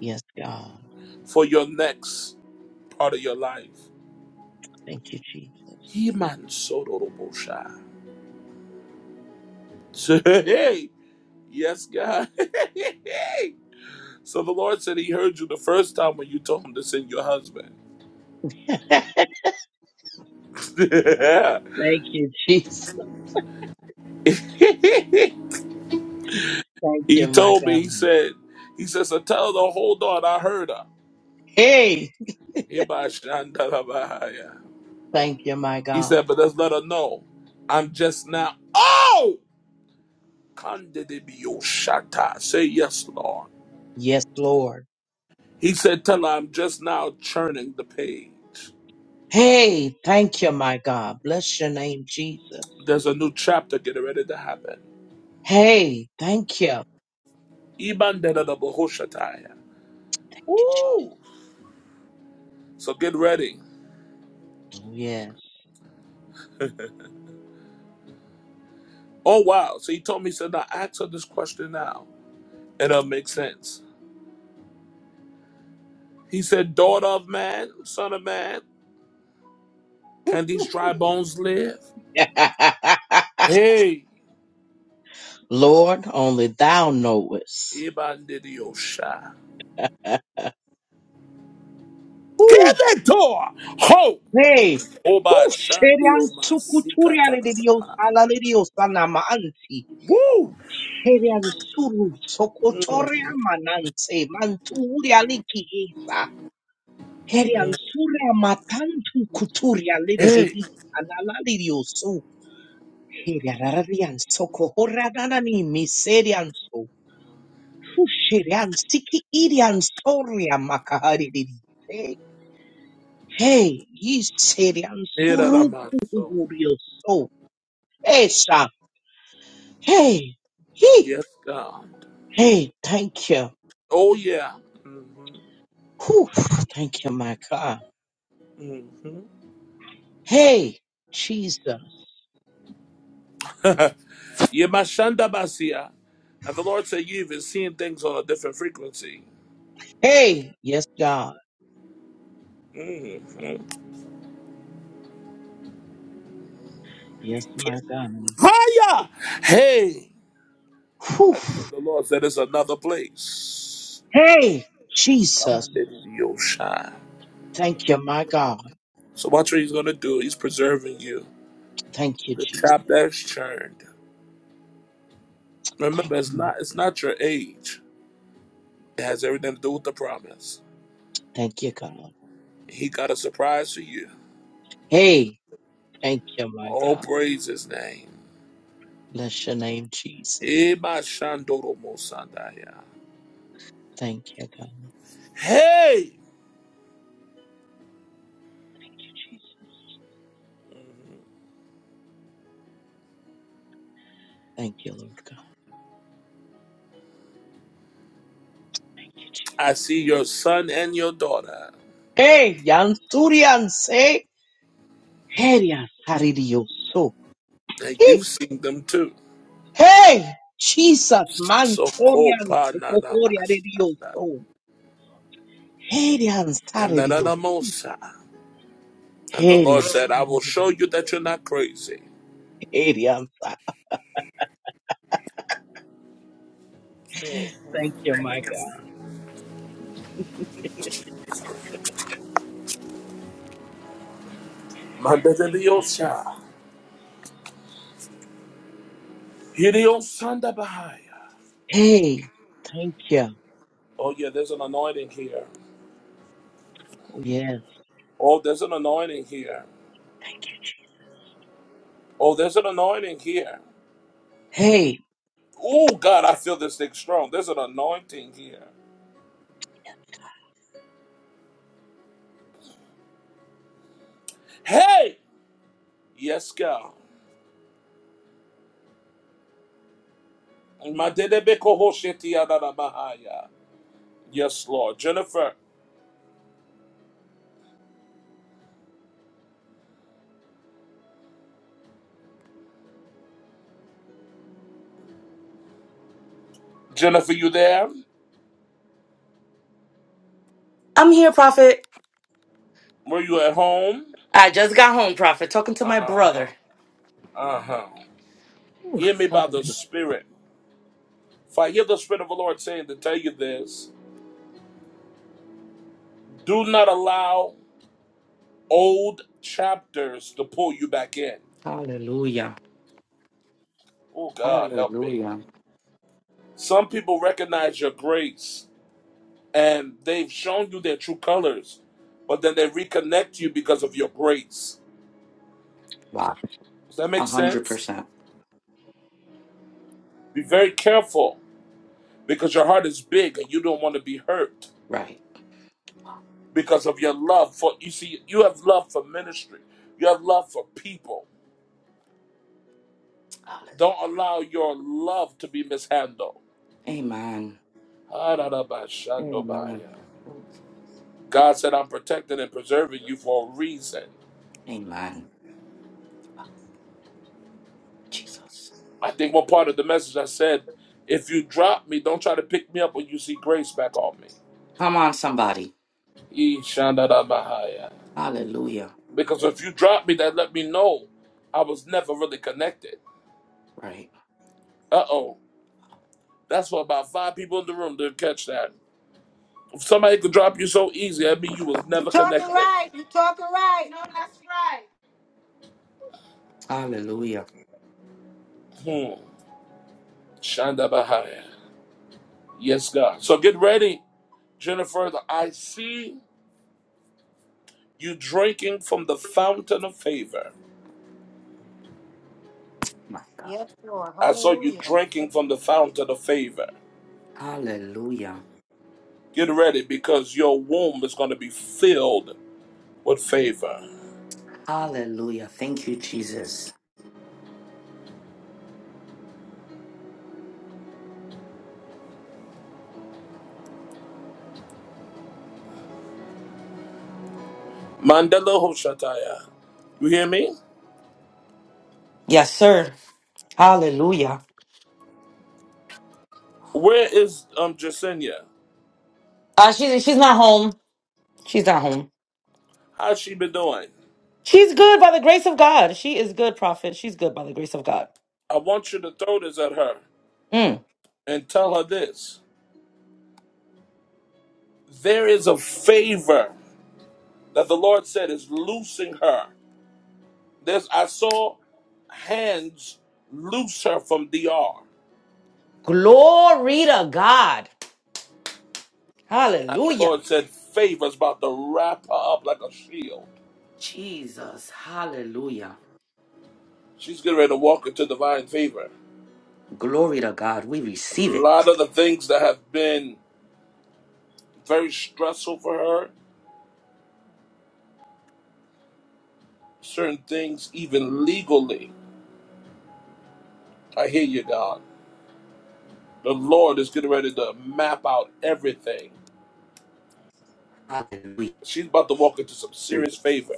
Speaker 7: Yes, God.
Speaker 1: for your next part of your life.
Speaker 7: Thank you, Jesus.
Speaker 1: He man sodorobosha. So, Hey, yes, God. *laughs* so the Lord said He heard you the first time when you told Him to send your husband.
Speaker 7: *laughs*
Speaker 1: *laughs* Yeah.
Speaker 7: Thank you, Jesus.
Speaker 1: *laughs*
Speaker 7: Thank
Speaker 1: he
Speaker 7: you, my
Speaker 1: told me, He
Speaker 7: God.
Speaker 1: said, He says, so tell her to hold on. I heard her.
Speaker 7: Hey,
Speaker 1: Ibashandalabahaya.
Speaker 7: thank you, my
Speaker 1: He
Speaker 7: God.
Speaker 1: said, but let's let her know. I'm just now. Oh! Kandidibiyoshata. Say yes, Lord.
Speaker 7: Yes, Lord.
Speaker 1: He said, tell her I'm just now churning the page.
Speaker 7: Hey, thank you, my God. Bless your name, Jesus.
Speaker 1: There's a new chapter getting ready to happen.
Speaker 7: Hey, thank you.
Speaker 1: Ibandadadabahoshataya. Woo! So get ready.
Speaker 7: Oh, Yes.
Speaker 1: Oh, wow. So he told me, he said, now ask her this question now. And it'll make sense. He said, daughter of man, son of man, can these dry bones live?
Speaker 7: *laughs*
Speaker 1: Hey!
Speaker 7: Lord, only thou knowest.
Speaker 1: Ibandidiyosha.
Speaker 7: *laughs* Woo,
Speaker 1: Kebeto. Ho.
Speaker 7: hey, woo,
Speaker 1: Oba shandi
Speaker 7: sherian
Speaker 1: oma sikata
Speaker 7: sukuturia de Dios,
Speaker 1: naba.
Speaker 7: ala de Dios, ana maanti.
Speaker 1: Woo.
Speaker 7: Sherian suru, sokotoria manante, manturia liki isa. Herian suria matantu kuturia lide
Speaker 1: Hey.
Speaker 7: hei, ana de Dios. Periararian soko horanani miserian so fusherian siki irian soria makahari didi. Hey, ye serian
Speaker 1: Nera namaso.
Speaker 7: surukurio so esa. Hey, he,
Speaker 1: Yes, God.
Speaker 7: hey, thank you.
Speaker 1: Oh, yeah.
Speaker 7: Whew, thank you, my God.
Speaker 1: Mm-hmm.
Speaker 7: Hey, Jesus.
Speaker 1: Yemashanda basia. And the Lord said, You've been seeing things on a different frequency.
Speaker 7: Hey, yes, God.
Speaker 1: Mm-hmm.
Speaker 7: Yes, my God.
Speaker 1: Hiya! Hey!
Speaker 7: Whew.
Speaker 1: I just heard the Lord said it's another place.
Speaker 7: Hey,
Speaker 1: Come
Speaker 7: Jesus.
Speaker 1: on, Nidiyosha.
Speaker 7: Thank you, my God.
Speaker 1: So watch what he's going to do. He's preserving you.
Speaker 7: Thank you,
Speaker 1: The tap
Speaker 7: Jesus.
Speaker 1: that's churned.
Speaker 7: Thank
Speaker 1: Remember, it's
Speaker 7: you.
Speaker 1: not it's not your age. It has everything to do with the promise.
Speaker 7: Thank you, God.
Speaker 1: He got a surprise for you.
Speaker 7: Hey, thank you, my
Speaker 1: All
Speaker 7: God.
Speaker 1: praise his name.
Speaker 7: Bless your name, Jesus.
Speaker 1: Eba shandoro mosandaya.
Speaker 7: Thank you, God.
Speaker 1: Hey,
Speaker 7: Jesus. Thank you, Lord God. Jesus.
Speaker 1: I see your son and your daughter,
Speaker 7: Hey, Yanturian say, hey, Yan- Haridio, so.
Speaker 1: and
Speaker 7: Hey,
Speaker 1: you've seen them too.
Speaker 7: hey, Jesus, man, Torian,
Speaker 1: Sokopa
Speaker 7: Kokoria, Radio,
Speaker 1: nanamashanda.
Speaker 7: so. Hey, Yan,
Speaker 1: And
Speaker 7: Saridio,
Speaker 1: nananamosa. And the
Speaker 7: hey,
Speaker 1: Lord
Speaker 7: Yan,
Speaker 1: said, I will show you that you're not crazy.
Speaker 7: hey, Yan, Sa- Thank you, my God. Thank you.
Speaker 1: Mandadadiosa. Hidiosandabahaya.
Speaker 7: Hey, thank you.
Speaker 1: Oh, yeah, there's an anointing here.
Speaker 7: Oh, yes.
Speaker 1: Oh, there's an anointing here. Oh, there's an anointing here.
Speaker 7: Hey,
Speaker 1: Oh, God, I feel this thing strong. There's an anointing here. Hey! Yes, God. Madedebekohoshetiadadabahaya. Yes, Lord. Jennifer, Jennifer, you there?
Speaker 3: I'm here, Prophet.
Speaker 1: Were you at home?
Speaker 3: I just got home, Prophet, talking to
Speaker 1: Uh
Speaker 3: my brother.
Speaker 1: huh. Uh huh. Hear me by the Spirit. If I hear the Spirit of the Lord saying to tell you this, do not allow old chapters to pull you back in.
Speaker 3: Hallelujah.
Speaker 1: Oh, God, help me.
Speaker 3: Hallelujah.
Speaker 1: Some people recognize your grace and they've shown you their true colors, but then they reconnect you because of your grace.
Speaker 3: Wow.
Speaker 1: Does that
Speaker 3: A
Speaker 1: make
Speaker 3: hundred
Speaker 1: sense?
Speaker 3: percent.
Speaker 1: Be very careful because your heart is big and you don't want to be hurt
Speaker 3: Right.
Speaker 1: because of your love for, you see, you have love for ministry, you have love for people.
Speaker 3: Hallelujah.
Speaker 1: Don't allow your love to be mishandled.
Speaker 3: Amen. Amen.
Speaker 1: Ha-da-da-ba-shandobaya. God said, I'm protecting and preserving you for a reason.
Speaker 3: Amen. Jesus.
Speaker 1: I think one part of the message I said, if you drop me, don't try to pick me up when you see grace back on me.
Speaker 3: Come on, somebody.
Speaker 1: Ee, shanda bahaya.
Speaker 3: Hallelujah.
Speaker 1: Because if you drop me, that let me know I was never really connected.
Speaker 3: Right.
Speaker 1: Uh oh. That's for about five people in the room to catch that. If somebody could drop you so easy, I mean you was
Speaker 11: You're
Speaker 1: never
Speaker 11: talking
Speaker 1: connected.
Speaker 11: right. You're talking right. No, that's right.
Speaker 3: Hall-
Speaker 1: Hmm. Shanda bahaya. Yes, God. So get ready, Jennifer. I see you drinking from the fountain of favor.
Speaker 11: Yes, Lord.
Speaker 1: I saw you
Speaker 11: Hallelujah.
Speaker 1: drinking from the fountain of favor.
Speaker 3: Hallelujah.
Speaker 1: Get ready because your womb is going to be filled with favor.
Speaker 3: Hallelujah. Thank you, Jesus.
Speaker 1: Mandela Hoshataya. You hear me?
Speaker 3: Yes, sir. Hallelujah.
Speaker 1: Where is um Jacinia?
Speaker 3: Uh, she's she's not home. She's not home.
Speaker 1: How's she been doing?
Speaker 3: She's good by the grace of God. She is good, prophet. She's good by the grace of God.
Speaker 1: I want you to throw this at her
Speaker 3: Mm.
Speaker 1: and tell her this. There is a favor that the Lord said is loosing her. There's I saw hands loose her from DR.
Speaker 3: Glory to God.
Speaker 1: And the
Speaker 3: Hallelujah.
Speaker 1: Lord said, favor is about to wrap her up like a shield.
Speaker 3: Jesus. Hallelujah.
Speaker 1: She's getting ready to walk into divine favor.
Speaker 3: Glory to God. We
Speaker 1: a
Speaker 3: receive it.
Speaker 1: lot of the things that have been very stressful for her, certain things even legally. I hear you, God. The Lord is getting ready to map out everything.
Speaker 3: Hallelujah.
Speaker 1: She's about to walk into some serious favor.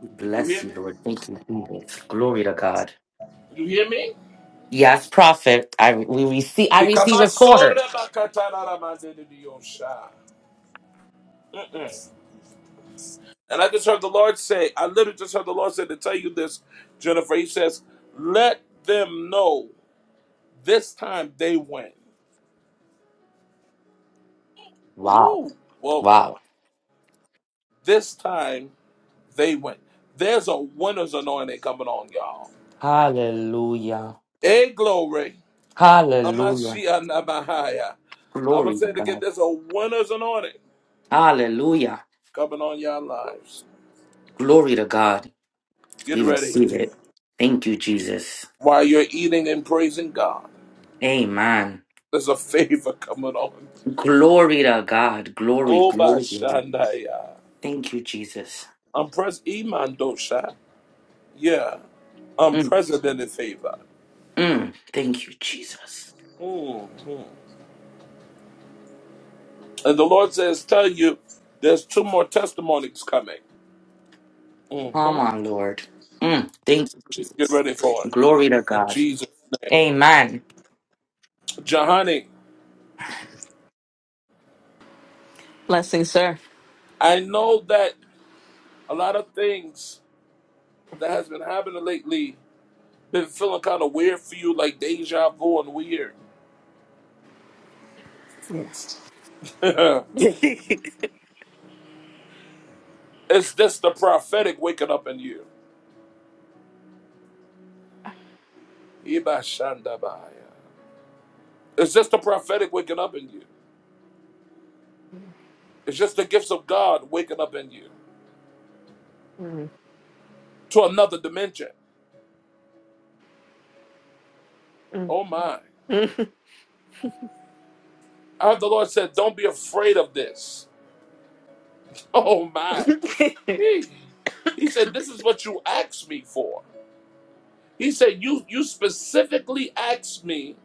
Speaker 3: We
Speaker 1: You
Speaker 3: bless
Speaker 1: hear me?
Speaker 3: you, Lord. Thank you, Jesus. Glory to God.
Speaker 1: You hear me?
Speaker 3: Yes, prophet. I we receive. I receive it for her.
Speaker 1: Mm-mm. And I just heard the Lord say, I literally just heard the Lord say to tell you this, Jennifer. He says, Let them know this time they win.
Speaker 3: Wow.
Speaker 1: Woo! Whoa.
Speaker 3: Wow.
Speaker 1: This time they win. There's a winner's anointing coming on, y'all.
Speaker 3: Hallelujah.
Speaker 1: Hey, glory.
Speaker 3: Hallelujah.
Speaker 1: Amashia Namahaya. I'm
Speaker 3: Glory
Speaker 1: gonna
Speaker 3: to
Speaker 1: say it again.
Speaker 3: God.
Speaker 1: There's a winner's anointing
Speaker 3: Hallelujah.
Speaker 1: coming on your lives.
Speaker 3: Glory to God.
Speaker 1: Get
Speaker 3: We
Speaker 1: ready.
Speaker 3: receive it. Thank you, Jesus.
Speaker 1: While you're eating and praising God,
Speaker 3: Amen.
Speaker 1: there's a *laughs* favor coming on.
Speaker 3: Glory to God. Glory,
Speaker 1: Oh,
Speaker 3: glory, glory.
Speaker 1: Bashandaya.
Speaker 3: Thank you, Jesus.
Speaker 1: I'm pres Iman Dosha. Yeah,
Speaker 3: Mm,
Speaker 1: unprecedented favor.
Speaker 3: mm. Thank you, Jesus.
Speaker 1: Mhm. And the Lord says, Tell you, there's two more testimonies coming.
Speaker 3: Come
Speaker 1: Mm-hmm.
Speaker 3: on, Lord. Mm, thank you,
Speaker 1: Get
Speaker 3: Jesus.
Speaker 1: ready for it.
Speaker 3: Glory to
Speaker 1: In
Speaker 3: God.
Speaker 1: Jesus' name.
Speaker 3: Amen.
Speaker 1: Jahani,
Speaker 9: blessings, sir.
Speaker 1: I know that a lot of things that has been happening lately been feeling kind of weird for you, like deja vu and weird.
Speaker 9: Yes.
Speaker 1: *laughs* it's
Speaker 9: *laughs*
Speaker 1: just the prophetic waking up in you. Ibashandabaya. It's just the prophetic waking up in you. It's just the gifts of God waking up in you
Speaker 9: Mm,
Speaker 1: to another dimension.
Speaker 9: mm,
Speaker 1: Oh my.
Speaker 9: mm.
Speaker 1: I heard the Lord said, Don't be afraid of this. *laughs* Oh my. He he said, This is what you asked me for. He said, You you specifically asked me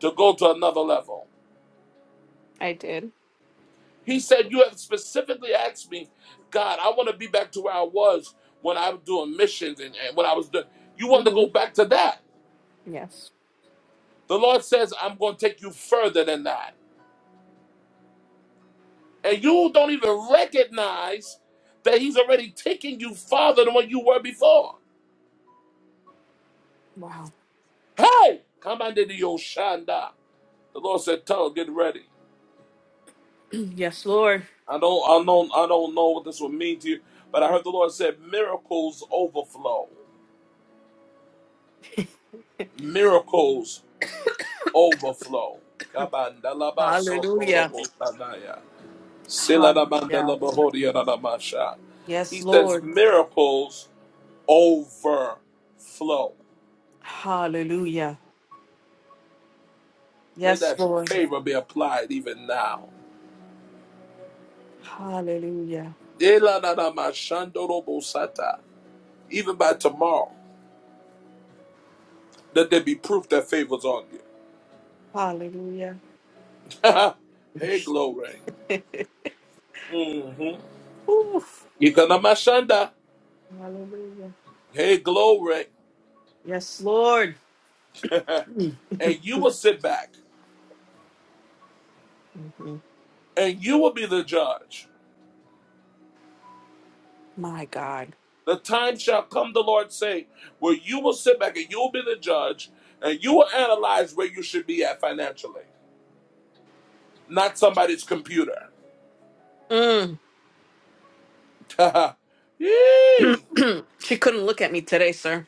Speaker 1: to go to another level.
Speaker 9: *laughs* I did.
Speaker 1: He said, You have specifically asked me, God, I want to be back to where I was when I was doing missions and, and when I was doing you want to go
Speaker 9: Mhm.
Speaker 1: back to that.
Speaker 9: Yes.
Speaker 1: The Lord says, I'm gonna take you further than that. And you don't even recognize that He's already taking you farther than what you were before.
Speaker 9: Wow.
Speaker 1: Hey, come under the Oshanda. The Lord said, Tell, her, get ready.
Speaker 9: *clears throat* yes, Lord.
Speaker 1: I don't, I don't, I don't know what this would mean to you, but I heard the Lord said, "Miracles overflow, miracles overflow."
Speaker 9: Hallelujah.
Speaker 1: Kabandalabasotorobotadaya.
Speaker 9: Hallelujah.
Speaker 1: Siladabandalabahoriyadadamasha.
Speaker 9: Yes,
Speaker 1: He says,
Speaker 9: Lord.
Speaker 1: "Miracles overflow."
Speaker 9: Hallelujah.
Speaker 1: May
Speaker 9: Yes,
Speaker 1: that
Speaker 9: Lord.
Speaker 1: favor be applied even now.
Speaker 9: Hallelujah.
Speaker 1: Eladadamashandorobosata. Even by tomorrow, that there be proof that favors on you.
Speaker 9: Hallelujah.
Speaker 1: *laughs* hey, glory.
Speaker 9: *laughs*
Speaker 1: Mm-hmm.
Speaker 9: Oof.
Speaker 1: Ikanamashanda.
Speaker 9: Hallelujah.
Speaker 1: Hey, glory.
Speaker 9: Yes, Lord. Mm.
Speaker 1: And you will sit back
Speaker 9: Mhm.
Speaker 1: and you will be the judge.
Speaker 9: My God.
Speaker 1: The time shall come, the Lord say, where you will sit back and you will be the judge and you will analyze where you should be at financially, not somebody's computer.
Speaker 9: Mm.
Speaker 1: *laughs* Yee.
Speaker 9: *clears throat* she couldn't look at me today, sir.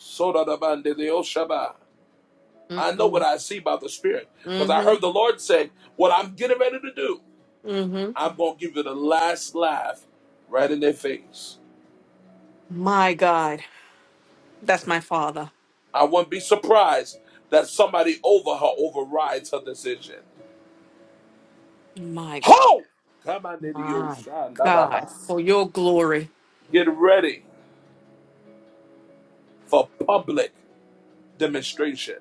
Speaker 1: Soda da bande de oshaba. I know what
Speaker 9: Mm-mm.
Speaker 1: I see by the Spirit because I
Speaker 9: Mm-hmm.
Speaker 1: heard the Lord say, What I'm getting ready to do,
Speaker 9: Mm-hmm.
Speaker 1: I'm going to give you the last laugh right in their face.
Speaker 9: My God. That's my father.
Speaker 1: I wouldn't be surprised that somebody over her overrides her decision.
Speaker 9: My God.
Speaker 1: Ho! Come on, into your
Speaker 9: My God. For your glory.
Speaker 1: Get ready for public demonstration.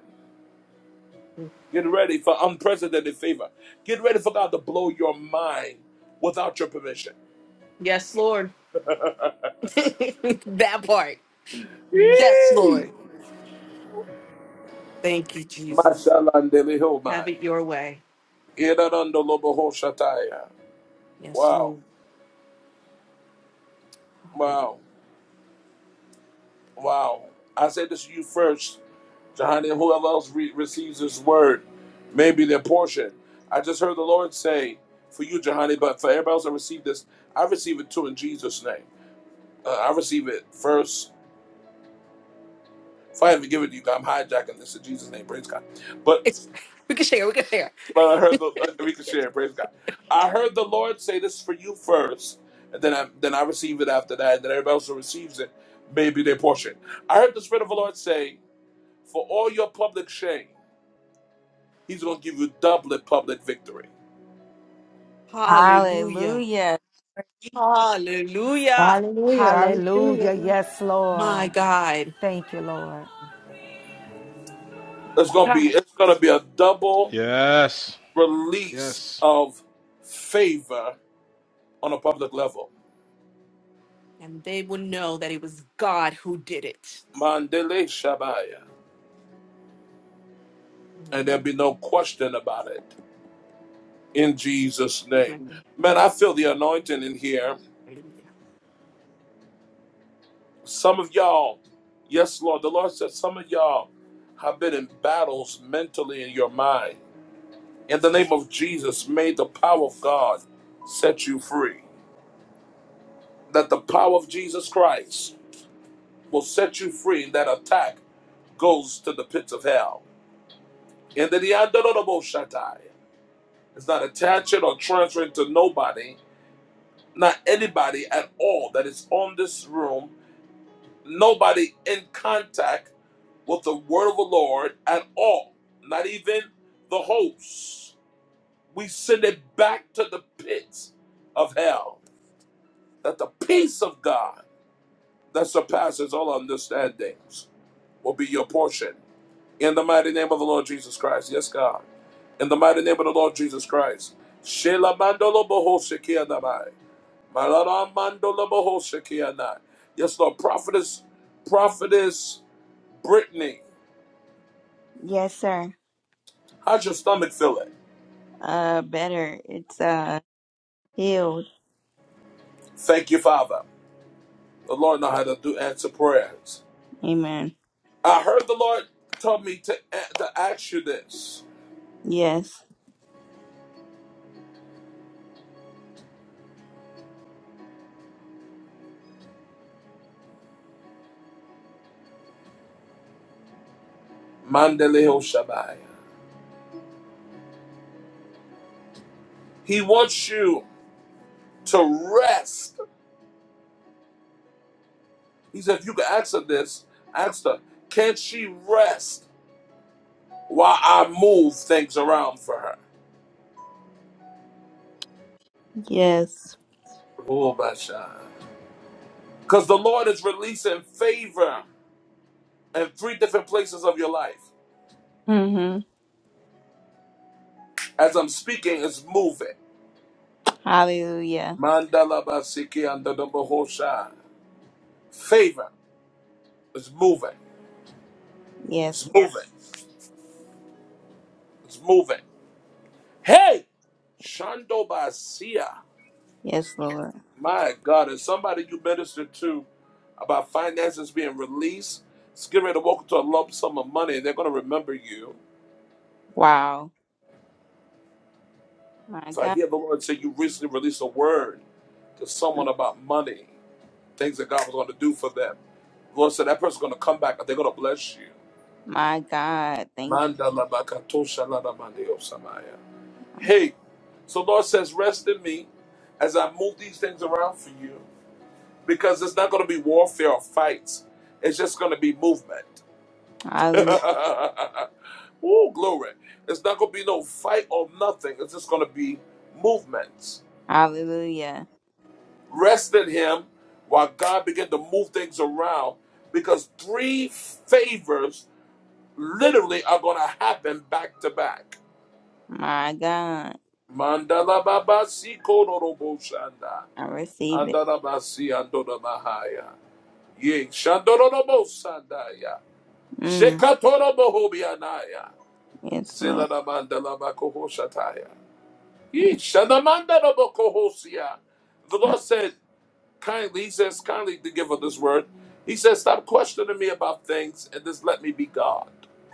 Speaker 1: Get ready for unprecedented favor. Get ready for God to blow your mind without your permission.
Speaker 9: Yes, Lord. *laughs* that part. Yes,
Speaker 1: Yee!
Speaker 9: Lord. Thank you, Jesus.
Speaker 1: Mashalandele
Speaker 9: Have
Speaker 1: homai.
Speaker 9: it your way. Yes,
Speaker 1: Wow,
Speaker 9: Lord. Hallelujah.
Speaker 1: wow, wow. I said this to you first Johanny, whoever else re- receives this word may be their portion. I just heard the Lord say for you, Johanny, but for everybody else that received this, I receive it too in Jesus' name. Uh, I receive it first. If I haven't given it to you, God, I'm hijacking this in Jesus' name. Praise God. But
Speaker 9: It's, we can share. We can share.
Speaker 1: but I heard the uh, we can share. Praise God. I heard the Lord say this for you first, and then I then I receive it after that, and then everybody else who receives it may be their portion. I heard the Spirit of the Lord say, for all your public shame, He's going to give you doublet public victory.
Speaker 9: Hallelujah.
Speaker 2: Hallelujah.
Speaker 9: Hallelujah.
Speaker 11: Hallelujah. I receive
Speaker 4: Hallelujah.
Speaker 11: it.
Speaker 4: Yes,
Speaker 9: My
Speaker 4: Lord.
Speaker 9: God.
Speaker 4: Thank you, Lord.
Speaker 1: It's gonna be
Speaker 9: God.
Speaker 1: it's gonna be a double
Speaker 6: Yes.
Speaker 1: release
Speaker 6: Yes.
Speaker 1: of favor on a public level.
Speaker 9: And they will know that it was God who did it.
Speaker 1: Mandele Shabaya. And there'll be no question about it in Jesus' name. Man, I feel the anointing in here.
Speaker 9: Mm.
Speaker 1: Some of y'all, yes, Lord, the Lord said some of y'all have been in battles mentally in your mind. In the name of Jesus, may the power of God set you free. That the power of Jesus Christ will set you free in that attack goes to the pits of hell. And then the Andorabo Shatai is not attaching or transferring to nobody, not anybody at all that is on this room, nobody in contact with the word of the Lord at all, not even the hosts. We send it back to the pits of hell, that the peace of God that surpasses all understandings will be your portion In the mighty name of the Lord Jesus Christ. Yes, God. In the mighty name of the Lord Jesus Christ. Shela mandolo boho shekia namai. Malara mandolo boho shekia Yes, Lord. Prophetess, prophetess Brittany.
Speaker 2: Yes, sir.
Speaker 1: How's your stomach feeling?
Speaker 2: Uh better. It's uh healed.
Speaker 1: Thank you, Father. The Lord know how to do answer prayers.
Speaker 2: Amen.
Speaker 1: I heard the Lord tell me to, to ask you this.
Speaker 2: Yes.
Speaker 1: Mandeleho Shabbai. He wants you to rest He said, if you can ask her this, ask her, can she rest while I move things around for her?
Speaker 2: Yes.
Speaker 1: Oh, Bashan. Because the Lord is releasing favor in three different places of your life.
Speaker 2: Mhm.
Speaker 1: As I'm speaking, it's moving.
Speaker 2: Hallelujah.
Speaker 1: Mandala basiki under the bahosha. Favor is moving.
Speaker 2: Yes.
Speaker 1: It's moving. It's moving. Hey! Shando basia.
Speaker 2: Yes, Lord.
Speaker 1: My God, is somebody you ministered to about finances being released? It's getting ready to walk into a lump sum of money and they're going to remember you.
Speaker 2: Wow. My
Speaker 1: So I
Speaker 2: God.
Speaker 1: hear the Lord say you recently released a word to someone about money, things that God was going to do for them. The Lord said that person's going to come back and they're going to bless you.
Speaker 2: My God. Thank you.
Speaker 1: Manda la bakatosha la la mandeo samaya. Hey, so the Lord says, rest in me as I move these things around for you because it's not going to be warfare or fights. It's just going to be movement.
Speaker 2: Hallelu-
Speaker 1: *laughs* Ooh, glory. It's not going to be no fight or nothing. It's just going to be movements.
Speaker 2: Hallelujah.
Speaker 1: Rest in Him while God began to move things around because three favors literally are going to happen back to back.
Speaker 2: My God.
Speaker 1: Mandala baba si kororobo shanda.
Speaker 2: I receive it.
Speaker 1: Andala basi andoda mahaya. Ye shandorobo sandaya.
Speaker 2: Mm.
Speaker 1: Shekatorobo hobianaya.
Speaker 2: Yes, Lord.
Speaker 1: Zila mandala bakoho shataya. Yee, shanamanda rabo The
Speaker 2: *laughs*
Speaker 1: Lord said kindly, He says kindly to give her this word. He says, Stop questioning me about things and just let me be God.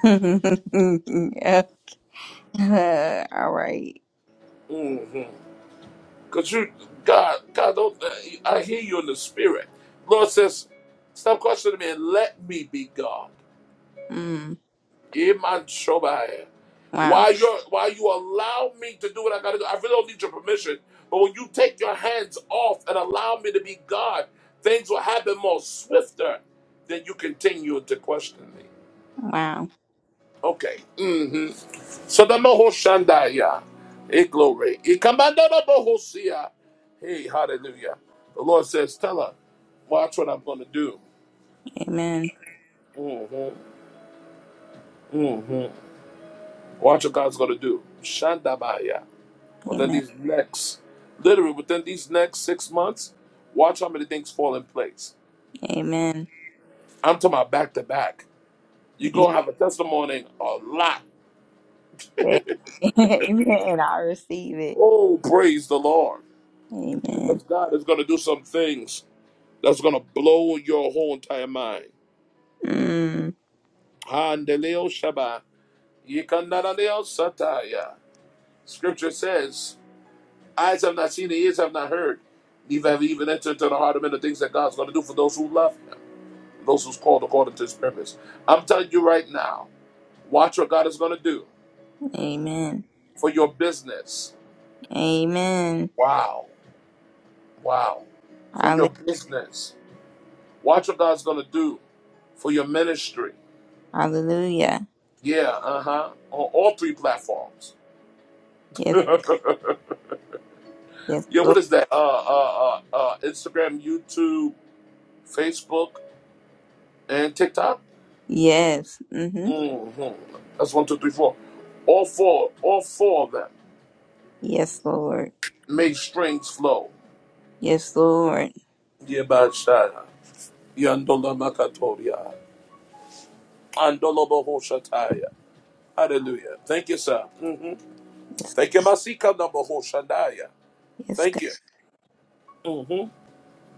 Speaker 2: yeah. *laughs* All right.
Speaker 1: Mm-hmm. Because you, God, God, don't, uh, I hear you in the spirit. Lord says, Stop questioning me and let me be God.
Speaker 2: Mm.
Speaker 1: Iman Shobaya.
Speaker 2: Wow.
Speaker 1: While you while you allow me to do what I gotta do, I really don't need your permission. But when you take your hands off and allow me to be God, things will happen more swifter than you continue to question me.
Speaker 2: Wow.
Speaker 1: Okay. hmm So the Moho Shandaya. Hey, glory. Hey, commando the Moho Sia. Hey, hallelujah. The Lord says, Tell her, watch what I'm gonna do.
Speaker 2: Amen.
Speaker 1: hmm hmm Watch what God's gonna do. Shandabaya. within
Speaker 2: Amen.
Speaker 1: these next, literally within these next six months, watch how many things fall in place.
Speaker 2: Amen.
Speaker 1: I'm talking about back to back. You're
Speaker 2: You
Speaker 1: going to have a testimony a lot.
Speaker 2: said- *laughs* Amen. And I receive it.
Speaker 1: Oh, praise the Lord.
Speaker 2: Amen.
Speaker 1: Because God is going to do some things that's going to blow your whole entire mind.
Speaker 2: Mm.
Speaker 1: Handeleo Shaba. Yikandalaleo Sataya. Scripture says, Eyes have not seen, ears have not heard, neither have even entered into the heart of men the things that God's going to do for those who love Him. those who's called according to his purpose. I'm telling you right now, watch what God is going to do
Speaker 2: Amen.
Speaker 1: for your business.
Speaker 2: Amen.
Speaker 1: Wow. Wow. For
Speaker 2: Halle-
Speaker 1: your business. Watch what God's going to do for your ministry.
Speaker 2: Hallelujah.
Speaker 1: Yeah, uh huh. On all three platforms. *laughs*
Speaker 2: Yes.
Speaker 1: yeah,
Speaker 2: Yes,
Speaker 1: what
Speaker 2: Lord.
Speaker 1: is that? Uh, uh, uh, uh, Instagram, YouTube, Facebook, and TikTok.
Speaker 2: Yes. Mm-hmm.
Speaker 1: hmm That's one, two, three, four. All four, all four of them
Speaker 2: Yes, Lord.
Speaker 1: made strings flow.
Speaker 2: Yes, Lord.
Speaker 1: Yeah, about shot. Yandola Makatoria. Andola hoshataya. Hallelujah. Thank you, sir. Mm.
Speaker 2: Yes,
Speaker 1: Thank you, Masika Nabohoshandaya.
Speaker 2: yes,
Speaker 1: Thank
Speaker 2: God.
Speaker 1: you. hmm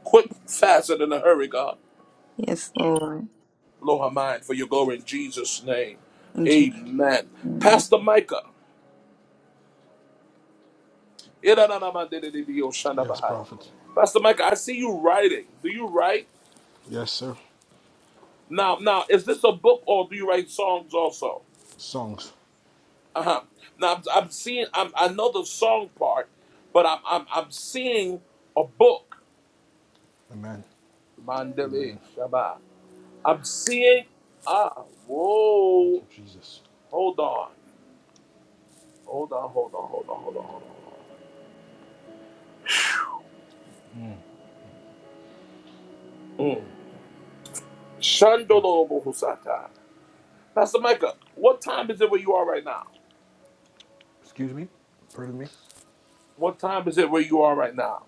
Speaker 1: Quick, fast, and in a hurry, God.
Speaker 2: Yes, Lord.
Speaker 1: Blow her mind for your glory in Jesus' name.
Speaker 2: In Jesus'
Speaker 1: Amen.
Speaker 2: name.
Speaker 1: Pastor Micah.
Speaker 6: Yes,
Speaker 1: Irananamandididioshandabahaya.
Speaker 6: prophet.
Speaker 1: Pastor Micah, I see you writing. Do you write?
Speaker 6: Yes, sir.
Speaker 1: Now, now, is this a book or do you write songs also?
Speaker 6: Songs.
Speaker 1: Uh-huh. Now I'm, I'm seeing. I'm, I know the song part, but I'm I'm, I'm seeing a book.
Speaker 6: Amen.
Speaker 1: Mandele
Speaker 6: Amen.
Speaker 1: Shaba. I'm seeing. Ah,
Speaker 6: Thank
Speaker 1: whoa.
Speaker 6: you, Jesus.
Speaker 1: Hold on. Hold on. Hold on. Hold on. Hold on. Hold on. Mm. Shandolo Bohusata. Pastor Micah, what time is it where you are right now?
Speaker 6: Excuse me. Pardon me.
Speaker 1: What time is it where you are right now?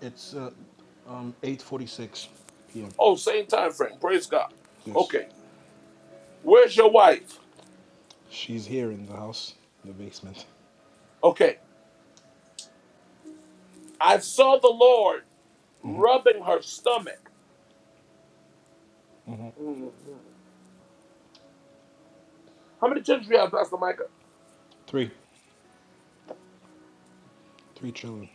Speaker 6: It's uh, um, 8:46 p.m.
Speaker 1: Oh, same time frame. Praise God.
Speaker 6: Yes.
Speaker 1: Okay. Where's your wife?
Speaker 6: She's here in the house, in the basement.
Speaker 1: Okay. I saw the Lord rubbing her stomach. Mhm. How many children do you have, Pastor Micah?
Speaker 6: Three, three children.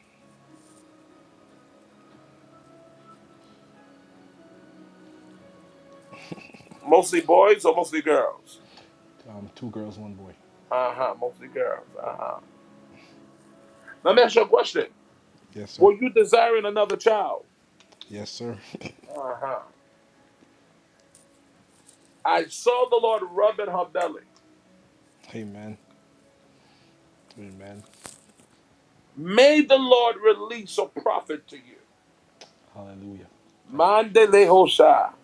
Speaker 1: Mostly boys or mostly girls?
Speaker 6: Um, two girls, one boy.
Speaker 1: Uh huh. Mostly girls. Uh huh. Let me ask you a question.
Speaker 6: Yes, sir.
Speaker 1: Were you desiring another child?
Speaker 6: Yes, sir.
Speaker 1: Uh huh. I saw the Lord rubbing her belly.
Speaker 6: *laughs* Amen. Amen.
Speaker 1: May the Lord release a prophet to you.
Speaker 6: Hallelujah. Thank you, Jesus.
Speaker 1: Mandelehosha.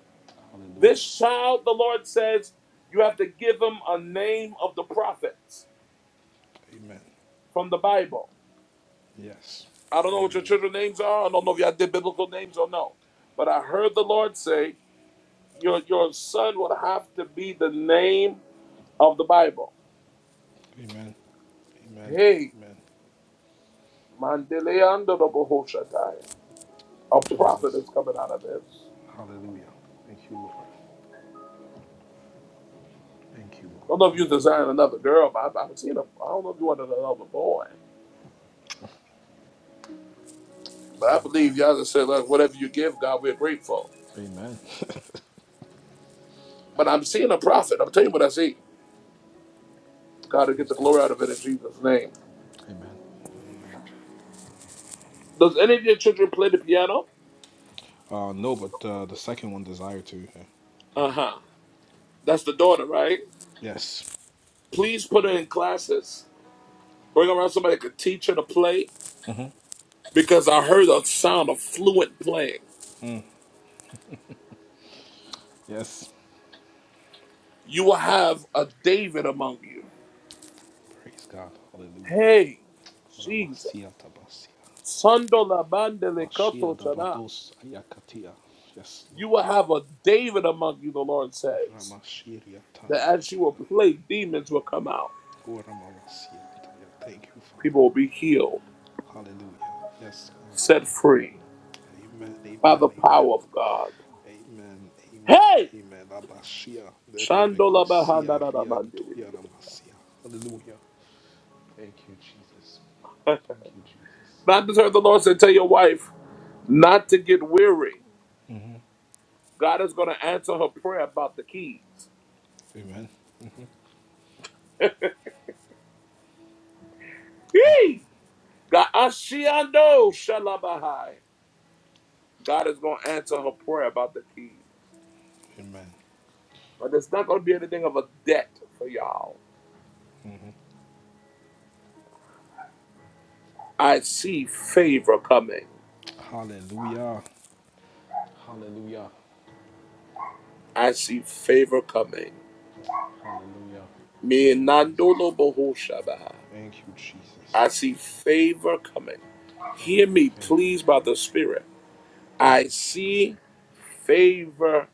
Speaker 6: Hallelujah.
Speaker 1: This child, the Lord says, you have to give him a name of the prophets
Speaker 6: Amen.
Speaker 1: from the Bible.
Speaker 6: Yes.
Speaker 1: I don't know what your
Speaker 6: Hallelujah.
Speaker 1: children's names are. I don't know if y'all did biblical names or no. But I heard the Lord say. your your son would have to be the name of the Bible.
Speaker 6: Amen. Amen.
Speaker 1: Hey,
Speaker 6: Amen.
Speaker 1: Mandeleando Bohoshatai. A prophet
Speaker 6: Jesus.
Speaker 1: is coming out of this.
Speaker 6: Hallelujah. Thank you, Lord. Thank you,
Speaker 1: I
Speaker 6: Lord.
Speaker 1: don't know if
Speaker 6: Thank
Speaker 1: you
Speaker 6: you,
Speaker 1: designed another girl, but I- I've seen a, I don't know if you wanted another boy. But
Speaker 6: Lord.
Speaker 1: I believe y'all just said, look, whatever you give, God, we're grateful.
Speaker 6: Amen. Amen.
Speaker 1: But I'm seeing a prophet. I'm telling you what I see. God will get
Speaker 6: Praise
Speaker 1: the
Speaker 6: God.
Speaker 1: glory out of it in Jesus' name.
Speaker 6: Amen. Amen.
Speaker 1: Does any of your children play the piano?
Speaker 6: Uh, no, but uh, the second one, desire to. uh,
Speaker 1: Uh huh. That's the daughter, right?
Speaker 6: yes.
Speaker 1: Please put her in classes. Bring around somebody that could teach her to play
Speaker 6: hmm
Speaker 1: because I heard a sound of fluent playing.
Speaker 6: Yes.
Speaker 1: You will have a David among you.
Speaker 6: Praise God. Hallelujah.
Speaker 1: Hey, Jesus. Sandola bandele kato shana.
Speaker 6: Yes,
Speaker 1: You
Speaker 6: Lord.
Speaker 1: will have a David among you, the Lord says.
Speaker 6: Ramashiria
Speaker 1: That as you will
Speaker 6: Tandarabaha.
Speaker 1: play, demons will come out.
Speaker 6: Oramawasiata. Yeah, Thank you, Father.
Speaker 1: People will be healed,
Speaker 6: Hallelujah. Yes, God.
Speaker 1: set free
Speaker 6: Amen. Amen.
Speaker 1: by the
Speaker 6: Amen.
Speaker 1: power of God.
Speaker 6: Amen. Amen.
Speaker 1: Hey!
Speaker 6: Amen. Abashia. The
Speaker 1: Shandola bahana
Speaker 6: Rebekosia
Speaker 1: na na bandele.
Speaker 6: Riantoya Namasia. Hallelujah. Thank you, Jesus. Thank you, Jesus.
Speaker 1: Not to serve the Lord said, tell your wife not to get weary.
Speaker 6: hmm
Speaker 1: God is going to answer her prayer about the keys.
Speaker 6: Amen.
Speaker 1: *laughs* Yee! God, Ashiando Shalabahai. God is going to answer her prayer about the keys.
Speaker 6: Amen.
Speaker 1: But there's not going to be anything of a debt for y'all.
Speaker 6: hmm
Speaker 1: I see favor coming.
Speaker 6: Hallelujah. Hallelujah.
Speaker 1: I see favor coming.
Speaker 6: Hallelujah.
Speaker 1: Me
Speaker 6: Thank you, Jesus.
Speaker 1: Nandolo Boho Shabahai.
Speaker 6: Thank you, Jesus.
Speaker 1: I see favor coming. Hear
Speaker 6: Favor,
Speaker 1: me,
Speaker 6: favor,
Speaker 1: please, by
Speaker 6: favor.
Speaker 1: the Spirit. I see
Speaker 6: favor,
Speaker 1: favor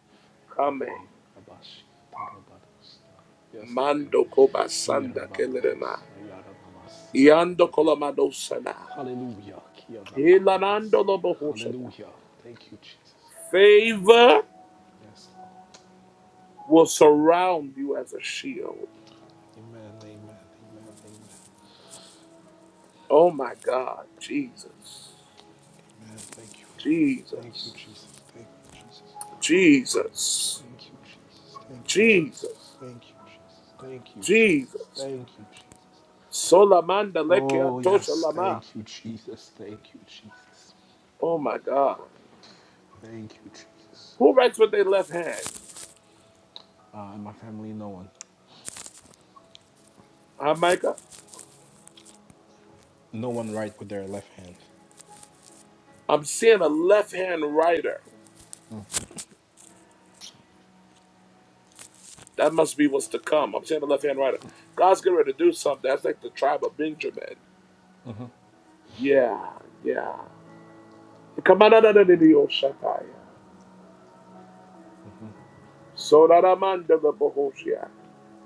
Speaker 6: in
Speaker 1: coming.
Speaker 6: favor, abash, tarabadosta, yes,
Speaker 1: Mando Kobasanda
Speaker 6: irbabados,
Speaker 1: Kelerema.
Speaker 6: ayara namasi,
Speaker 1: Iando
Speaker 6: erebebe.
Speaker 1: kolamado sana.
Speaker 6: Hallelujah, kiadabadians,
Speaker 1: Hilanandolobohoshatai.
Speaker 6: hallelujah. Thank you, Jesus.
Speaker 1: Favor
Speaker 6: Yes, Lord.
Speaker 1: will surround you as a shield.
Speaker 6: Amen, amen, amen, amen,
Speaker 1: Oh my God, Jesus,
Speaker 6: amen. Thank you, Father. Thank you,
Speaker 1: Jesus,
Speaker 6: Jesus. Thank you, Jesus.
Speaker 1: Jesus,
Speaker 6: Thank you, Jesus. Thank you, Jesus.
Speaker 1: Jesus,
Speaker 6: Thank you, Jesus. Thank you, Jesus.
Speaker 1: Jesus.
Speaker 6: Thank you, Jesus.
Speaker 1: Solamanda lekia
Speaker 6: Oh,
Speaker 1: tosha
Speaker 6: yes.
Speaker 1: lama.
Speaker 6: Thank you, Jesus. Thank you, Jesus.
Speaker 1: Oh my God.
Speaker 6: Thank you, Jesus.
Speaker 1: Who writes with their left hand?
Speaker 6: Uh, and my family, no one.
Speaker 1: Huh, Micah?
Speaker 6: No one write with their left hand.
Speaker 1: I'm seeing a left hand writer. That must be what's to come. I'm seeing a left hand writer. God's getting ready to do something. That's like the tribe of Benjamin. Yeah, yeah. Kamanadadadidiyoshataya. Soraramandadabohoshia.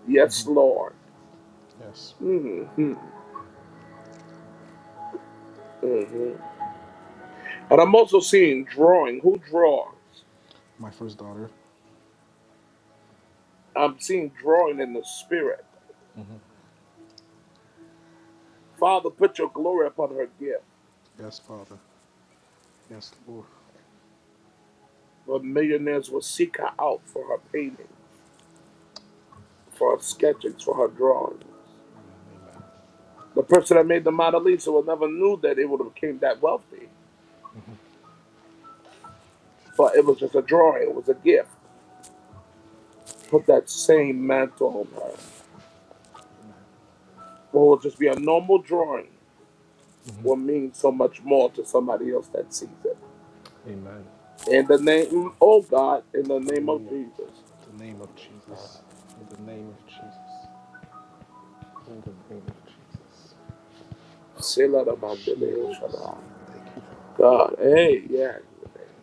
Speaker 1: Yes, Lord.
Speaker 6: Yes.
Speaker 1: Mm-hmm. hmm And I'm also seeing drawing. Who draws?
Speaker 6: My first daughter.
Speaker 1: I'm seeing drawing in the spirit. Father, put your glory upon her gift.
Speaker 6: Yes, Father. Yes, Lord.
Speaker 1: But millionaires will seek her out for her paintings, for her
Speaker 6: Jesus.
Speaker 1: sketches, for her drawings.
Speaker 6: Amen. Amen.
Speaker 1: The person that made the Mona Lisa would never knew that it would have became that wealthy. But it was just a drawing. It was a gift. Put that same mantle on her. What will just be a normal drawing will mean so much more to somebody else that sees it.
Speaker 6: Amen.
Speaker 1: In the name, oh God, in the name of
Speaker 6: Hallelujah.
Speaker 1: Jesus.
Speaker 6: In the name of Jesus. In the name of Jesus. In the name of Jesus.
Speaker 1: Sela da bande
Speaker 6: Thank you, Father.
Speaker 1: God, hey, yeah.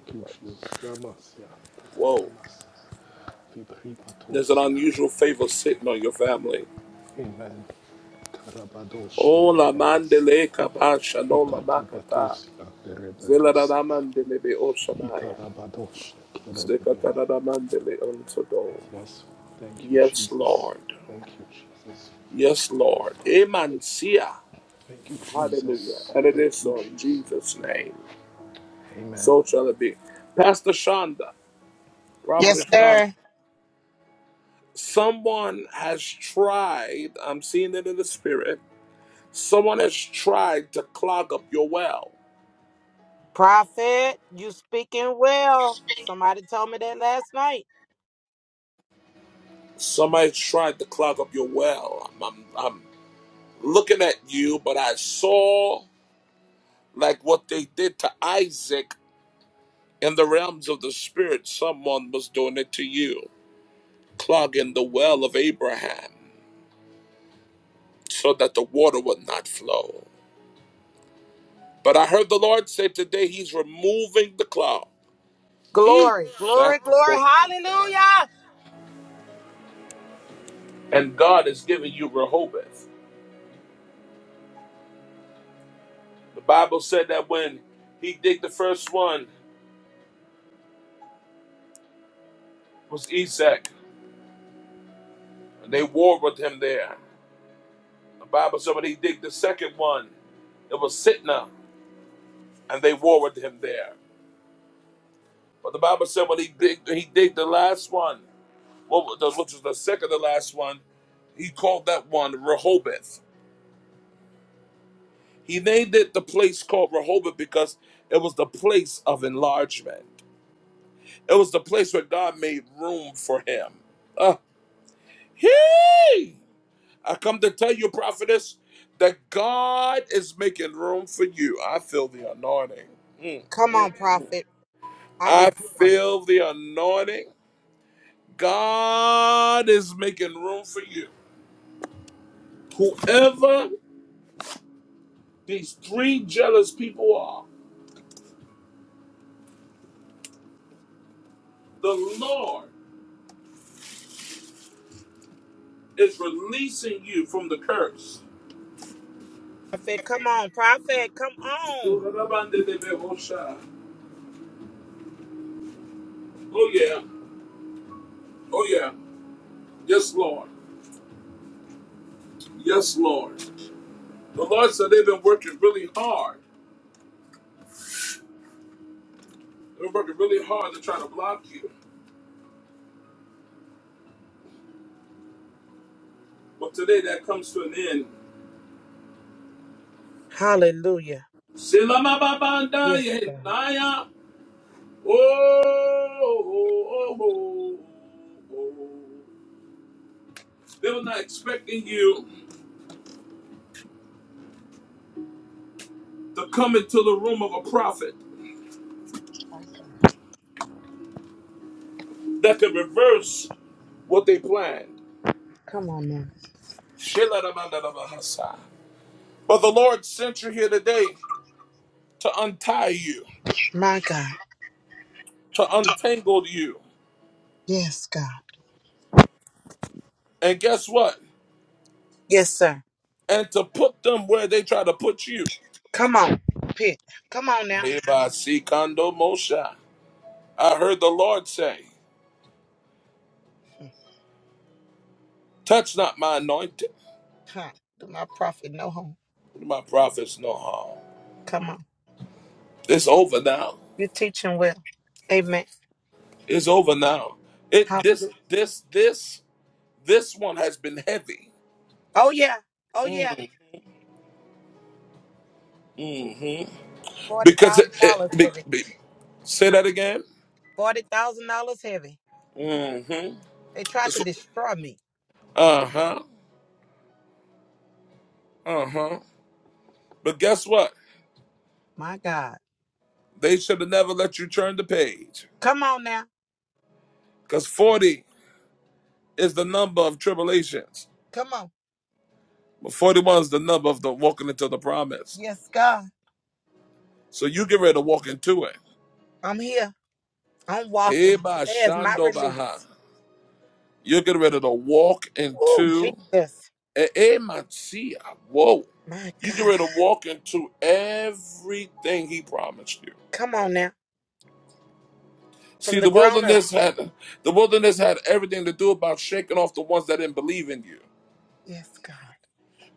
Speaker 6: Thank you, Jesus. Ramasia. Thank
Speaker 1: Whoa,
Speaker 6: you,
Speaker 1: there's an unusual favor sitting on your family.
Speaker 6: Amen. Karabadoshe
Speaker 1: Oh, la
Speaker 6: rebabasia.
Speaker 1: mandele kabasha, no la makata.
Speaker 6: Ikatabadosia
Speaker 1: Zela da da
Speaker 6: derebadosia.
Speaker 1: mandele be Oshanaya.
Speaker 6: Ikarabadoshe
Speaker 1: Sekata
Speaker 6: kerebebe.
Speaker 1: da da mandele unto do.
Speaker 6: Yes. Thank you,
Speaker 1: Yes,
Speaker 6: Jesus.
Speaker 1: Lord.
Speaker 6: Thank you, Jesus.
Speaker 1: Yes, Lord. Emancia.
Speaker 6: Thank you,
Speaker 1: Hallelujah.
Speaker 6: Jesus.
Speaker 1: And it is
Speaker 6: Thank you,
Speaker 1: so in
Speaker 6: Jesus.
Speaker 1: Jesus' name.
Speaker 6: Amen.
Speaker 1: So shall it be. Pastor Shonda,
Speaker 8: Yes,
Speaker 1: Prophet Shonda,
Speaker 8: sir.
Speaker 1: someone has tried, I'm seeing it in the spirit, someone has tried to clog up your well.
Speaker 8: Prophet, you speaking well. Somebody told me that last night.
Speaker 1: Somebody's tried to clog up your well. I'm, I'm, I'm looking at you, but I saw like what they did to Isaac in the realms of the spirit. Someone was doing it to you. clogging the well of Abraham so that the water would not flow. But I heard the Lord say today He's removing the clog. He
Speaker 8: Glory, glory, glory. Hallelujah.
Speaker 1: and God is giving you Rehoboth. The Bible said that when he digged the first one was Isaac, and they warred with him there. The Bible said when he digged the second one, it was Sitna, and they warred with him there. But the Bible said when he digged, he digged the last one. what the, which was the second to last one, he called that one Rehoboth. He named it the place called Rehoboth because it was the place of enlargement. It was the place where God made room for him. Uh, hey! I come to tell you, prophetess, that God is making room for you. I feel the anointing. Mm,
Speaker 8: Come
Speaker 1: mm,
Speaker 8: on,
Speaker 1: mm.
Speaker 8: prophet. I
Speaker 1: I
Speaker 8: rejoice.
Speaker 1: feel the anointing. God is making room for you. Whoever These three jealous people are. The Lord is releasing you from the curse.
Speaker 8: Prophet, come on, prophet. Come on.
Speaker 1: Oh, yeah. Oh, yeah. Yes, Lord. Yes, Lord. The Lord said they've been working really hard. They've been working really hard to try to block you. But today that comes to an end.
Speaker 8: Hallelujah. Yes, God.
Speaker 1: Silamababandayenaya. Oh, oh, oh, oh, oh. oh. They were not expecting you. to come into the room of a prophet that can reverse what they planned.
Speaker 8: Come on now.
Speaker 1: Shelaramandalabahasa. But the Lord sent you here today to untie you,
Speaker 8: My God.
Speaker 1: to untangle you.
Speaker 8: Yes, God.
Speaker 1: And guess what?
Speaker 8: Yes, sir.
Speaker 1: And to put them where they try to put you.
Speaker 8: Come on. Pit. Come on now.
Speaker 1: Lebasikando Moshe. I heard the Lord say,
Speaker 8: Hmm.
Speaker 1: Touch not my anointed,
Speaker 8: Huh. Do my prophet no harm.
Speaker 1: do my prophets no harm.
Speaker 8: Come on.
Speaker 1: It's over now.
Speaker 8: You're teaching well. Amen.
Speaker 1: It's over now. It this
Speaker 8: Hallelujah.
Speaker 1: this this this one has been heavy.
Speaker 8: Oh, yeah. Oh, yeah.
Speaker 1: Mm. hmm because it,
Speaker 8: $40,000
Speaker 1: it, be,
Speaker 8: heavy.
Speaker 1: be, say that again.
Speaker 8: $40,000 heavy.
Speaker 1: hmm
Speaker 8: They tried to destroy me.
Speaker 1: Uh huh. Uh huh. But guess what?
Speaker 8: My God.
Speaker 1: They should have never let you turn the page
Speaker 8: Come on now.
Speaker 1: because forty is the number of tribulations,
Speaker 8: Come on.
Speaker 1: but forty-one is the number of the walking into the promise.
Speaker 8: Yes, God.
Speaker 1: So you get ready to walk into it.
Speaker 8: I'm here. I'm
Speaker 1: Eh,
Speaker 8: walking.
Speaker 1: ba,
Speaker 8: There's my
Speaker 1: shando, ba, ha.
Speaker 8: release.
Speaker 1: You get ready to walk
Speaker 8: Oh,
Speaker 1: into.
Speaker 8: Jesus.
Speaker 1: eh, eh, ma, tia. Whoa.
Speaker 8: My
Speaker 1: You get
Speaker 8: God.
Speaker 1: ready to walk into everything he promised you.
Speaker 8: Come on now.
Speaker 1: See,
Speaker 8: From the
Speaker 1: the
Speaker 8: grown up.
Speaker 1: wilderness had the wilderness had everything to do about shaking off the ones that didn't believe in you.
Speaker 8: Yes, God.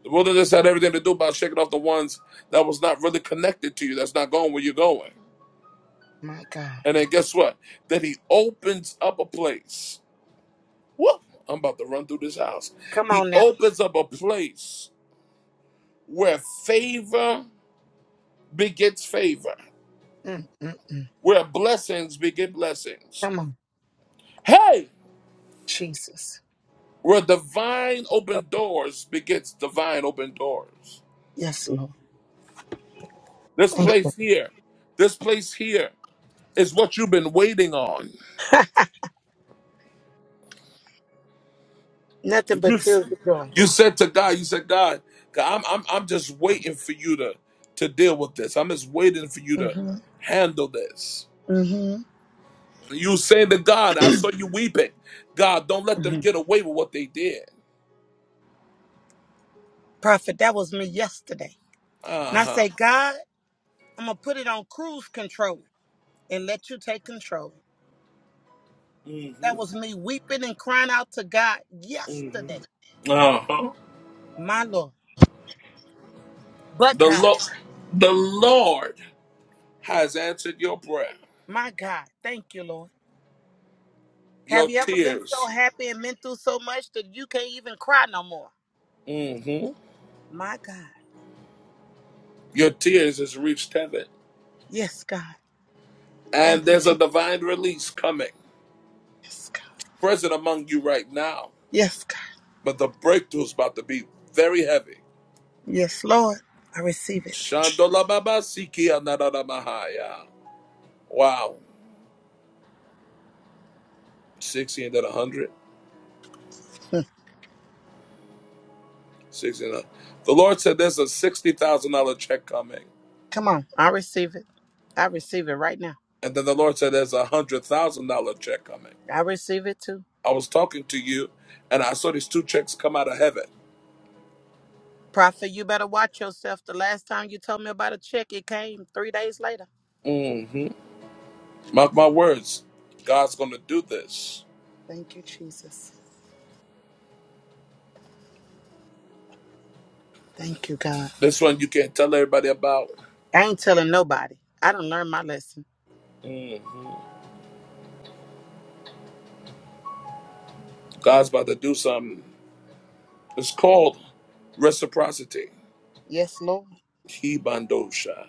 Speaker 1: The wilderness had everything to do about shaking off the ones that was not really connected to you, that's not going where you're going.
Speaker 8: My God.
Speaker 1: And then guess what? Then he opens up a place. Whoop! I'm about to run through this house.
Speaker 8: Come
Speaker 1: He
Speaker 8: on now.
Speaker 1: opens up a place where favor begets favor,
Speaker 8: Mm, mm, mm.
Speaker 1: where blessings beget blessings.
Speaker 8: Come on.
Speaker 1: Hey,
Speaker 8: Jesus.
Speaker 1: where divine open doors begets divine open doors.
Speaker 8: Yes, Lord.
Speaker 1: This
Speaker 8: Thank you.
Speaker 1: place here, this place here is what you've been waiting on.
Speaker 8: Nothing but
Speaker 1: You,
Speaker 8: tears of joy.
Speaker 1: you said to God, you said, God, God, I'm, I'm, I'm just waiting for you to, to deal with this. I'm just waiting for you to
Speaker 8: Mm-hmm.
Speaker 1: handle this.
Speaker 8: Mm-hmm.
Speaker 1: You say to God, I saw you weeping. God, don't let them
Speaker 8: hmm
Speaker 1: get away with what they did.
Speaker 8: Prophet, that was me yesterday. And
Speaker 1: Uh
Speaker 8: I
Speaker 1: huh.
Speaker 8: say, God, I'm going to put it on cruise control and let you take control.
Speaker 1: hmm
Speaker 8: That was me weeping and crying out to God yesterday.
Speaker 1: Uh huh.
Speaker 8: My Lord. But
Speaker 1: The
Speaker 8: God,
Speaker 1: Lord, the Lord has answered your prayer.
Speaker 8: my God, thank you, Lord. Have
Speaker 1: Your
Speaker 8: you ever been so
Speaker 1: tears.
Speaker 8: happy and been through so much that you can't even cry no more?
Speaker 1: hmm
Speaker 8: My God.
Speaker 1: Your tears has reached heaven.
Speaker 8: Yes, God.
Speaker 1: And
Speaker 8: Thank you,
Speaker 1: there's a
Speaker 8: Jesus.
Speaker 1: divine release coming,
Speaker 8: Yes, God.
Speaker 1: present among you right now.
Speaker 8: Yes, God.
Speaker 1: But the breakthrough is about to be very heavy.
Speaker 8: Yes, Lord. I receive it.
Speaker 1: Shandolababa sikia nadadamahaya. Wow. 60 and then 100.
Speaker 8: Hmm.
Speaker 1: 60 and a- The Lord said there's a $60,000 check coming.
Speaker 8: Come on. I receive it. I receive it right now.
Speaker 1: And then the Lord said there's a $100,000 check coming.
Speaker 8: I receive it too.
Speaker 1: I was talking to you and I saw these two checks come out of heaven.
Speaker 8: Prophet, you better watch yourself. The last time you told me about a check, it came three days later.
Speaker 1: hmm Mark my words. God's going to do this.
Speaker 8: Thank you, Jesus. Thank you, God.
Speaker 1: This one you can't tell everybody about.
Speaker 8: I ain't telling nobody. I done learned my lesson.
Speaker 1: God's about to do something. It's called reciprocity.
Speaker 8: Yes, Lord.
Speaker 1: Kibandosha.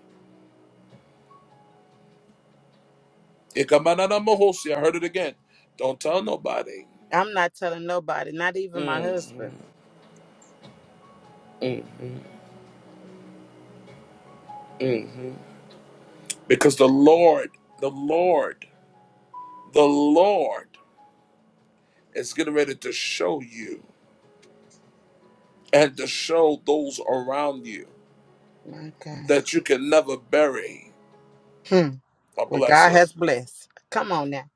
Speaker 1: Ikamananamohosi. I heard it again. Don't tell nobody.
Speaker 8: I'm not telling nobody, not even my husband.
Speaker 1: Because the Lord, the Lord, the Lord is getting ready to show you and to show those around you
Speaker 8: My God.
Speaker 1: that you can never bury
Speaker 8: Hmm.
Speaker 1: a
Speaker 8: What God
Speaker 1: blessing.
Speaker 8: has blessed. Come on now.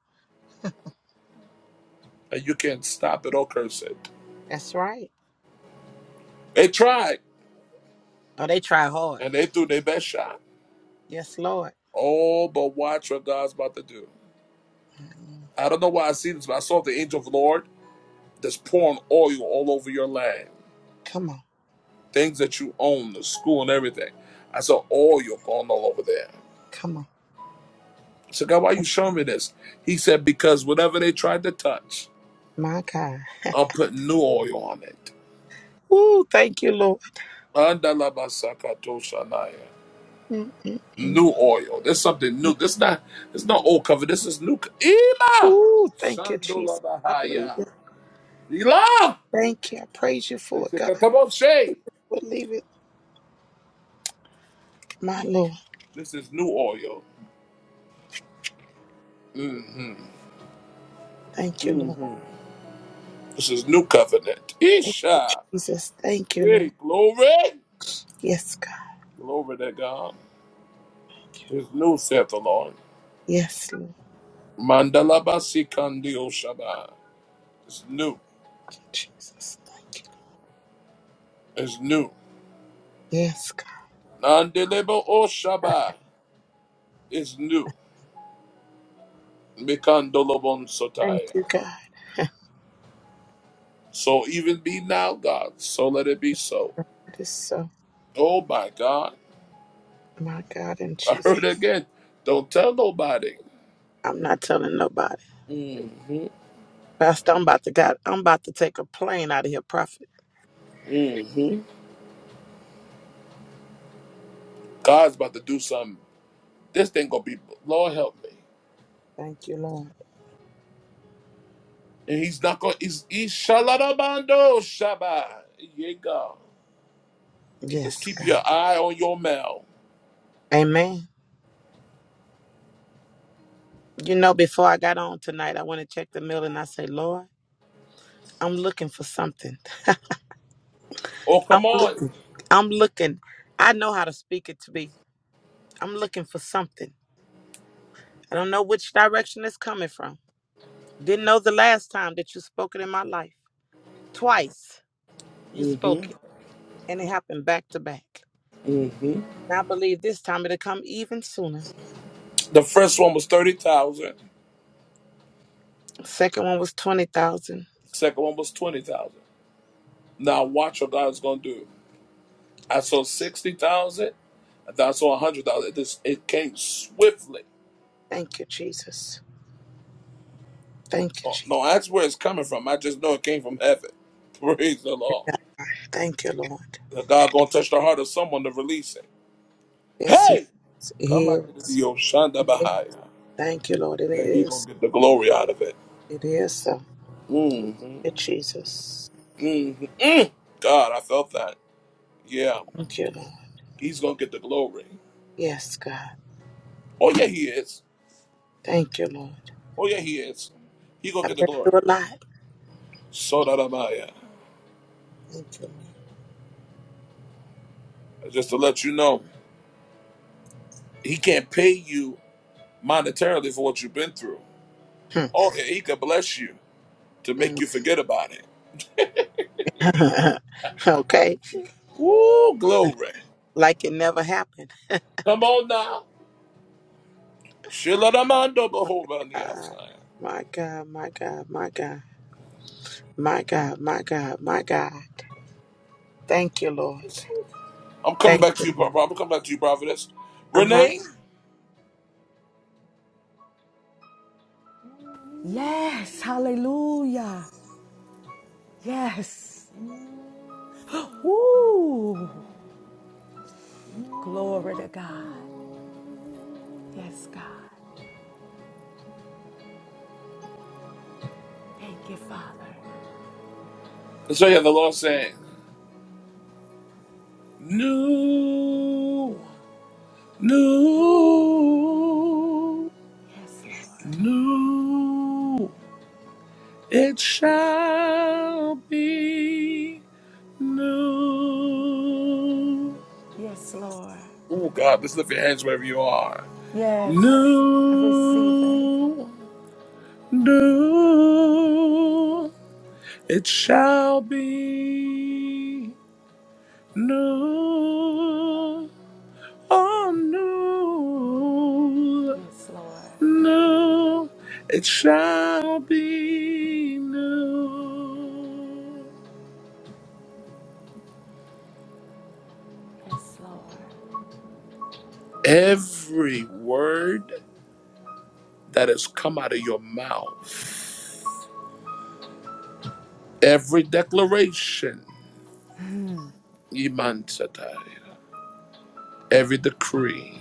Speaker 1: And you can't stop it or curse it.
Speaker 8: That's right.
Speaker 1: They tried
Speaker 8: Oh, they try hard.
Speaker 1: and they threw their best shot.
Speaker 8: Yes, Lord.
Speaker 1: Oh, but watch what God's about to do. I don't know why I see this, but I saw the angel of the Lord just pouring oil all over your land.
Speaker 8: Come on.
Speaker 1: Things that you own, the school and everything. I saw oil going all over there.
Speaker 8: Come on.
Speaker 1: So God, why are you showing me this? He said, Because whatever they tried to touch,
Speaker 8: My God.
Speaker 1: I'm putting new oil on it.
Speaker 8: Ooh, thank you, Lord. Mm-mm-mm.
Speaker 1: New oil. There's something new. This is not there's not old cover. This is new co- Ila
Speaker 8: Ooh, thank you, Jesus.
Speaker 1: Shandolabahaya.
Speaker 8: Hallelujah.
Speaker 1: Ila
Speaker 8: Thank you. I praise you for
Speaker 1: This
Speaker 8: it, God. Believe it, my Lord.
Speaker 1: is new oil. Mm-hmm.
Speaker 8: Thank you, Lord.
Speaker 1: Mhm. This is new covenant.
Speaker 8: Thank you,
Speaker 1: Isha.
Speaker 8: Jesus. Thank you,
Speaker 1: Hey,
Speaker 8: Lord.
Speaker 1: glory.
Speaker 8: Yes, God.
Speaker 1: Glory to God. It's new, saith the Lord.
Speaker 8: Yes, Lord.
Speaker 1: Mandalabasi kandio shaba. It's new.
Speaker 8: Thank you, Jesus. Thank you.
Speaker 1: It's new.
Speaker 8: Yes, God.
Speaker 1: Nandelebo o shaba. It's new. Mikandolobon
Speaker 8: Thank
Speaker 1: sotaya.
Speaker 8: you, God.
Speaker 1: So even be now, God. So let it be so.
Speaker 8: That is so
Speaker 1: Oh my God.
Speaker 8: my God and
Speaker 1: I
Speaker 8: Jesus.
Speaker 1: heard it again. Don't tell nobody.
Speaker 8: I'm not telling nobody.
Speaker 1: Mm,
Speaker 8: Pastor, I'm about to God, I'm about to take a plane out of here, prophet.
Speaker 1: mhm. God's about to do something. This thing gonna be Lord help me.
Speaker 8: Thank you, Lord.
Speaker 1: And he's not going. He's Ishaladabando Shabbat. Yeah, God. Let's
Speaker 8: Yes,
Speaker 1: keep
Speaker 8: God.
Speaker 1: your eye on your mail.
Speaker 8: Amen. You know, before I got on tonight, I went to check the mail and I said, Lord, I'm looking for something.
Speaker 1: Oh,
Speaker 8: I'm
Speaker 1: come on.
Speaker 8: looking. I'm looking. I know how to speak it to be. I'm looking for something. I don't know which direction it's coming from. Didn't know the last time that you spoke it in my life. Twice you spoke it. And it happened back to back. And I believe this time it'll come even sooner.
Speaker 1: The first one was thirty thousand.
Speaker 8: The Second one was 20,000.
Speaker 1: Second one was twenty thousand. Now watch what God's gonna do. I saw sixty thousand. I thought I saw a hundred thousand. This it came swiftly.
Speaker 8: Thank you, Jesus. Thank you,
Speaker 1: Oh,
Speaker 8: Jesus.
Speaker 1: no, that's where it's coming from. I just know it came from heaven. *laughs* Praise the Lord.
Speaker 8: God. Thank you, Lord.
Speaker 1: God gonna touch the heart of someone to release it.
Speaker 8: Yes, it
Speaker 1: Hey,
Speaker 8: is.
Speaker 1: come on,
Speaker 8: It
Speaker 1: into
Speaker 8: is.
Speaker 1: the Oshanda Bahaya.
Speaker 8: Thank you, Lord. It
Speaker 1: and he
Speaker 8: is.
Speaker 1: gonna get the glory out of it.
Speaker 8: It is so.
Speaker 1: Mm,
Speaker 8: Thank you, Jesus.
Speaker 1: God, I felt that. Yeah,
Speaker 8: Thank you, Lord.
Speaker 1: he's gonna get the glory.
Speaker 8: Yes, God.
Speaker 1: Oh yeah, he is.
Speaker 8: Thank you, Lord.
Speaker 1: Oh yeah, he is. He gonna
Speaker 8: I've
Speaker 1: get the
Speaker 8: been
Speaker 1: glory.
Speaker 8: through a lot.
Speaker 1: So that am I.
Speaker 8: Thank you,
Speaker 1: Just to let you know, he can't pay you monetarily for what you've been through.
Speaker 8: Lord.
Speaker 1: Oh yeah, he can bless you to
Speaker 8: Hmm.
Speaker 1: make you forget about it.
Speaker 8: Mm. *laughs* okay.
Speaker 1: Woo, glory.
Speaker 8: Like it never happened.
Speaker 1: Come on now. Shiladamando
Speaker 8: God.
Speaker 1: behovaniasai.
Speaker 8: My God, my God, my God, my God, my God, my God. Thank you, Lord.
Speaker 1: I'm coming
Speaker 8: Thank
Speaker 1: back
Speaker 8: you,
Speaker 1: to you, Pro-
Speaker 8: Lord.
Speaker 1: I'm coming back to you, prophetess.
Speaker 8: Uh-huh.
Speaker 1: Renee,
Speaker 4: Yes. Hallelujah. Yes. Woo. Glory to God. Yes, God. Thank you, Father.
Speaker 1: so yeah, the Lord saying. New, new,
Speaker 4: Yes, Lord.
Speaker 1: new. It shall be new.
Speaker 4: Yes, Lord.
Speaker 1: Oh God, let's lift your hands wherever you are.
Speaker 4: Yes. I receive it.
Speaker 1: New, new. It shall be new. Oh, new.
Speaker 4: Yes, Lord.
Speaker 1: No, it shall be no.
Speaker 4: Yes, Lord.
Speaker 1: Every word that has come out of your mouth, every declaration, Iman Satai, every decree,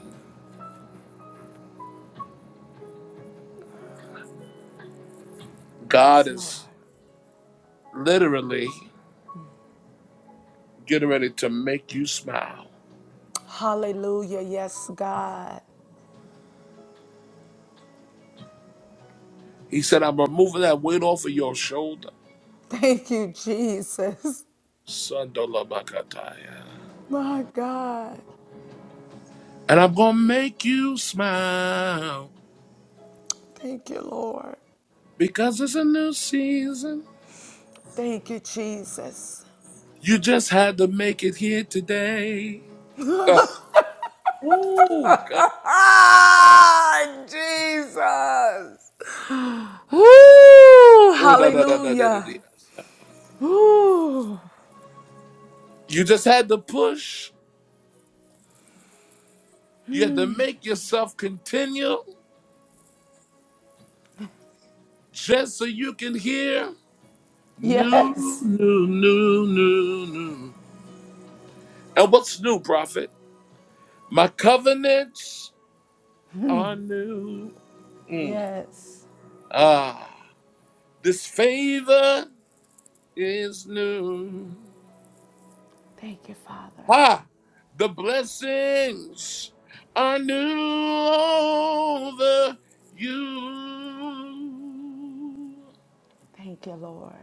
Speaker 1: God
Speaker 4: Yes,
Speaker 1: is
Speaker 4: Lord.
Speaker 1: literally getting ready to make you smile.
Speaker 4: Hallelujah. Yes, God.
Speaker 1: He said, I'm removing that weight off of your shoulder.
Speaker 4: Thank you, Jesus.
Speaker 1: Sandalabakataya.
Speaker 4: *laughs* My God.
Speaker 1: And I'm going to make you smile.
Speaker 4: Thank you, Lord.
Speaker 1: Because it's a new season.
Speaker 4: Thank you, Jesus.
Speaker 1: You just had to make it here today. Ugh. oh, God.
Speaker 4: Ah, Jesus. Ooh,
Speaker 1: Oh, da, da, da, da, da, da,
Speaker 4: hallelujah.
Speaker 1: da.
Speaker 4: Ooh,
Speaker 1: You just had to push. You had to make yourself continue just so you can hear new,
Speaker 4: yes.
Speaker 1: new, new, new, new. And what's new, prophet? My covenants are new.
Speaker 4: Yes.
Speaker 1: Ah, this favor is new.
Speaker 4: Thank you, Father.
Speaker 1: Ha! The blessings are new over you.
Speaker 4: Thank you, Lord.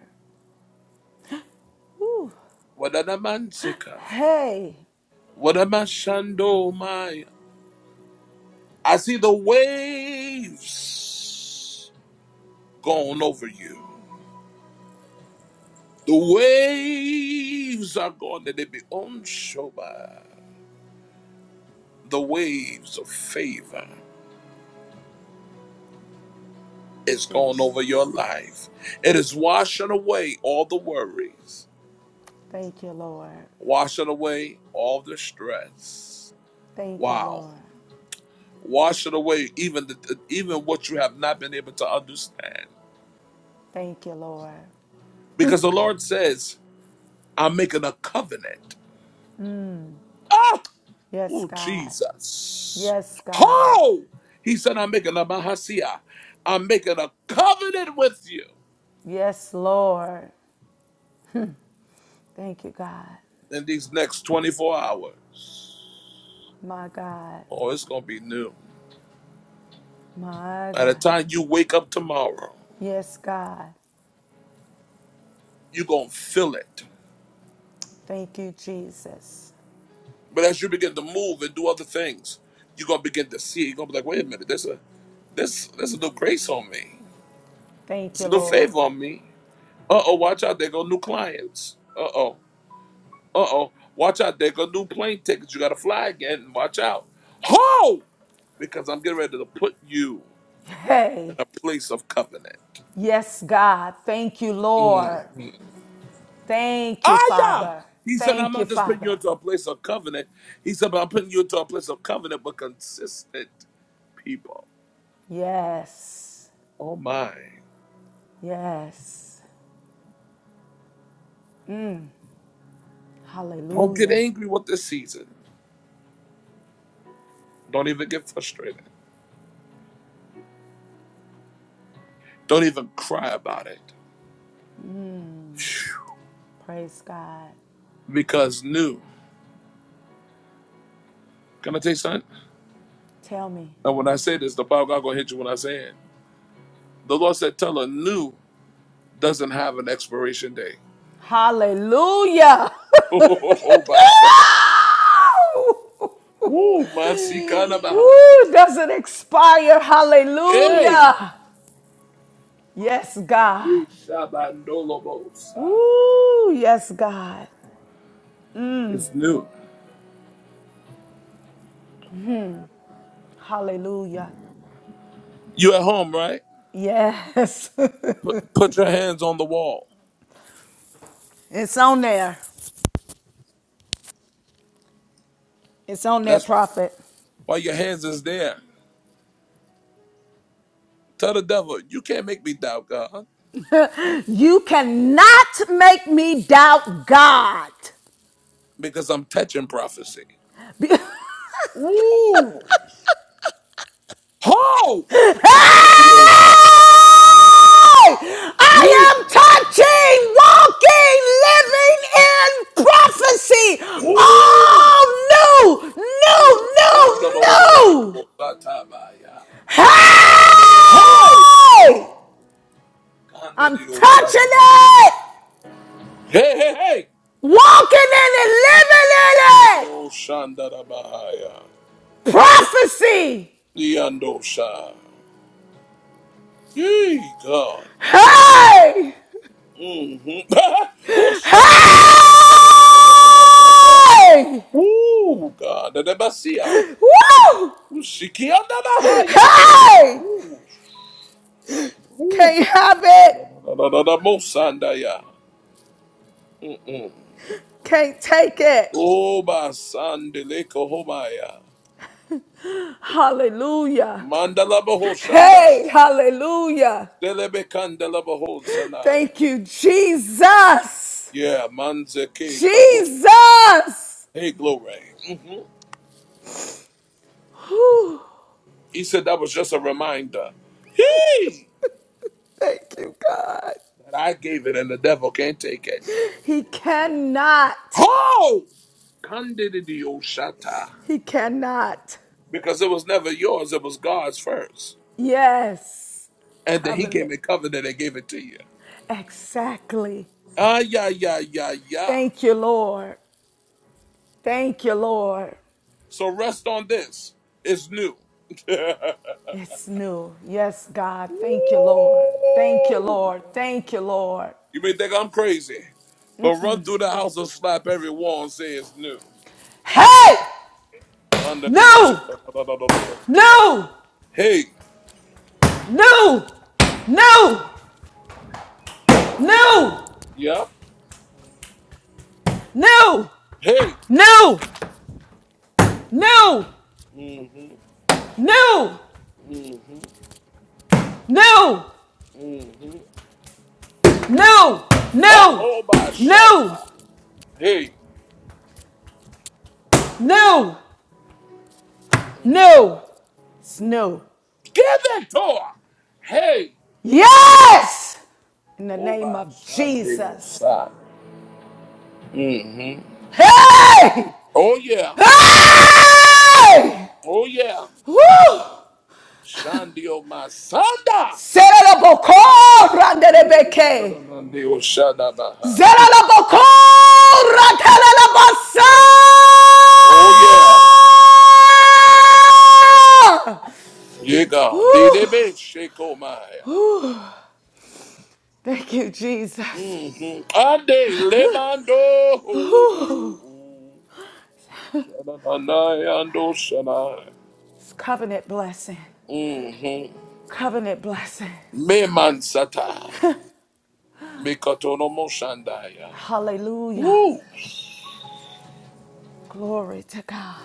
Speaker 4: Ooh,
Speaker 1: What an amantica.
Speaker 4: hey,
Speaker 1: What a mashando my. I see the waves gone over you. The waves are gone that they be on by. The waves of favor is gone
Speaker 4: Jesus.
Speaker 1: over your life. It is washing away all the worries.
Speaker 4: Thank you, Lord.
Speaker 1: Wash it away all the stress.
Speaker 4: Thank you,
Speaker 1: Wow.
Speaker 4: Lord.
Speaker 1: Wash it away even the, even what you have not been able to understand.
Speaker 4: Thank you, Lord.
Speaker 1: Because the Lord says, I'm making a covenant. Ah!
Speaker 4: Yes,
Speaker 1: Oh,
Speaker 4: God.
Speaker 1: Jesus.
Speaker 4: Yes, God.
Speaker 1: Oh, He said, I'm making a mahasia. I'm making a covenant with you
Speaker 4: Yes, Lord. Thank you, God.
Speaker 1: in these next 24 hours.
Speaker 4: My God.
Speaker 1: Oh, it's going to be new.
Speaker 4: My
Speaker 1: By the
Speaker 4: God.
Speaker 1: time you wake up tomorrow,
Speaker 4: Yes, God.
Speaker 1: you're going to feel it.
Speaker 4: Thank you, Jesus.
Speaker 1: But as you begin to move and do other things, you're gonna begin to see. it. You're gonna be like, wait a minute, there's a there's there's a new grace on me.
Speaker 4: Thank
Speaker 1: There's
Speaker 4: you,
Speaker 1: a new
Speaker 4: Lord.
Speaker 1: favor on me. Uh oh, watch out, there go new clients. Uh oh, uh oh, watch out, there go new plane tickets. You gotta fly again. Watch out. Ho! Because I'm getting ready to put you in
Speaker 4: Hey.
Speaker 1: a place of covenant.
Speaker 4: Yes, God. Thank you,
Speaker 1: Mm.
Speaker 4: Lord. Thank you,
Speaker 1: Ah yeah.
Speaker 4: Father.
Speaker 1: He said, I'm
Speaker 4: Thank you,
Speaker 1: not just putting you
Speaker 4: Father.
Speaker 1: into a place of covenant. He said, but I'm putting you into a place of covenant, but consistent people.
Speaker 4: Yes.
Speaker 1: Oh my.
Speaker 4: Yes.
Speaker 1: Don't get
Speaker 4: Hallelujah.
Speaker 1: angry with the season. Don't even get frustrated. Don't even cry about it.
Speaker 4: Praise God.
Speaker 1: Because new. Can I tell you something?
Speaker 4: Tell me.
Speaker 1: And when I say this, the power of God gonna hit you when I say it. The Lord said, tell her new doesn't have an expiration date. *laughs*
Speaker 4: Hallelujah. *laughs*
Speaker 1: Oh, my God! Ooh, my sikana bahaya.
Speaker 4: Ooh, doesn't expire.
Speaker 1: Hey!
Speaker 4: Hallelujah. Yes, God.
Speaker 1: You shabandolobosa.
Speaker 4: Ooh, yes, God.
Speaker 1: It's new.
Speaker 4: Hallelujah.
Speaker 1: You at home, right?
Speaker 4: Yes.
Speaker 1: Put, put your hands on the wall.
Speaker 4: *laughs* it's on there. It's on there,
Speaker 1: That's
Speaker 4: prophet.
Speaker 1: why your hands is there. Tell the devil, you can't make me doubt God.
Speaker 4: You cannot make me doubt God.
Speaker 1: because I'm touching prophecy. Ho!
Speaker 4: Hey!
Speaker 1: Ooh!
Speaker 4: I am touching, walking, living in prophecy. All new, new, new, new. Hey!
Speaker 1: Ho!
Speaker 4: I'm touching it,
Speaker 1: Hey, hey, hey!
Speaker 4: walking in it, living in it. Prophecy.
Speaker 1: Yee, God.
Speaker 4: Hey!
Speaker 1: Mm-hmm. *laughs* Osha.
Speaker 4: Hey!
Speaker 1: Ooh, God. Debasia.
Speaker 4: Woo!
Speaker 1: Ushiki andabahaya.
Speaker 4: Hey!
Speaker 1: Ooh.
Speaker 4: Can't have it.
Speaker 1: Shandadadadadadabosandaya.
Speaker 4: Can't take it.
Speaker 1: Oba sandeleko homaya,
Speaker 4: Hallelujah.
Speaker 1: Mandala baho
Speaker 4: Hey,
Speaker 1: shandaya.
Speaker 4: hallelujah.
Speaker 1: Zelebe kandala baho sanaya.
Speaker 4: Thank you, Jesus.
Speaker 1: Yeah, manzeke kato.
Speaker 4: Jesus.
Speaker 1: Hey, glory. He said that was just a reminder. Hey!
Speaker 4: Thank you, God.
Speaker 1: That I gave it and the devil can't take it.
Speaker 4: He cannot.
Speaker 1: Ho! Kandidi oshata.
Speaker 4: He cannot.
Speaker 1: Because it was never yours, it was God's first.
Speaker 4: Yes.
Speaker 1: And then he gave
Speaker 4: Covenant.
Speaker 1: me covenant and gave it to you.
Speaker 4: Exactly.
Speaker 1: Ah, yeah, yeah, yeah, yeah.
Speaker 4: Thank you, Lord. Thank you, Lord.
Speaker 1: So rest on this. It's new. *laughs* you
Speaker 4: It's new. Yes, God. Thank you, Lord. Thank you, Lord. Thank you, Lord.
Speaker 1: may think I'm crazy, but run through the house and slap every wall and say it's new.
Speaker 4: Hey!
Speaker 1: Under the-
Speaker 4: New! New!
Speaker 1: Hey,
Speaker 4: New! New! New! New!
Speaker 1: yeah,
Speaker 4: New!
Speaker 1: hey.
Speaker 4: New! New!
Speaker 1: Mm-hmm,
Speaker 4: New!
Speaker 1: mm-hmm,
Speaker 4: New!
Speaker 1: mm-hmm.
Speaker 4: New!
Speaker 1: Ah,
Speaker 4: No!
Speaker 1: oh my shut
Speaker 4: No!
Speaker 1: Hey,
Speaker 4: No!
Speaker 1: mm-hmm.
Speaker 4: No. Snow.
Speaker 1: get that door. Hey,
Speaker 4: Yes! In the
Speaker 1: oh
Speaker 4: name
Speaker 1: my
Speaker 4: of
Speaker 1: shande
Speaker 4: Jesus.
Speaker 1: osa. Mm-hmm.
Speaker 4: Hey!
Speaker 1: Oh yeah, Mm,
Speaker 4: Hey!
Speaker 1: oh yeah.
Speaker 4: Woo!
Speaker 1: Shandio Masanda.
Speaker 4: Serelaboko
Speaker 1: Yeah, na- na-
Speaker 4: randelebeke.
Speaker 1: na- na- de- oh, shada- bahai.
Speaker 4: Zerelaboko rantelelabasa!
Speaker 1: Oh, yeah. Yeah, God.
Speaker 4: Woo!
Speaker 1: DDB, Sheko Maya.
Speaker 4: Woo! Thank you, Jesus.
Speaker 1: Mm-hmm. Ade, Lebando.
Speaker 4: Woo!
Speaker 1: Shadanaya, Ando, Shanai.
Speaker 4: It's covenant blessing.
Speaker 1: Mm-hmm.
Speaker 4: Covenant blessing.
Speaker 1: Me Mansata. Me Katonomo, Shandaya.
Speaker 4: Hallelujah.
Speaker 1: Woo!
Speaker 4: Glory to God.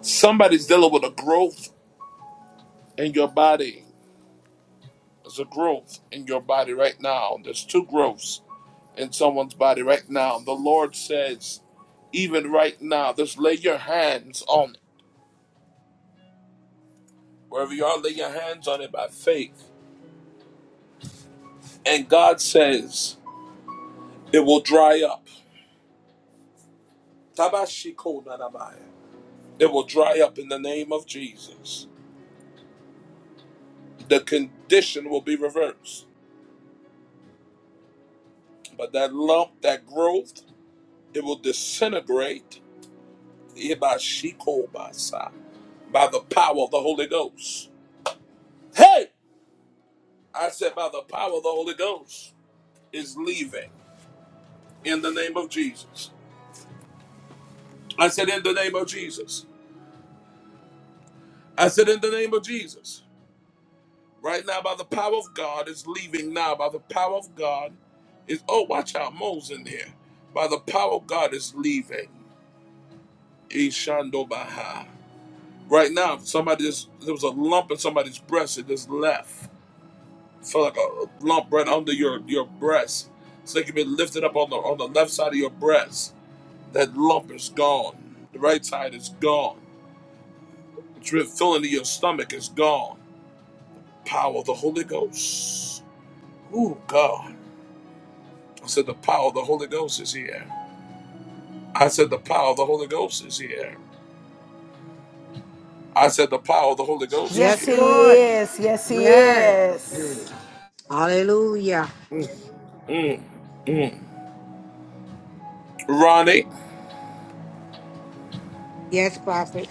Speaker 1: Somebody's dealing with a growth in your body. There's a growth in your body right now. There's two growths in someone's body right now. The Lord says, Even right now, just lay your hands on it. Wherever you are, lay your hands on it by faith. And God says it will dry up. Tabashikonadabaya. It will dry up in the name of Jesus. The condition will be reversed. But that lump, that growth, it will disintegrate Ibashikobasa, by the power of the Holy Ghost. Hey! I said, by the power of the Holy Ghost is leaving in the name of Jesus. I said, in the name of Jesus. I said, in the name of Jesus. Right now, by the power of God, is leaving now. By the power of God, is oh, watch out, Mo's in here. By the power of God, is leaving. Ishando Baha. Right now, somebody just there was a lump in somebody's breast. It just left. Felt like a lump right under your your breast. It's like you've been lifted up on the on the left side of your breast. That lump is gone. The right side is gone. It's has been filling to your stomach is gone. Power of the Holy Ghost. Ooh, God. I said, the power of the Holy Ghost is here. I said, the power of the Holy Ghost is here. I said, the power of the Holy Ghost is
Speaker 4: Yes,
Speaker 11: Yes,
Speaker 4: He
Speaker 1: here.
Speaker 11: Lord.
Speaker 4: is. Yes, He
Speaker 11: Yes.
Speaker 4: is.
Speaker 11: Hallelujah.
Speaker 1: Ronnie,
Speaker 11: Yes, Prophet.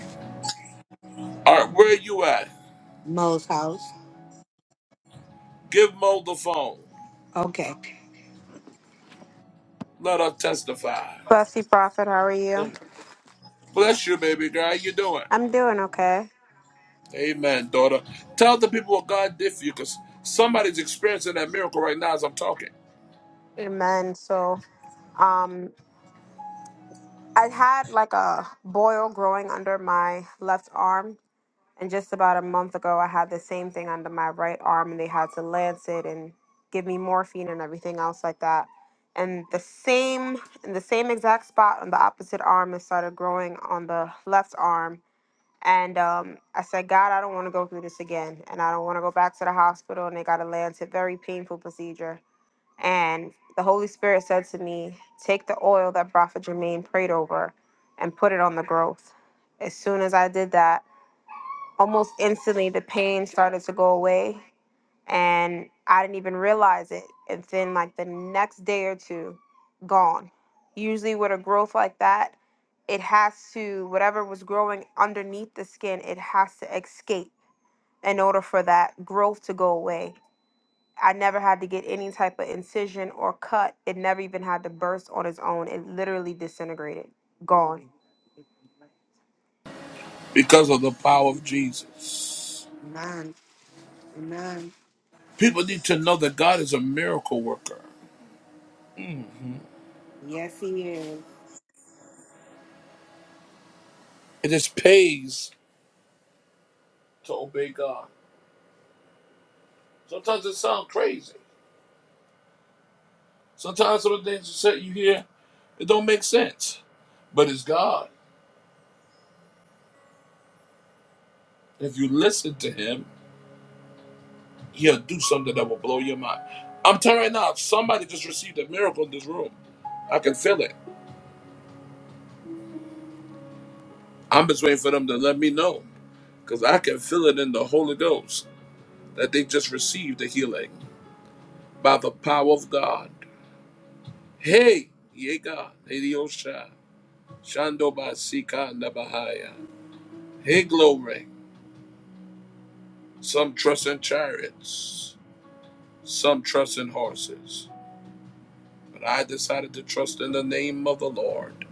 Speaker 1: all right, where you at?
Speaker 11: Mo's house.
Speaker 1: Give Mo the phone.
Speaker 11: Okay.
Speaker 1: Let her testify.
Speaker 11: Blessy Prophet, how are you?
Speaker 1: Bless you, baby girl. How you doing?
Speaker 11: I'm doing okay.
Speaker 1: Amen, daughter. Tell the people what God did for you because somebody's experiencing that miracle right now as I'm talking
Speaker 11: Amen. So, um, I had like a boil growing under my left arm And just about a month ago, I had the same thing under my right arm, and they had to lance it and give me morphine and everything else like that. And the same, in the same exact spot on the opposite arm, it started growing on the left arm. And um, I said, God, I don't want to go through this again, and I don't want to go back to the hospital. And they got to lance it, very painful procedure. And the Holy Spirit said to me, take the oil that Prophet Jermaine prayed over, and put it on the growth. As soon as I did that almost instantly the pain started to go away and i didn't even realize it and then like the next day or two gone usually with a growth like that it has to whatever was growing underneath the skin it has to escape in order for that growth to go away i never had to get any type of incision or cut it never even had to burst on its own it literally disintegrated gone
Speaker 1: because of the power of Jesus.
Speaker 11: Amen. Amen.
Speaker 1: People need to know that God is a miracle worker.
Speaker 11: Yes, he is.
Speaker 1: It just pays. to obey God. Sometimes it sounds crazy. Sometimes some of the things you say you hear, it don't make sense. But it's God. If you listen to him, he'll do something that will blow your mind. I'm telling you right now, somebody just received a miracle in this room. I can feel it. I'm just waiting for them to let me know. Because I can feel it in the Holy Ghost that they just received the healing by the power of God. Hey, ye God, Hey, Dios, Shah. Shando Basika and Bahaya. Hey, glory. Some trust in chariots, some trust in horses. But I decided to trust in the name of the Lord.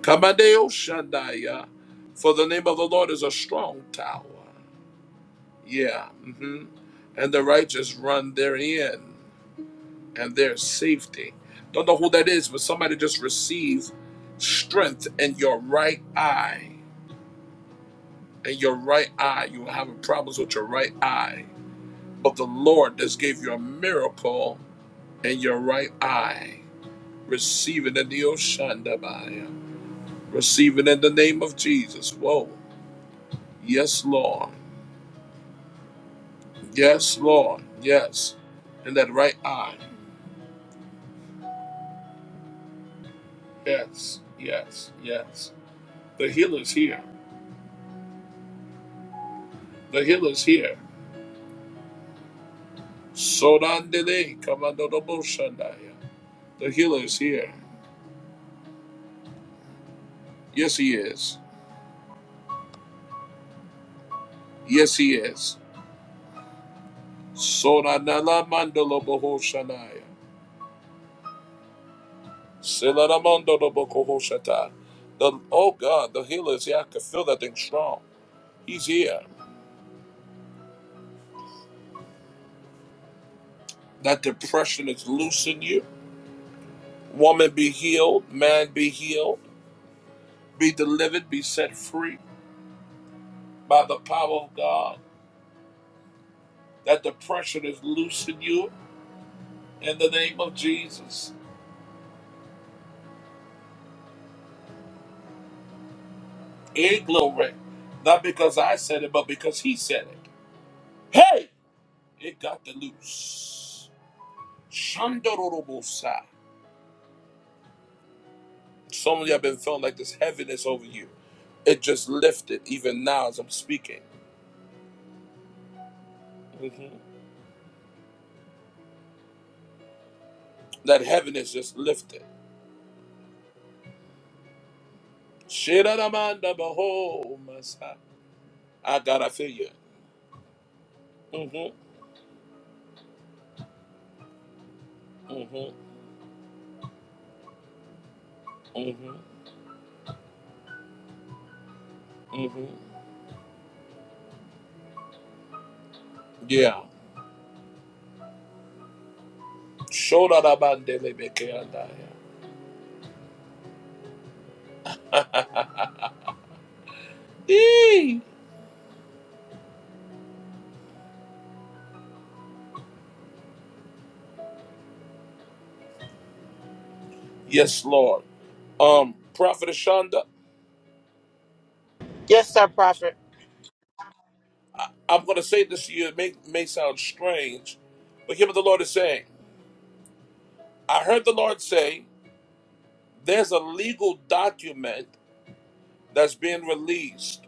Speaker 1: Kamadeo Shandaya. For the name of the Lord is a strong tower. Yeah. hmm And the righteous run therein and their safety. Don't know who that is, but somebody just receive strength in your right eye. In your right eye, you were having problems with your right eye. But the Lord just gave you a miracle and your right eye. Receive it in the Oshandabaya. Receive it in the name of Jesus. Whoa. Yes, Lord. Yes, Lord. Yes. In that right eye. Yes. Yes. Yes. The healer's here. The healer's here. Sorandele Kamandodoboshandaya. The healer is here. Yes, he is. Yes, he is. Soranala Mandalobohoshanaya. Silaramondo do Bokohoshata. The oh God, the healer is here. I can feel that thing strong. He's here. That depression is loose in you. Woman be healed, man be healed, be delivered, be set free by the power of God. That depression is loose in you in the name of Jesus. In glory. Not because I said it, but because he said it. Hey! It got the loose. Shandorobosa. Some of you have been feeling like this heaviness over you. It just lifted, even now as I'm speaking. Mhm. That heaviness just lifted. Shiradamanda baho masa. I gotta feel you. Mm-hmm. Mm-hmm. Mm-hmm. Mm-hmm. Yeah. Shoradabandele Eee. Yes, Lord. Um, Prophet Ashanda,
Speaker 8: Yes, sir, Prophet.
Speaker 1: I'm gonna say this to you, it may, may sound strange, but hear what the Lord is saying. I heard the Lord say. there's a legal document that's being released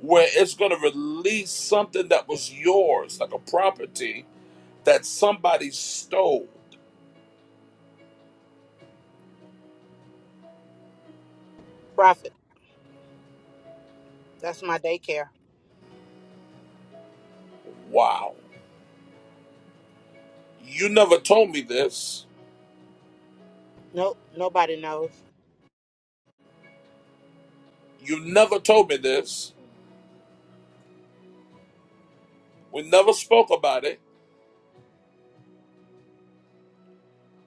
Speaker 1: where it's going to release something that was yours, like a property that somebody stole.
Speaker 8: Prophet. That's my daycare.
Speaker 1: Wow. You never told me this.
Speaker 8: Nope, nobody knows.
Speaker 1: You never told me this. We never spoke about it.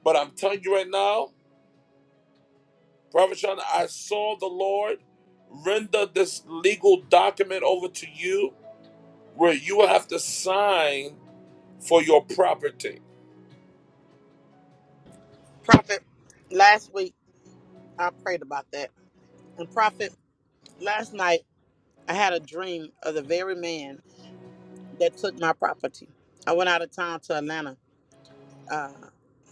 Speaker 1: But I'm telling you right now, Prophet Sean, I saw the Lord render this legal document over to you where you will have to sign for your property.
Speaker 8: Prophet, last week I prayed about that. And Prophet, last night I had a dream of the very man that took my property. I went out of town to Atlanta uh,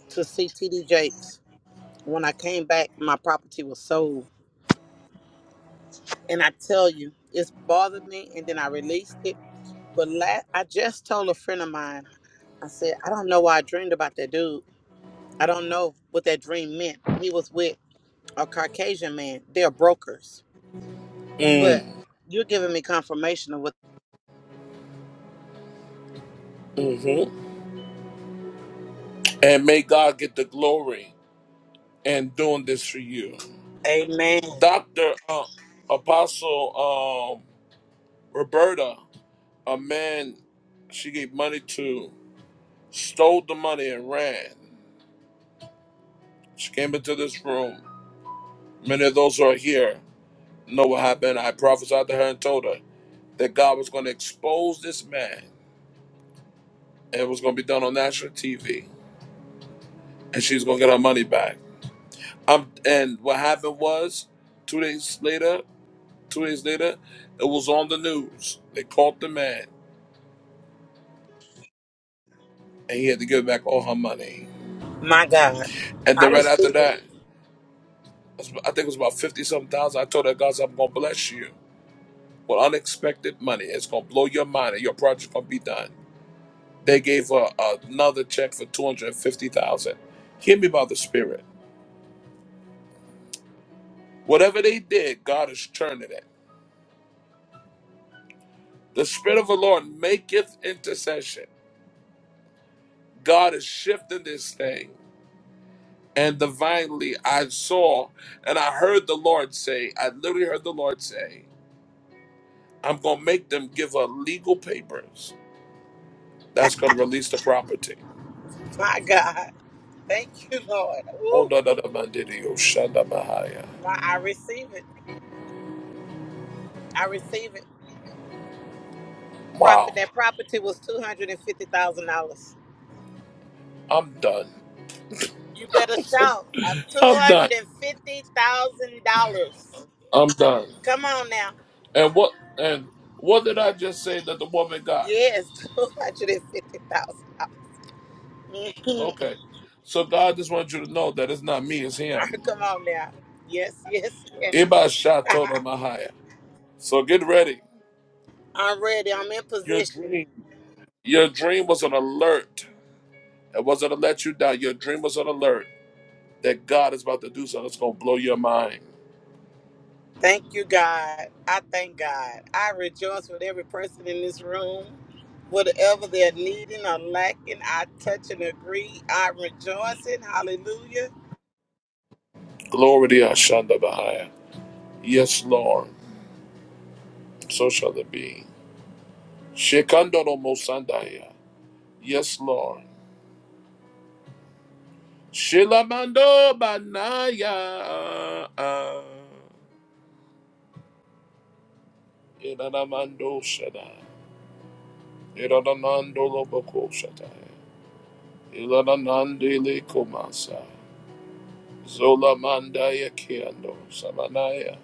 Speaker 8: to see TD Jakes. When I came back, my property was sold. And I tell you, it's bothered me and then I released it. But la- I just told a friend of mine I said, I don't know why I dreamed about that dude. I don't know what that dream meant. He was with a Caucasian man. They're brokers. But
Speaker 1: Mm.
Speaker 8: you're giving me confirmation of what.
Speaker 1: hmm And may God get the glory in doing this for you.
Speaker 8: Amen.
Speaker 1: Dr. uh, Apostle um, Roberta, a man she gave money to, stole the money and ran. She came into this room. Many of those who are here know what happened. I prophesied to her and told her that God was going to expose this man and it was going to be done on national TV and she's going to get her money back. Um, and what happened was, two days later, Two days later, it was on the news. They caught the man, and he had to give back all her money.
Speaker 8: My God.
Speaker 1: And
Speaker 8: I
Speaker 1: then right after
Speaker 8: receive it.
Speaker 1: that, I think it was about fifty something thousand. I told her, guys, I'm gonna bless you with unexpected money. It's gonna blow your mind, and your project's gonna be done. They gave her another check for two hundred fifty thousand. dollars. Hear me about the Spirit. Whatever they did, God is turning it. The Spirit of the Lord maketh intercession. God is shifting this thing. And divinely, I saw and I heard the Lord say, I literally heard the Lord say, I'm going to make them give her legal papers that's going to release the property.
Speaker 8: My God. Thank you, Lord.
Speaker 1: Oh,
Speaker 8: Woo.
Speaker 1: no, no, no, man, did you? Shanda Mahaya.
Speaker 8: My, I receive it. I receive it. Profit,
Speaker 1: Wow.
Speaker 8: that property was $250,000.
Speaker 1: I'm done.
Speaker 8: You better shout. I'm
Speaker 1: I'm done.
Speaker 8: $250,000.
Speaker 1: I'm done.
Speaker 8: Come on now.
Speaker 1: And what and what did I just say that the woman got?
Speaker 8: Yes, *laughs* $250,000. Mhm.
Speaker 1: Okay. So God just wants you to know that it's not me, it's him.
Speaker 8: *laughs* Come on now. Yes, yes, yes.
Speaker 1: Iba Shatono
Speaker 8: *laughs*
Speaker 1: Mahaya. So get ready.
Speaker 8: I'm ready. I'm in
Speaker 1: Your
Speaker 8: position.
Speaker 1: dream. Your dream was an alert. It wasn't to let you down. Your dream was an alert that God is about to do something that's going to blow your mind.
Speaker 8: Thank you, God. I thank God. I rejoice with every person in this room. Whatever they're needing or lacking, I touch and agree. I rejoice in. Hallelujah.
Speaker 1: Glory to Ashanda Bahaya. Yes, Lord. So shall it be. Shekandoro Mosandaya. Yes, Lord. Shilamando Banaya. Ilanamando Shadai. Ilanamando Loboko Shadai. Ilanamandele Komasa. Zola Mandaya Kiando Samanaya.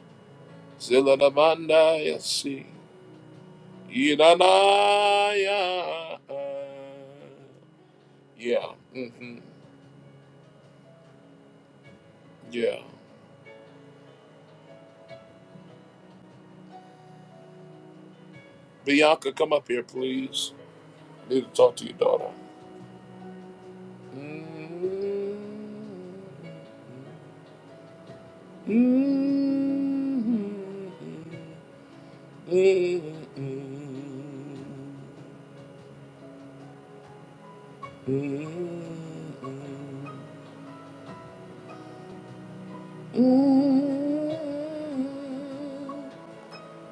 Speaker 1: Zilanamanda yasi. Ilanaya. Yeah. mm hmm Yeah. Bianca, come up here, please. Need to talk to your daughter. Mm.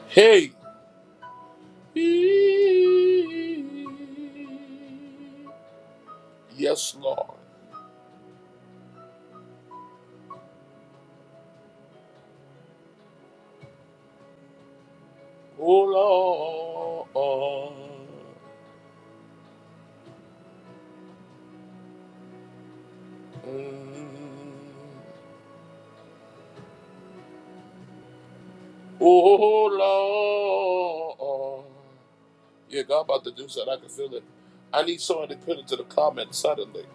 Speaker 1: Hey. Yes, Lord. Oh, Lord. Mm. Oh, Lord. Yeah, God about to do something. I can feel it. I need someone to put it to the comments suddenly.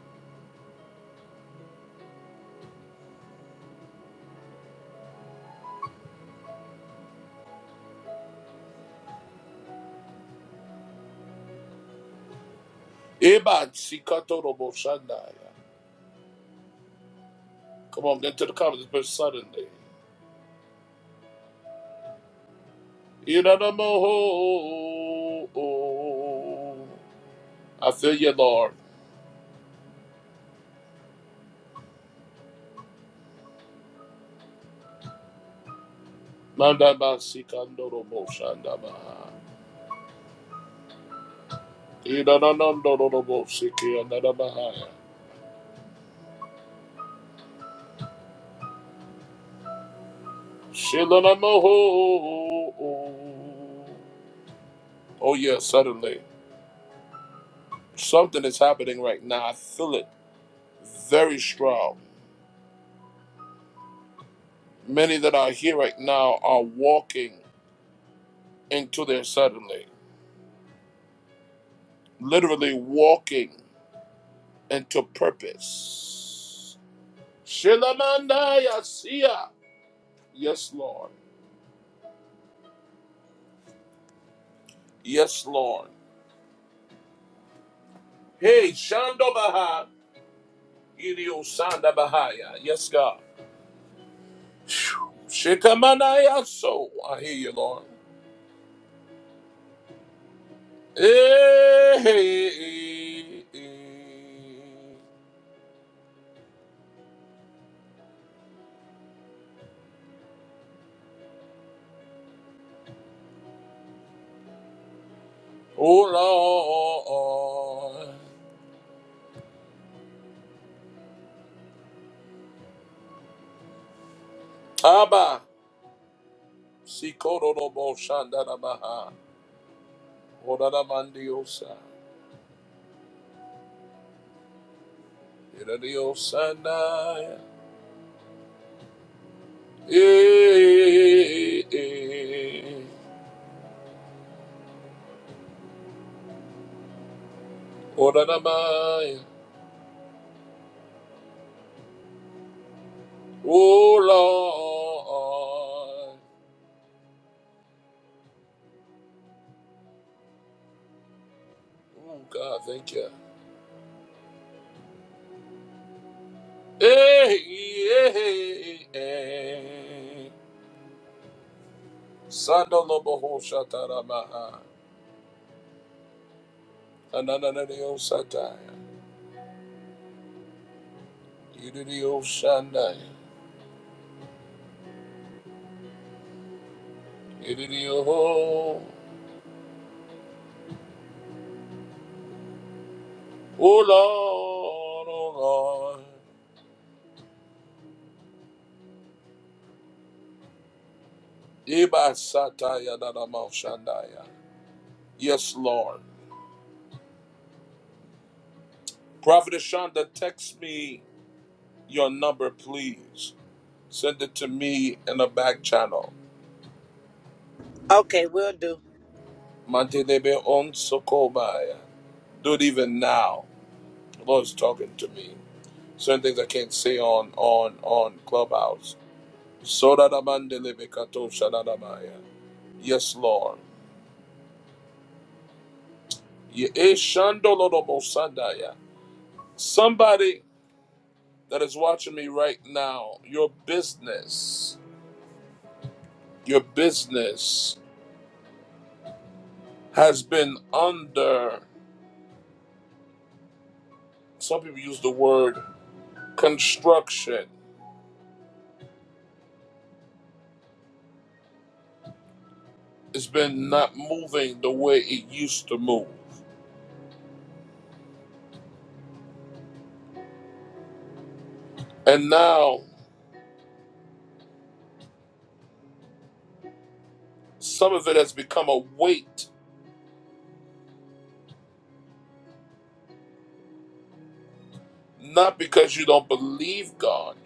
Speaker 1: Iban Sikatorobo Shandaya. Come on, get to the comments, but suddenly. Inanamoho. I feel you, Lord. Mandaba Sikandorobo Shandabaha. Inanandorobo Sikiandabahaya. Shilanamoho. Oh, yeah, suddenly. Something is happening right now. I feel it very strong. Many that are here right now are walking into their suddenly. literally walking into purpose. Shilamanda Yasia. Yes, Lord. Yes, Lord. Hey, Shandobaha. Idio Bahaya. Yes, God. Shikamana Yaso. I hear you, Lord. Hey, hey, hey. Oh, Lord. Abba. Sikoro Robo Shandarabaha. Oranamandiosa. Iradiosandaya. Eh, eh, eh. Oranamaya. Oh Lord. Oh God, thank you. Eh, eh, eh, eh. Sandaloboho Shataramaha. Ananadiosataya. Iradiosandaya. Iridio. Oh Lord, oh Lord. Iba Sataya Nanamashandaya. Yes, Lord. Prophet Ashonda, text me your number, please. Send it to me in a back channel.
Speaker 8: Okay, we'll do.
Speaker 1: Mantelebe on Sokobaya. Do it even now. The Lord's talking to me. Certain things I can't say on on on Clubhouse. Sodadamandelebe kato shadadamaya. Yes, Lord. Ye eshandolodobosandaya. Somebody that is watching me right now, your business, your business has been under, some people use the word construction. It's been not moving the way it used to move. And now some of it has become a weight, not because you don't believe God,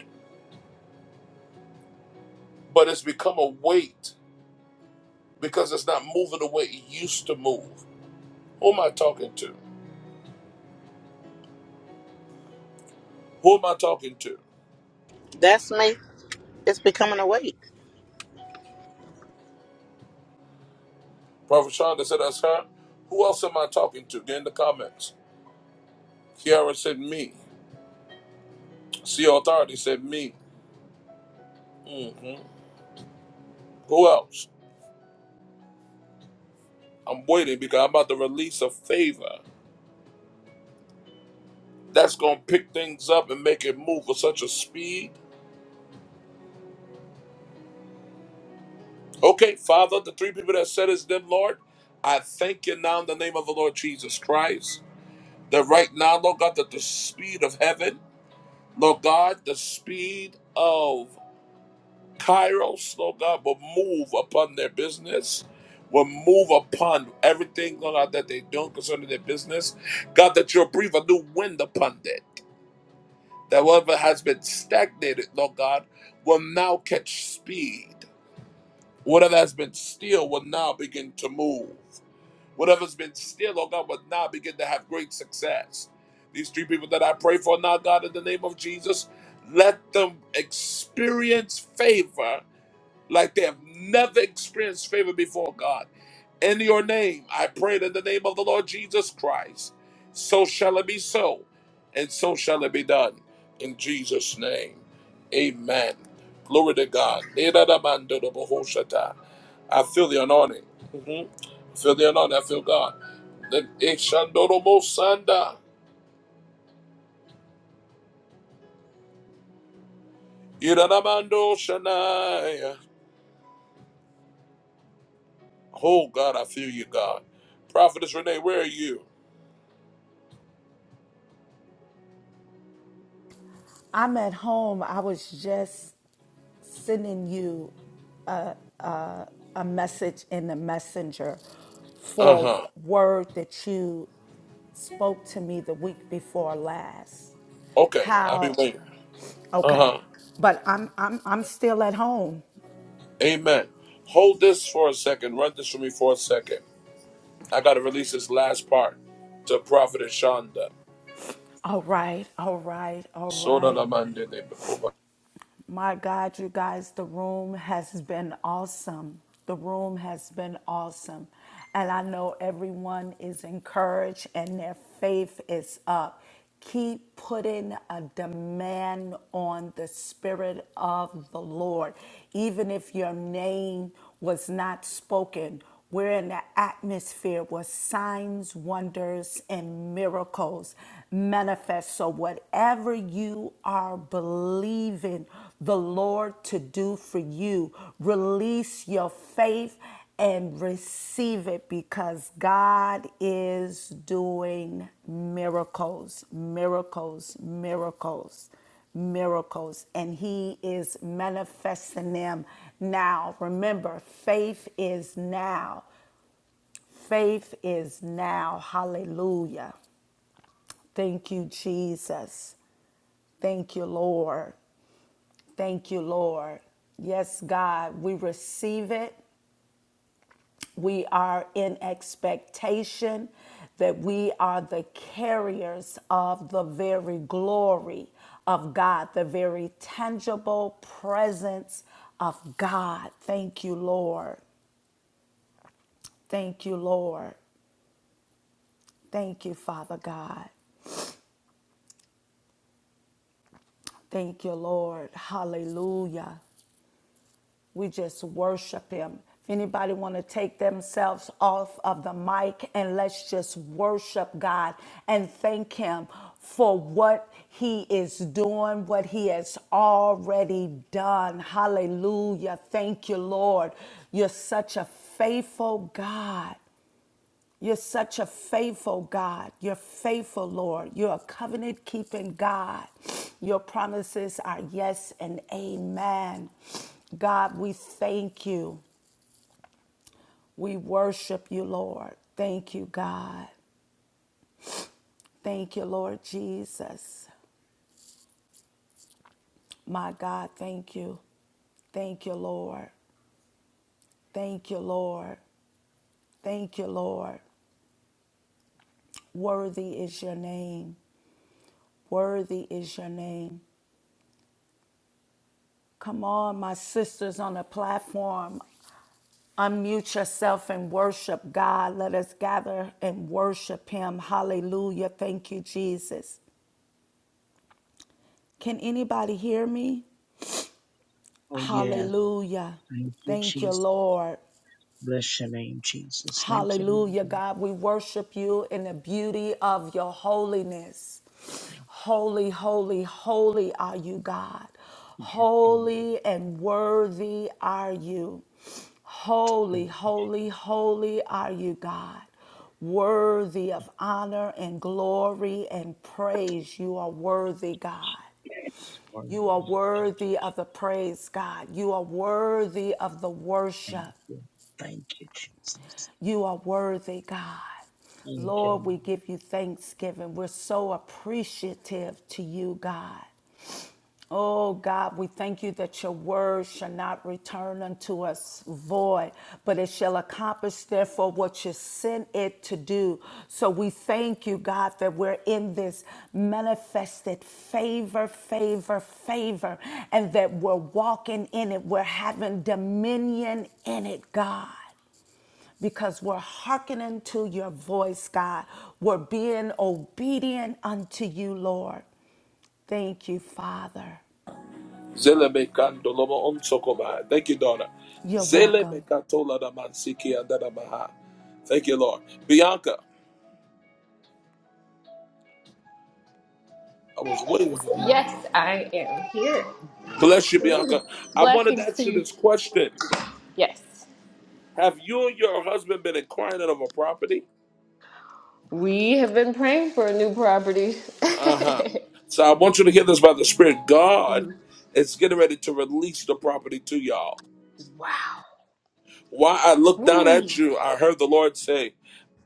Speaker 1: but it's become a weight because it's not moving the way it used to move. Who am I talking to? Who am I talking to?
Speaker 8: That's me. It's becoming awake.
Speaker 1: Prophet Shonda said that's her. Who else am I talking to? Get in the comments. Kiara said me. CEO Authority said me. hmm Who else? I'm waiting because I'm about to release a favor that's going to pick things up and make it move with such a speed. Okay, Father, the three people that said it's them, Lord, I thank you now in the name of the Lord Jesus Christ that right now, Lord God, that the speed of heaven, Lord God, the speed of Kairos, Lord God, will move upon their business. Will move upon everything, Lord God, that they do concerning their business. God, that you'll breathe a new wind upon it. that whatever has been stagnated, Lord God, will now catch speed. Whatever has been still will now begin to move. Whatever's been still, Lord God, will now begin to have great success. These three people that I pray for now, God, in the name of Jesus, let them experience favor like they have never experienced favor before God. In your name, I prayed in the name of the Lord Jesus Christ. So shall it be so, and so shall it be done. In Jesus' name, amen. Glory to God. I feel the anointing. Mhm. I feel the anointing. I feel God. The- Ishandorobosanda. Iradamando Shanaya. Oh, God, I feel you, God. Prophetess Renee, where are you?
Speaker 4: I'm at home. I was just sending you a, a, a message in the messenger
Speaker 1: Uh
Speaker 4: for
Speaker 1: huh.
Speaker 4: a word that you spoke to me the week before last.
Speaker 1: Okay, I'll be
Speaker 4: How,
Speaker 1: waiting. Uh
Speaker 4: okay,
Speaker 1: huh.
Speaker 4: but I'm, I'm, I'm still at home.
Speaker 1: Amen. Hold this for a second. Run this for me for a second. I gotta release this last part to Prophet Shonda.
Speaker 4: All right, all right, all
Speaker 1: Soda
Speaker 4: right.
Speaker 1: la mande de bekoba.
Speaker 4: My God, you guys, the room has been awesome. The room has been awesome. And I know everyone is encouraged and their faith is up. Keep putting a demand on the Spirit of the Lord. Even if your name was not spoken, where in the atmosphere was signs, wonders, and miracles manifest. So whatever you are believing the Lord to do for you, release your faith and receive it because God is doing miracles, miracles, miracles miracles and he is manifesting them now. Remember, faith is now. Faith is now. Hallelujah. Thank you, Jesus. Thank you, Lord. Thank you, Lord. Yes, God, we receive it. We are in expectation that we are the carriers of the very glory of God, the very tangible presence of God. Thank you, Lord. Thank you, Lord. Thank you, Father God. Thank you, Lord. Hallelujah. We just worship him. If anybody want to take themselves off of the mic and let's just worship God and thank him for what he is doing, what he has already done. Hallelujah. Thank you, Lord. You're such a faithful God. You're such a faithful God. You're faithful, Lord. You're a covenant keeping God. Your promises are yes and amen. God, we thank you. We worship you, Lord. Thank you, God. Thank you, Lord Jesus. My God, thank you. Thank you, Lord. Thank you, Lord. Thank you, Lord. Worthy is your name. Worthy is your name. Come on, my sisters on the platform. Unmute yourself and worship God. Let us gather and worship Him. Hallelujah. Thank you, Jesus. Can anybody hear me?
Speaker 7: oh, yes.
Speaker 4: Hallelujah.
Speaker 7: Thank you,
Speaker 4: Thank you,
Speaker 7: Jesus.
Speaker 4: Lord.
Speaker 7: Bless your name, Jesus. Thank you, my
Speaker 4: Hallelujah,
Speaker 7: God.
Speaker 4: God. We worship you in the beauty of your holiness. Holy, holy, holy are you, God.
Speaker 7: Thank you.
Speaker 4: Holy and worthy are you.
Speaker 7: Thank
Speaker 4: Holy, holy, holy are you, God. Worthy of honor and glory and praise. You are worthy, God.
Speaker 7: Yes, Lord.
Speaker 4: You are worthy of the praise, God. You are worthy of the
Speaker 7: Thank
Speaker 4: worship.
Speaker 7: you. Thank you, Jesus.
Speaker 4: You are worthy, God.
Speaker 7: Thank you.
Speaker 4: Lord, we give you thanksgiving. We're so appreciative to you, God. Oh God, we thank you that your word shall not return unto us void, but it shall accomplish, therefore, what you sent it to do. So we thank you, God, that we're in this manifested favor, favor, favor, and that we're walking in it. We're having dominion in it, God because we're hearkening to your voice, God. We're being obedient unto you, Lord. Thank you, Father.
Speaker 1: Zele bekando lobo onsokoba. Thank you, daughter.
Speaker 4: You're
Speaker 1: Zele
Speaker 4: welcome.
Speaker 1: bekatola da mansiki and da maha. Thank you, Lord. Bianca, I was waiting for her.
Speaker 12: Yes, I am.
Speaker 1: Bless you, Bianca. I wanted to
Speaker 12: Blessings to
Speaker 1: ask you
Speaker 12: you.
Speaker 1: this question.
Speaker 12: Yes.
Speaker 1: Have you and your husband been inquiring of a property?
Speaker 12: We have been praying for a new property.
Speaker 1: Uh
Speaker 12: *laughs*
Speaker 1: huh. So I want you to hear this by the Spirit. God is getting ready to release the property to y'all.
Speaker 12: wow.
Speaker 1: While I looked down
Speaker 12: Ooh,
Speaker 1: at you, I heard the Lord say,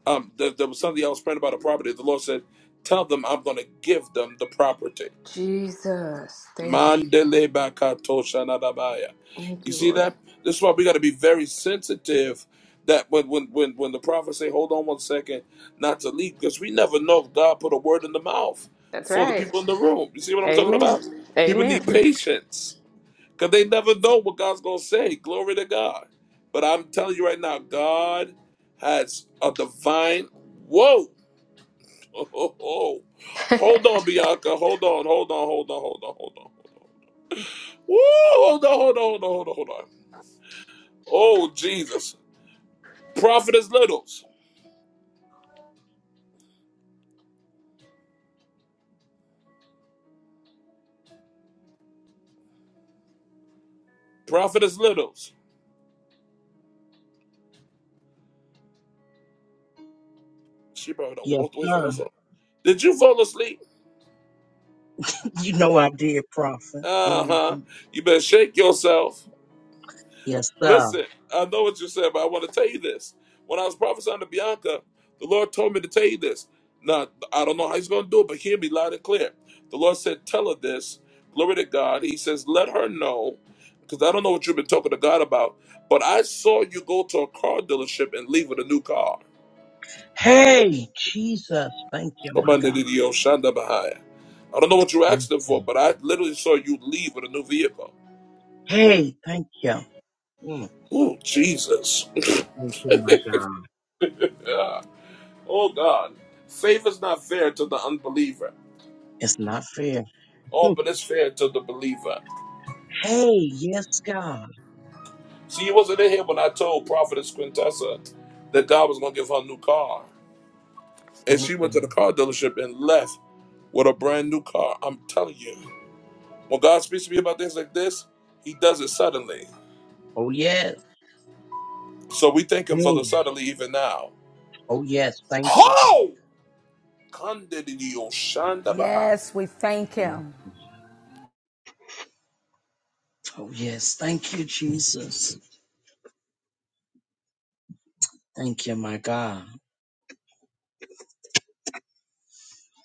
Speaker 1: um, there, there was something I was praying about a property. The Lord said, Tell them I'm going to give them the property.
Speaker 12: Jesus. Thank you.
Speaker 1: Mandele bakatosha nadabaya.
Speaker 12: Thank
Speaker 1: You
Speaker 12: you,
Speaker 1: see
Speaker 12: Lord.
Speaker 1: that? This is why we got to be very sensitive. That when when when when the prophet say, "Hold on one second, not to leave," because we never know if God put a word in the mouth
Speaker 12: That's
Speaker 1: for the
Speaker 12: right.
Speaker 1: people in the room. You see what I'm talking
Speaker 12: Amen.
Speaker 1: about? People need
Speaker 12: Amen.
Speaker 1: patience because they never know what God's gonna say. Glory to God. But I'm telling you right now, God has a divine. Whoa! *laughs* Hold on, Bianca. Hold on. Hold on. Hold on. Hold on. Hold on. Woo, hold on, hold on, hold on, hold on, hold on. Oh, Jesus. Prophetess Littles. Prophetess Littles. She probably done
Speaker 7: Yes,
Speaker 1: walked away from her
Speaker 7: sir.
Speaker 1: phone. Did you fall asleep?
Speaker 7: *laughs* You know I did, prophet.
Speaker 1: Uh
Speaker 7: hmm
Speaker 1: huh. You better shake yourself.
Speaker 7: Yes, sir.
Speaker 1: Listen, I know what you said, but I want to tell you this. When I was prophesying to Bianca, the Lord told me to tell you this. Now, I don't know how he's going to do it, but hear me loud and clear. The Lord said, Tell her this. Glory to God. He says, Let her know, because I don't know what you've been talking to God about, but I saw you go to a car dealership and leave with a new car.
Speaker 7: Hey, Jesus. Thank you,
Speaker 1: Come
Speaker 7: my
Speaker 1: on,
Speaker 7: God.
Speaker 1: Nidio Shanda Bahaya. I don't know what you
Speaker 7: Yes,
Speaker 1: asked him
Speaker 7: sir.
Speaker 1: for, but I literally saw you leave with a new vehicle.
Speaker 7: Hey, thank you. Mm,
Speaker 1: Oh, Jesus.
Speaker 7: Thank you, my God.
Speaker 1: *laughs* Oh, God. Favor's not fair to the unbeliever.
Speaker 7: It's not fair.
Speaker 1: Oh,
Speaker 7: Mm.
Speaker 1: but it's fair to the believer.
Speaker 7: Hey, yes, God.
Speaker 1: See, you wasn't in here when I told Prophetess Quintessa that God was going to give her a new car. And she went to the
Speaker 7: Mm-mm.
Speaker 1: car dealership and left with a brand new car. I'm telling you. When God speaks to me about things like this, he does it suddenly.
Speaker 7: Oh, yes.
Speaker 1: So we thank him for
Speaker 7: Hey.
Speaker 1: the suddenly even now.
Speaker 7: Oh, yes. Thank you, God.
Speaker 1: Ho! Kandidio Shandabaha.
Speaker 4: Yes, we thank him.
Speaker 7: Yes. Oh, yes. Thank you, Jesus. Thank you, my God.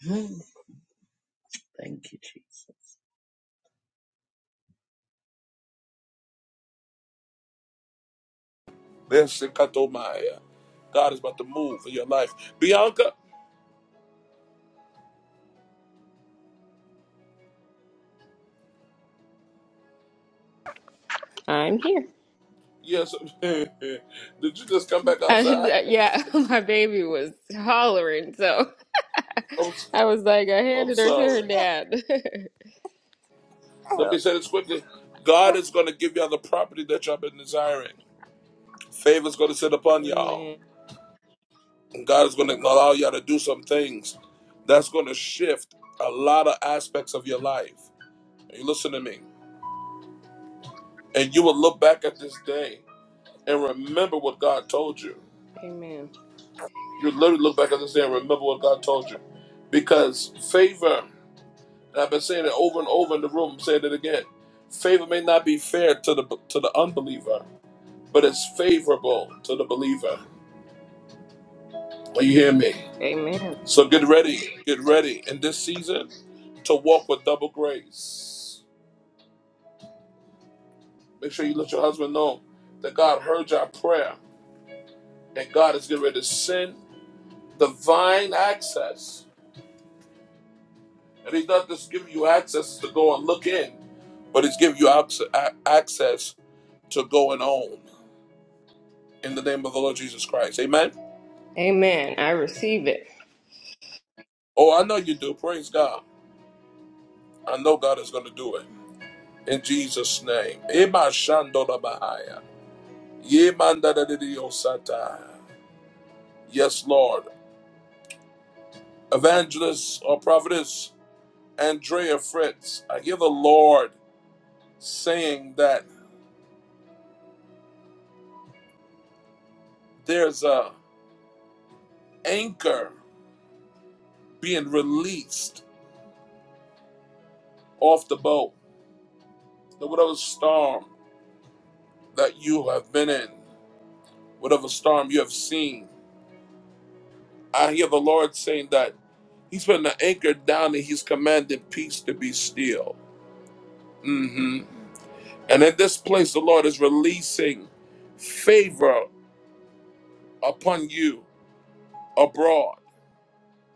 Speaker 7: Hmm. Thank you, Jesus.
Speaker 1: Besikatomaya. God is about to move in your life. Bianca,
Speaker 12: I'm here. *laughs*
Speaker 1: yes. *laughs* Did you just come back
Speaker 12: And,
Speaker 1: outside?
Speaker 12: uh, yeah, *laughs* my baby was hollering, so
Speaker 1: *laughs* I'm,
Speaker 12: I was like, I
Speaker 1: I'm
Speaker 12: handed her to her
Speaker 1: sorry.
Speaker 12: dad. *laughs*
Speaker 1: Let
Speaker 12: so,
Speaker 1: me say this quickly. God is going to give y'all the property that y'all been desiring. Favor is going to sit upon y'all.
Speaker 12: amen.
Speaker 1: And God is going to allow y'all to do some things that's going to shift a lot of aspects of your life. You listen to me. And you will look back at this day and remember what God told you.
Speaker 12: Amen.
Speaker 1: You literally look back at this day and remember what God told you. Because favor, and I've been saying it over and over in the room, I'm saying it again. Favor may not be fair to the to the unbeliever, but it's favorable to the believer. Do you hear me?
Speaker 12: Amen.
Speaker 1: So get ready, get ready in this season to walk with double grace. Make sure you let your husband know that God heard your prayer and God is getting ready to send divine access. And He's not just giving you access to go and look in, but He's giving you abs- a- access to go and own in the name of the Lord Jesus Christ. Amen.
Speaker 12: Amen. I receive it.
Speaker 1: Oh, I know you do. Praise God. I know God is going to do it. in Jesus' name. Ema shandola bahaya. Ye Mandada da di Yes, Lord. Evangelist or prophetess Andrea Fritz, I hear the Lord saying that there's a anchor being released off the boat. That whatever storm that you have been in, whatever storm you have seen, I hear the Lord saying that He's putting the anchor down and He's commanding peace to be still. Mm-hmm. And in this place, the Lord is releasing favor upon you abroad.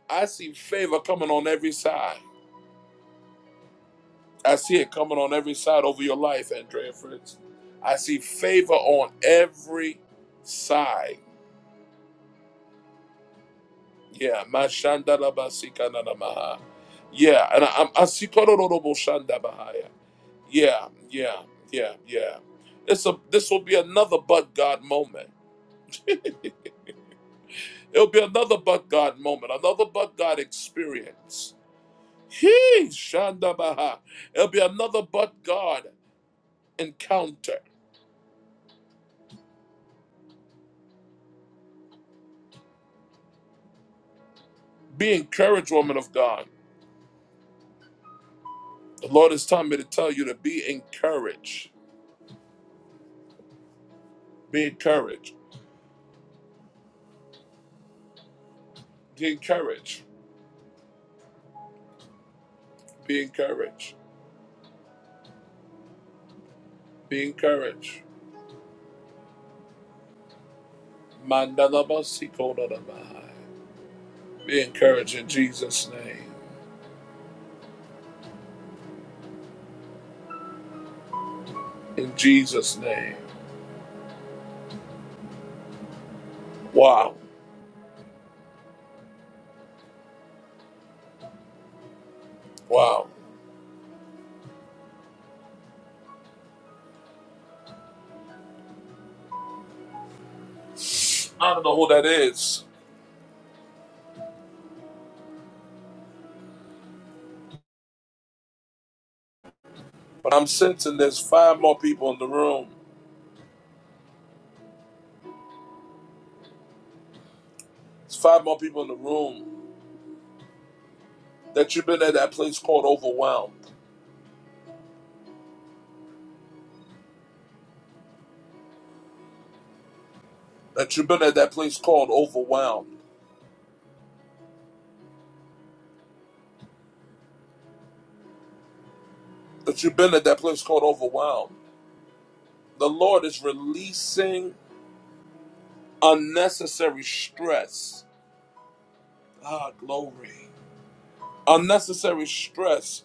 Speaker 1: I see favor coming on every side. I see it coming on every side over your life, Andrea Fritz. I see favor on every side. Yeah, mashandalabasikandalamaha. yeah, and I, I see kodorodoboshandabahaya. yeah, yeah, yeah, yeah. This a this will be another but God moment. It'll be another but God moment, another but God experience. He Shandabaha. It'll be another but God encounter. Be encouraged, woman of God. The Lord is telling me to tell you to be encouraged. Be encouraged. Be encouraged. Be encouraged. Be encouraged. Mandalabasikodabaha. Be encouraged in Jesus' name. In Jesus' name. Wow. Wow. I don't know who that is. But I'm sensing there's five more people in the room. There's five more people in the room that you've been at that place called overwhelmed. That you've been at that place called overwhelmed. That you've been at that place called overwhelmed. The Lord is releasing unnecessary stress. Ah, glory. Unnecessary stress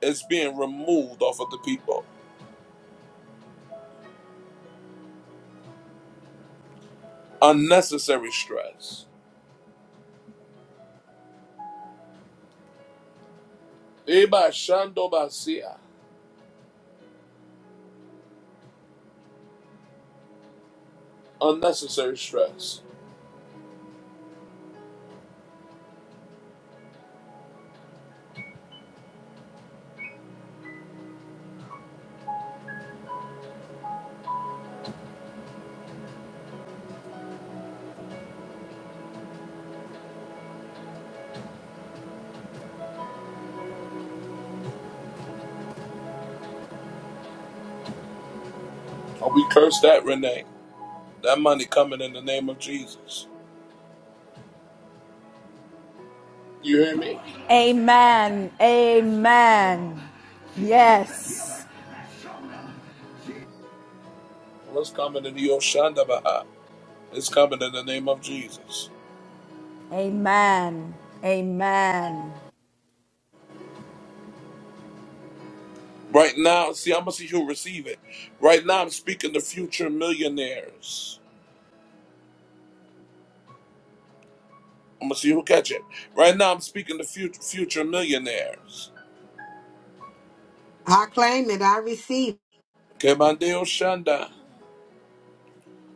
Speaker 1: is being removed off of the people. Unnecessary stress. Eba shando basia. Unnecessary stress. Oh, we curse that, Renee. That money coming in the name of Jesus. You hear me?
Speaker 4: Amen. Amen. Yes.
Speaker 1: What's coming in the Oshandabaha? It's coming in the name of Jesus.
Speaker 4: Amen. Amen.
Speaker 1: Right now, see, I'm gonna see who receive it. Right now, I'm speaking to future millionaires. I'm gonna see who catch it. Right now, I'm speaking to future future millionaires.
Speaker 11: I claim it. I receive.
Speaker 1: Kemande Oshanda.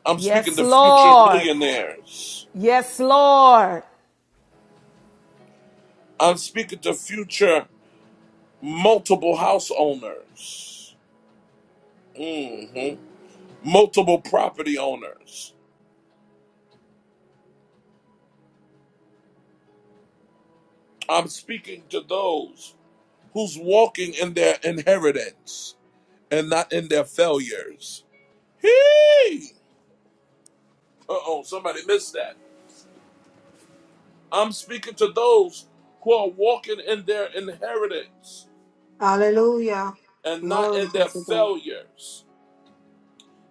Speaker 1: I'm speaking
Speaker 4: Yes,
Speaker 1: to future
Speaker 4: Lord.
Speaker 1: millionaires.
Speaker 4: Yes, Lord.
Speaker 1: I'm speaking to future multiple house owners. hmm Multiple property owners. I'm speaking to those who's walking in their inheritance and not in their failures. Hey! Uh oh, somebody missed that. I'm speaking to those who are walking in their inheritance
Speaker 11: Hallelujah.
Speaker 1: and not in
Speaker 11: Glory be
Speaker 1: their
Speaker 11: to God.
Speaker 1: failures.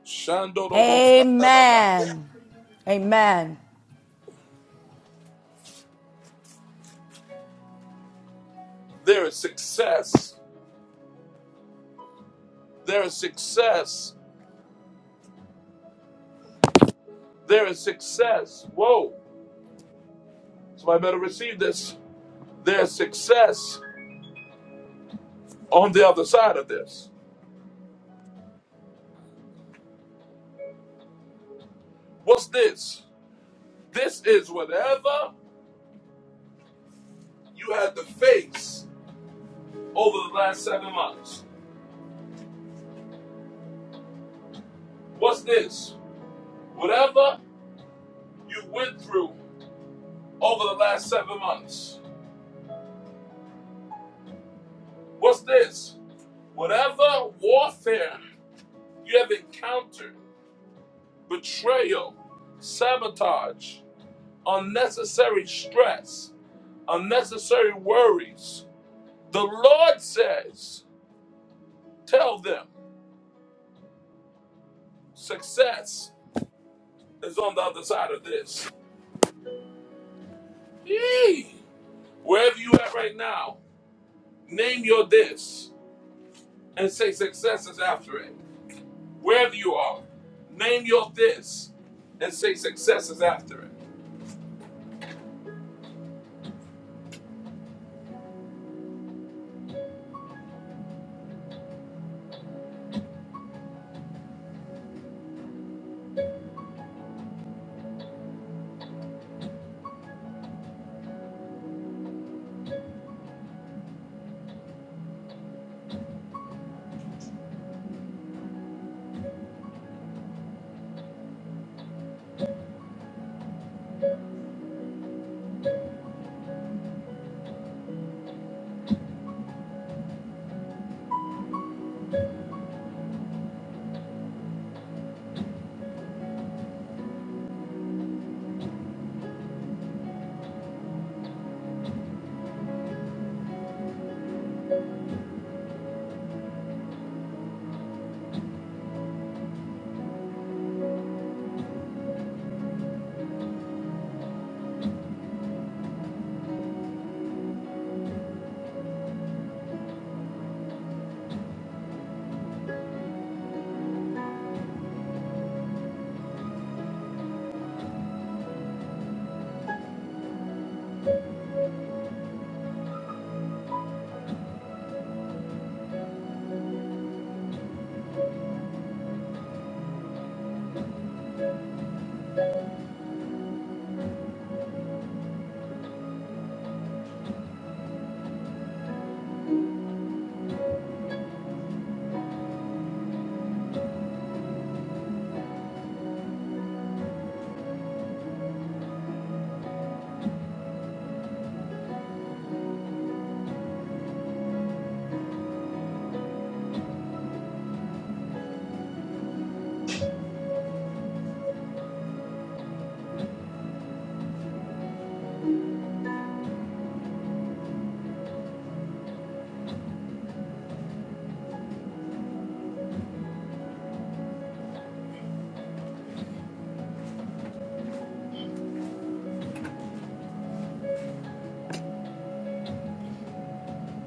Speaker 1: Shandorobo Satanaba.
Speaker 4: Amen. Amen.
Speaker 1: There is success. There is success. There is success. Whoa. Somebody better receive this. There is success on the other side of this. What's this? This is whatever you had to face over the last seven months. What's this? Whatever you went through over the last seven months. What's this? Whatever warfare you have encountered, betrayal, sabotage, unnecessary stress, unnecessary worries. The Lord says, tell them success is on the other side of this. Yee! Wherever you at right now, name your this and say success is after it. Wherever you are, name your this and say success is after it.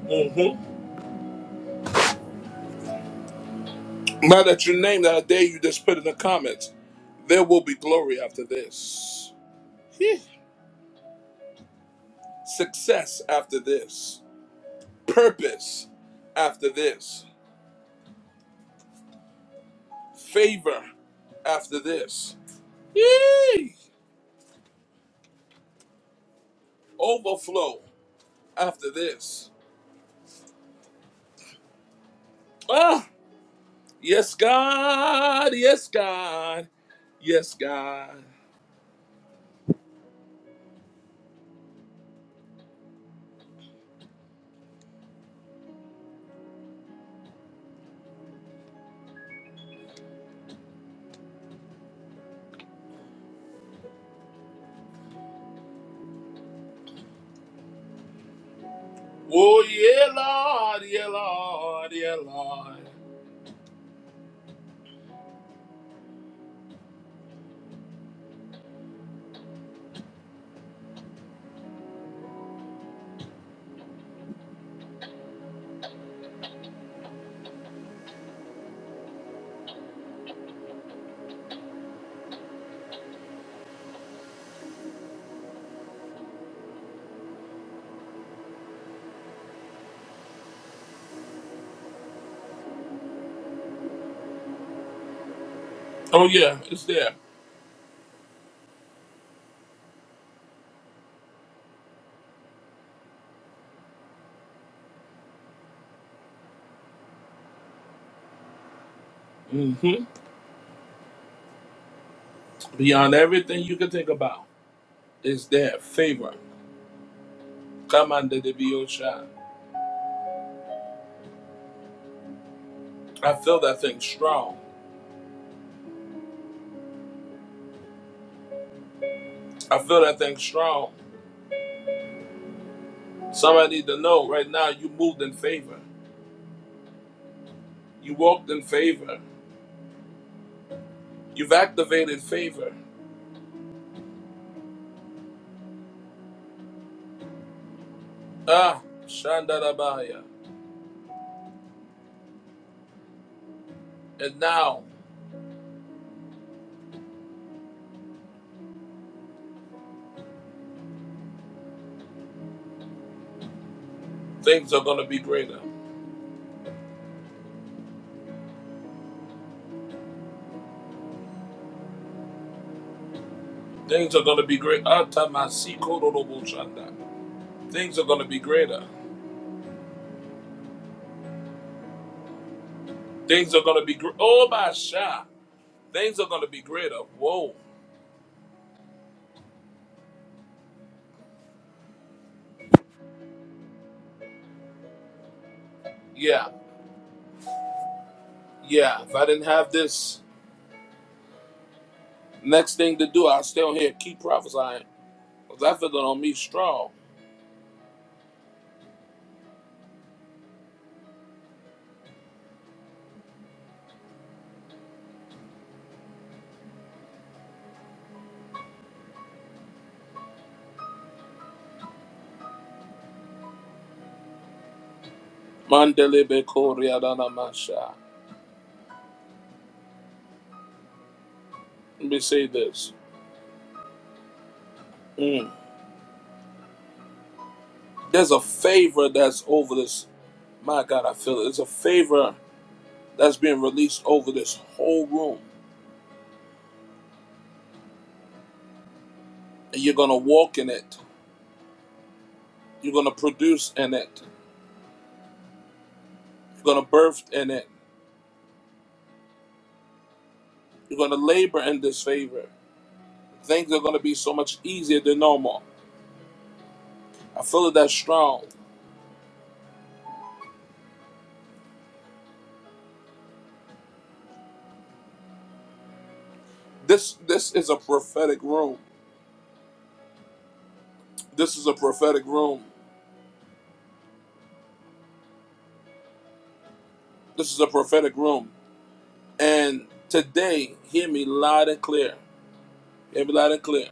Speaker 1: Mhm. Now that you name that, I dare you just put in the comments. There will be glory after this. Heh. Success after this. Purpose after this. Favor after this. Yee! Overflow after this. Ah. Yes, God. Yes, God. Yes, God. Oh, yeah, Lord. Yeah, Lord. Yeah, Lord. Oh, yeah, it's there. hmm Beyond everything you can think about, it's there. Favor. Come under the Biosha. I feel that thing strong. I feel that thing strong. Somebody need to know right now you moved in favor. You walked in favor. You've activated favor. Ah, Shandarabaya. And now things are going to be greater. Things are going to be great. Atamasikoroboshanda. Things are going to be greater. Things are going to be great. Oh, my sha. Things are going to be greater. Whoa. Yeah. Yeah. If I didn't have this next thing to do, I'd stay on here and keep prophesying. Because I feel it on me strong. Mandelebekoriadana masha. Let me say this. Mm. There's a favor that's over this. My God, I feel it. There's a favor that's being released over this whole room. And you're going to walk in it. You're going to produce in it. You're going to birth in it. You're going to labor in this favor. Things are going to be so much easier than normal. I feel it that strong. This this is a prophetic room. This is a prophetic room. This is a prophetic room. And today, hear me loud and clear. Hear me loud and clear.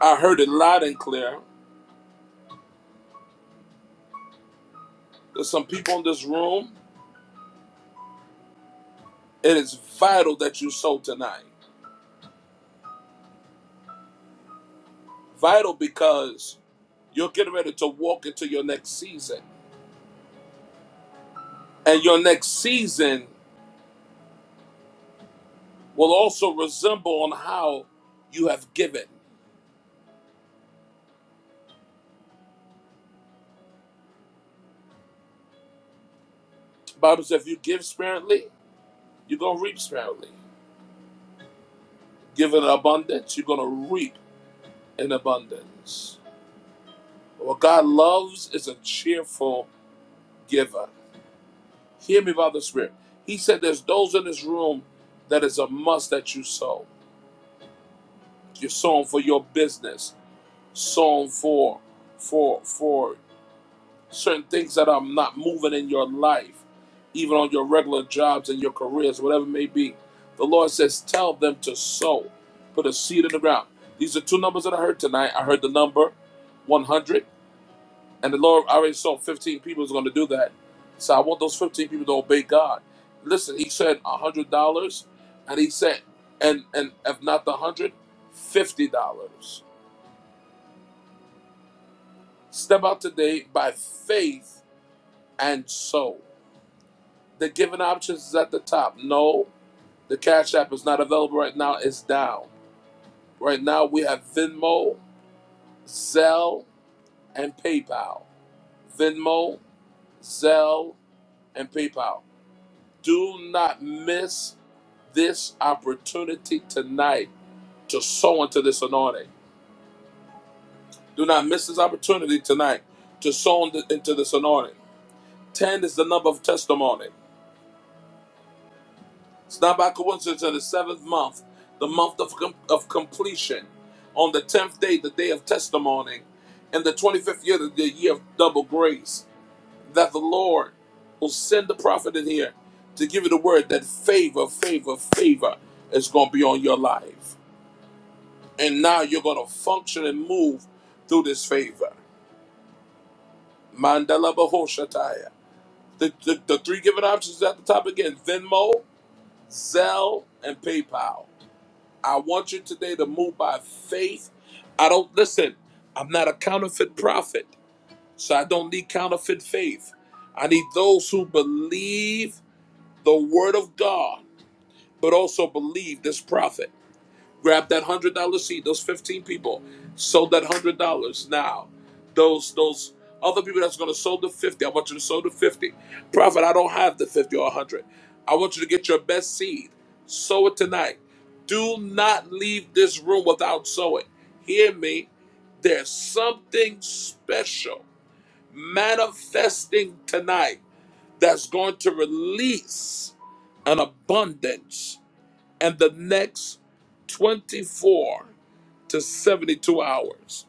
Speaker 1: I heard it loud and clear. There's some people in this room. It is vital that you sow tonight. Vital because you're getting ready to walk into your next season. And your next season will also resemble on how you have given. Bible says if you give sparingly, you're gonna reap sparingly. Give in abundance, you're gonna reap in abundance. What God loves is a cheerful giver. Hear me by the Spirit. He said there's those in this room that is a must that you sow. You're sowing for your business, sowing for for for certain things that are not moving in your life, even on your regular jobs and your careers, whatever it may be. The Lord says, tell them to sow, put a seed in the ground. These are two numbers that I heard tonight. I heard the number 100, and the Lord already saw 15 people is going to do that. So I want those 15 people to obey God. Listen, He said $100, and He said, and and if not the 100, $50. Step out today by faith and sow. The given options is at the top. No, the Cash App is not available right now. It's down. Right now we have Venmo, Zelle, and PayPal. Venmo, Zelle, and PayPal. Do not miss this opportunity tonight to sow into this anointing. Do not miss this opportunity tonight to sow into into this anointing. Ten is the number of testimony. It's not by coincidence that the seventh month, the month of, com- of completion, on the tenth day, the day of testimony, and the 25th year, the the year of double grace, that the Lord will send the prophet in here to give you the word that favor, favor, favor is going to be on your life. And now you're going to function and move through this favor. Mandala Bahoshataya. The, the, the three given options at the top again Venmo, Zelle, and PayPal. I want you today to move by faith. I don't listen, I'm not a counterfeit prophet, so I don't need counterfeit faith. I need those who believe the word of God, but also believe this prophet grab that hundred dollar seat those 15 people sold that hundred dollars now those those other people that's going to sold the 50 i want you to sold the 50 prophet i don't have the 50 or 100 i want you to get your best seed sow it tonight do not leave this room without sowing hear me there's something special manifesting tonight that's going to release an abundance and the next 24 to 72 hours.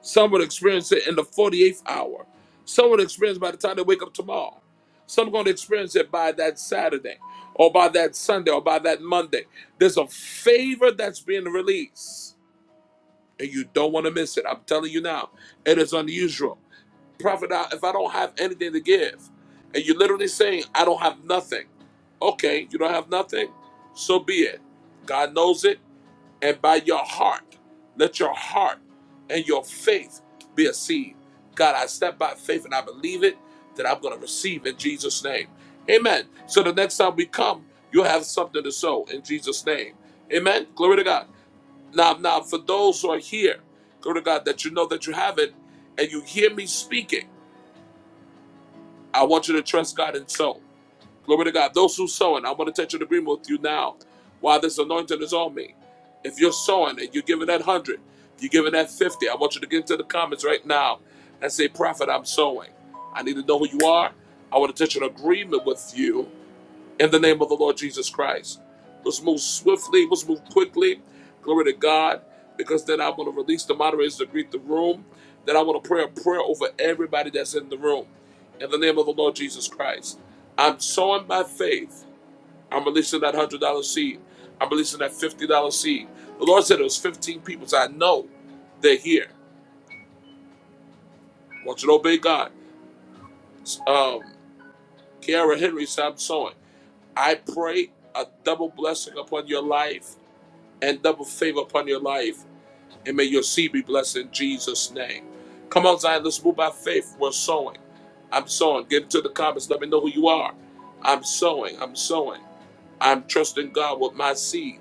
Speaker 1: Some would experience it in the 48th hour. Some would experience it by the time they wake up tomorrow. Some are going to experience it by that Saturday or by that Sunday or by that Monday. There's a favor that's being released and you don't want to miss it. I'm telling you now, it is unusual. Prophet, I- if I don't have anything to give, and you're literally saying, I don't have nothing. Okay, you don't have nothing? So be it. God knows it. And by your heart, let your heart and your faith be a seed. God, I step by faith and I believe it that I'm going to receive in Jesus' name. Amen. So the next time we come, you'll have something to sow in Jesus' name. Amen. Glory to God. Now, now, for those who are here, glory to God, that you know that you have it, and you hear me speaking. I want you to trust God and sow. Glory to God. Those who sow, and I want to touch an agreement with you now while this anointing is on me. If you're sowing and you're giving that 100, you're giving that 50, I want you to get into the comments right now and say, Prophet, I'm sowing. I need to know who you are. I want to touch an agreement with you in the name of the Lord Jesus Christ. Let's move swiftly, let's move quickly. Glory to God, because then I want to release the moderators to greet the room. Then I want to pray a prayer over everybody that's in the room in the name of the Lord Jesus Christ. I'm sowing by faith. I'm releasing that $100 seed. I'm releasing that $50 seed. The Lord said it was 15 people. So I know they're here. I want you to obey God. Um, Kiara Henry said, I'm sowing. I pray a double blessing upon your life and double favor upon your life. And may your seed be blessed in Jesus' name. Come on, Zion, let's move by faith. We're sowing. I'm sowing. Get into the comments. Let me know who you are. I'm sowing. I'm sowing. I'm trusting God with my seed.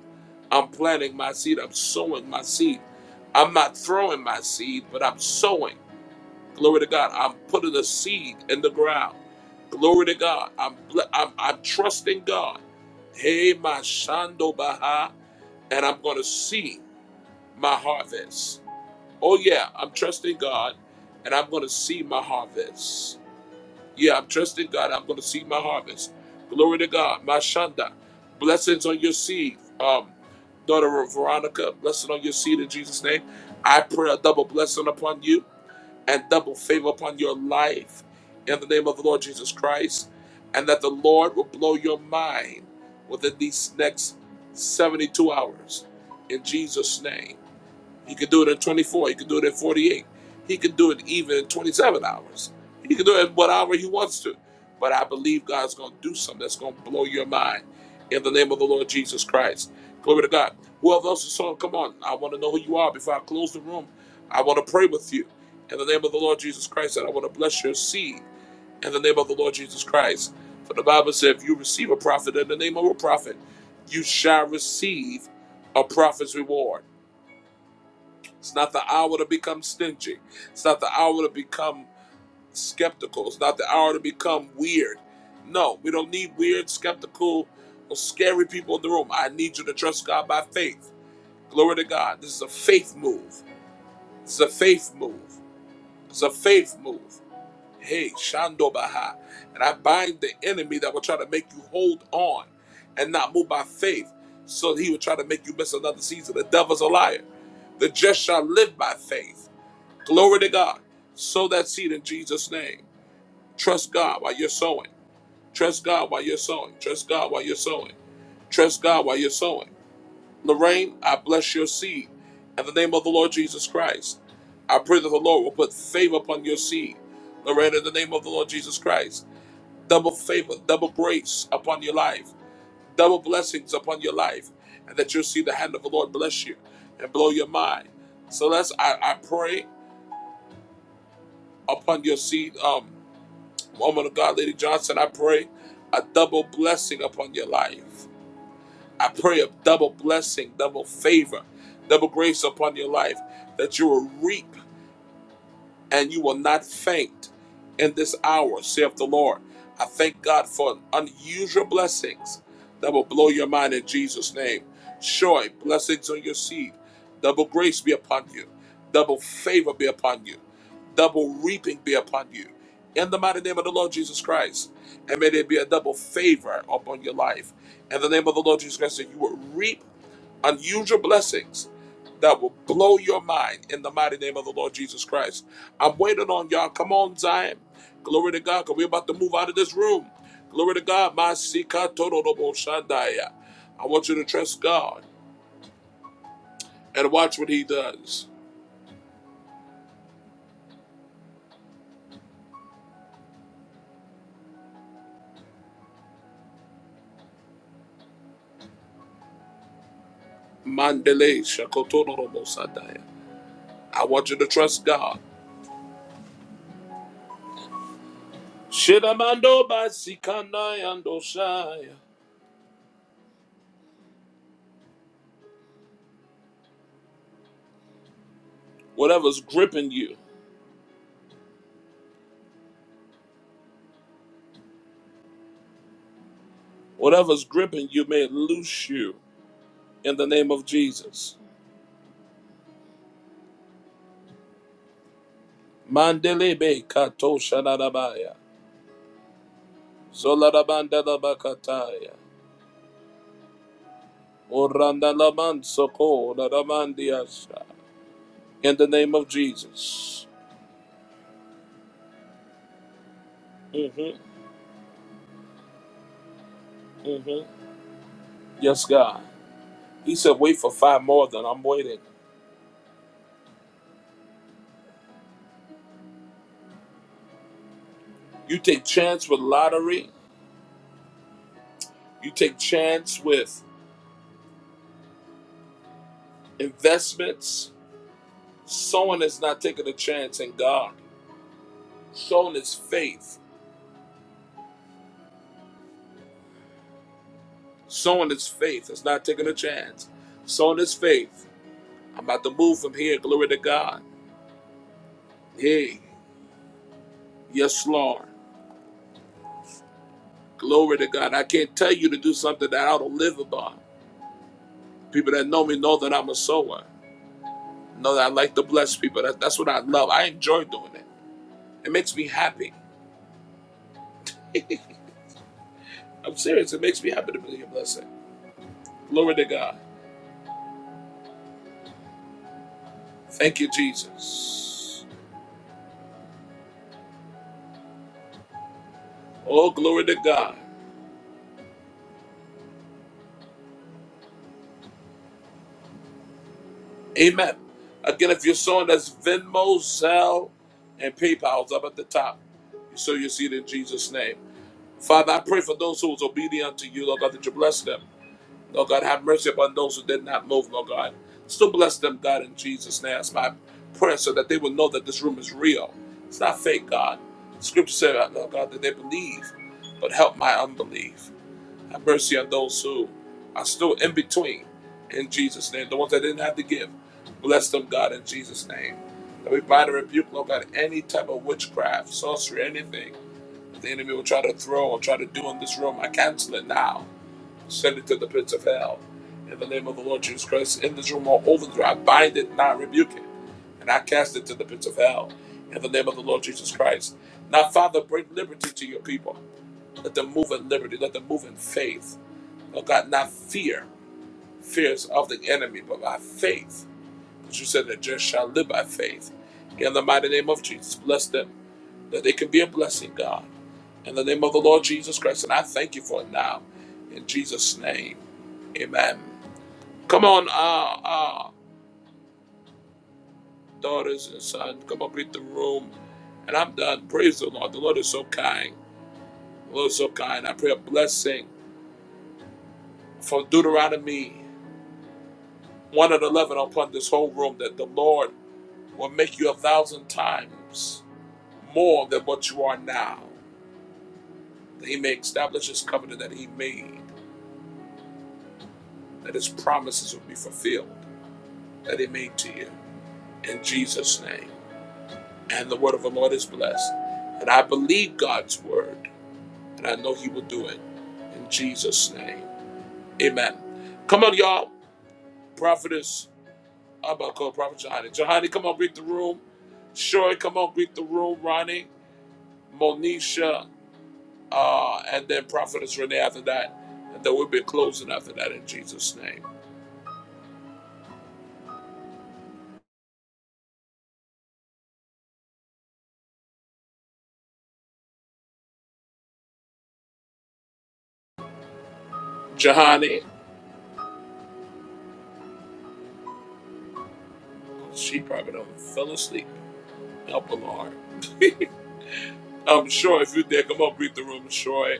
Speaker 1: I'm planting my seed. I'm sowing my seed. I'm not throwing my seed, but I'm sowing. Glory to God. I'm putting a seed in the ground. Glory to God. I'm ble- I'm, I'm trusting God. Hey, my shando baha, and I'm going to see my harvest. Oh, yeah, I'm trusting God and I'm going to see my harvest. Yeah, I'm trusting God. I'm going to see my harvest. Glory to God. Mashanda, Blessings on your seed, um, daughter of Veronica. Blessing on your seed in Jesus' name. I pray a double blessing upon you and double favor upon your life in the name of the Lord Jesus Christ. And that the Lord will blow your mind within these next 72 hours in Jesus' name. He could do it in 24. He could do it in 48. He could do it even in 27 hours. He could do it whatever he wants to. But I believe God's going to do something that's going to blow your mind in the name of the Lord Jesus Christ. Glory to God. Whoever else is on, come on. I want to know who you are before I close the room. I want to pray with you in the name of the Lord Jesus Christ, and I want to bless your seed in the name of the Lord Jesus Christ. For the Bible said, if you receive a prophet in the name of a prophet, you shall receive a prophet's reward. It's not the hour to become stingy. It's not the hour to become skeptical. It's not the hour to become weird. No, we don't need weird, skeptical, or scary people in the room. I need you to trust God by faith. Glory to God. This is a faith move. It's a faith move. It's a faith move. Hey, Shando Baha. And I bind the enemy that will try to make you hold on and not move by faith. So that he would try to make you miss another season. The devil's a liar. The just shall live by faith. Glory to God. Sow that seed in Jesus' name. Trust God while you're sowing. Trust God while you're sowing. Trust God while you're sowing. Trust God while you're sowing. Lorraine, I bless your seed in the name of the Lord Jesus Christ. I pray that the Lord will put favor upon your seed. Lorraine, in the name of the Lord Jesus Christ. Double favor, double grace upon your life, double blessings upon your life, and that you'll see the hand of the Lord bless you and blow your mind. So let's I, I pray upon your seed. Um. Woman of God, Lady Johnson, I pray a double blessing upon your life. I pray a double blessing, double favor, double grace upon your life that you will reap and you will not faint in this hour, saith the Lord. I thank God for unusual blessings that will blow your mind in Jesus' name. Joy, blessings on your seed. Double grace be upon you. Double favor be upon you. Double reaping be upon you. In the mighty name of the Lord Jesus Christ. And may there be a double favor upon your life. In the name of the Lord Jesus Christ, that you will reap unusual blessings that will blow your mind in the mighty name of the Lord Jesus Christ. I'm waiting on y'all. Come on, Zion. Glory to God, because we're about to move out of this room. Glory to God. Masika Tororobo Shandaya. I want you to trust God and watch what He does. Mandele Shakotororobo Shandaya. I want you to trust God. Shidamando Basikanayandosaya. Whatever's gripping you, whatever's gripping you, may it loose you in the name of Jesus. Mandelebe kato shanarabaya. Zolarabanda labakataya. Oranda laman soko laramandiasha. In the name of Jesus. Mhm. Yes, God. He said, wait for five more than I'm waiting. You take chance with lottery. You take chance with investments. Someone is not taking a chance in God. Someone is faith. Someone is faith. It's not taking a chance. Someone is faith. I'm about to move from here. Glory to God. Hey, yes, Lord. Glory to God. I can't tell you to do something that I don't live about. People that know me know that I'm a sower. Know that I like to bless people. That, that's what I love. I enjoy doing it. It makes me happy. I'm serious. It makes me happy to be a blessing. Glory to God. Thank you, Jesus. Oh, glory to God. Amen. Again, if you're sowing, that's Venmo, Zelle, and PayPal's up at the top. So you see it in Jesus' name. Father, I pray for those who is obedient to you, Lord God, that you bless them. Lord God, have mercy upon those who did not move, Lord God. Still bless them, God, in Jesus' name. That's my prayer so that they will know that this room is real. It's not fake, God. The Scripture said, uh, Lord God, that they believe, but help my unbelief. Have mercy on those who are still in between, in Jesus' name. The ones that didn't have to give, bless them, God, in Jesus' name. That we bind and rebuke, Lord God, any type of witchcraft, sorcery, anything that the enemy will try to throw or try to do in this room. I cancel it now send it to the pits of hell. In the name of the Lord Jesus Christ, in this room or over there, I bind it and I rebuke it, and I cast it to the pits of hell. In the name of the Lord Jesus Christ. Now, Father, bring liberty to your people. Let them move in liberty. Let them move in faith. Oh God, not fear, fears of the enemy, but by faith. Because you said that just shall live by faith. In the mighty name of Jesus, bless them, that they can be a blessing, God. In the name of the Lord Jesus Christ, and I thank you for it now. In Jesus' name, amen. Come on, uh, uh, daughters and sons, come up in the room. And I'm done. Praise the Lord. The Lord is so kind. The Lord is so kind. I pray a blessing from Deuteronomy 1 and 11 upon this whole room that the Lord will make you a thousand times more than what you are now. That He may establish His covenant that He made, that His promises will be fulfilled, that He made to you. In Jesus' name. And the word of the Lord is blessed. And I believe God's word. and I know He will do it in Jesus' name. Amen. Come on, y'all. Prophetess, I'm about to call Prophet Johanny. Johanny, come on, greet the room. Sherry, come on, greet the room. Ronnie, Monisha, uh, and then Prophetess Renee after that. And then we'll be closing after that in Jesus' name. Johanny, she probably don't fell asleep. Help the Lord. Um, sure, if you're there, come on, greet the room. Sure,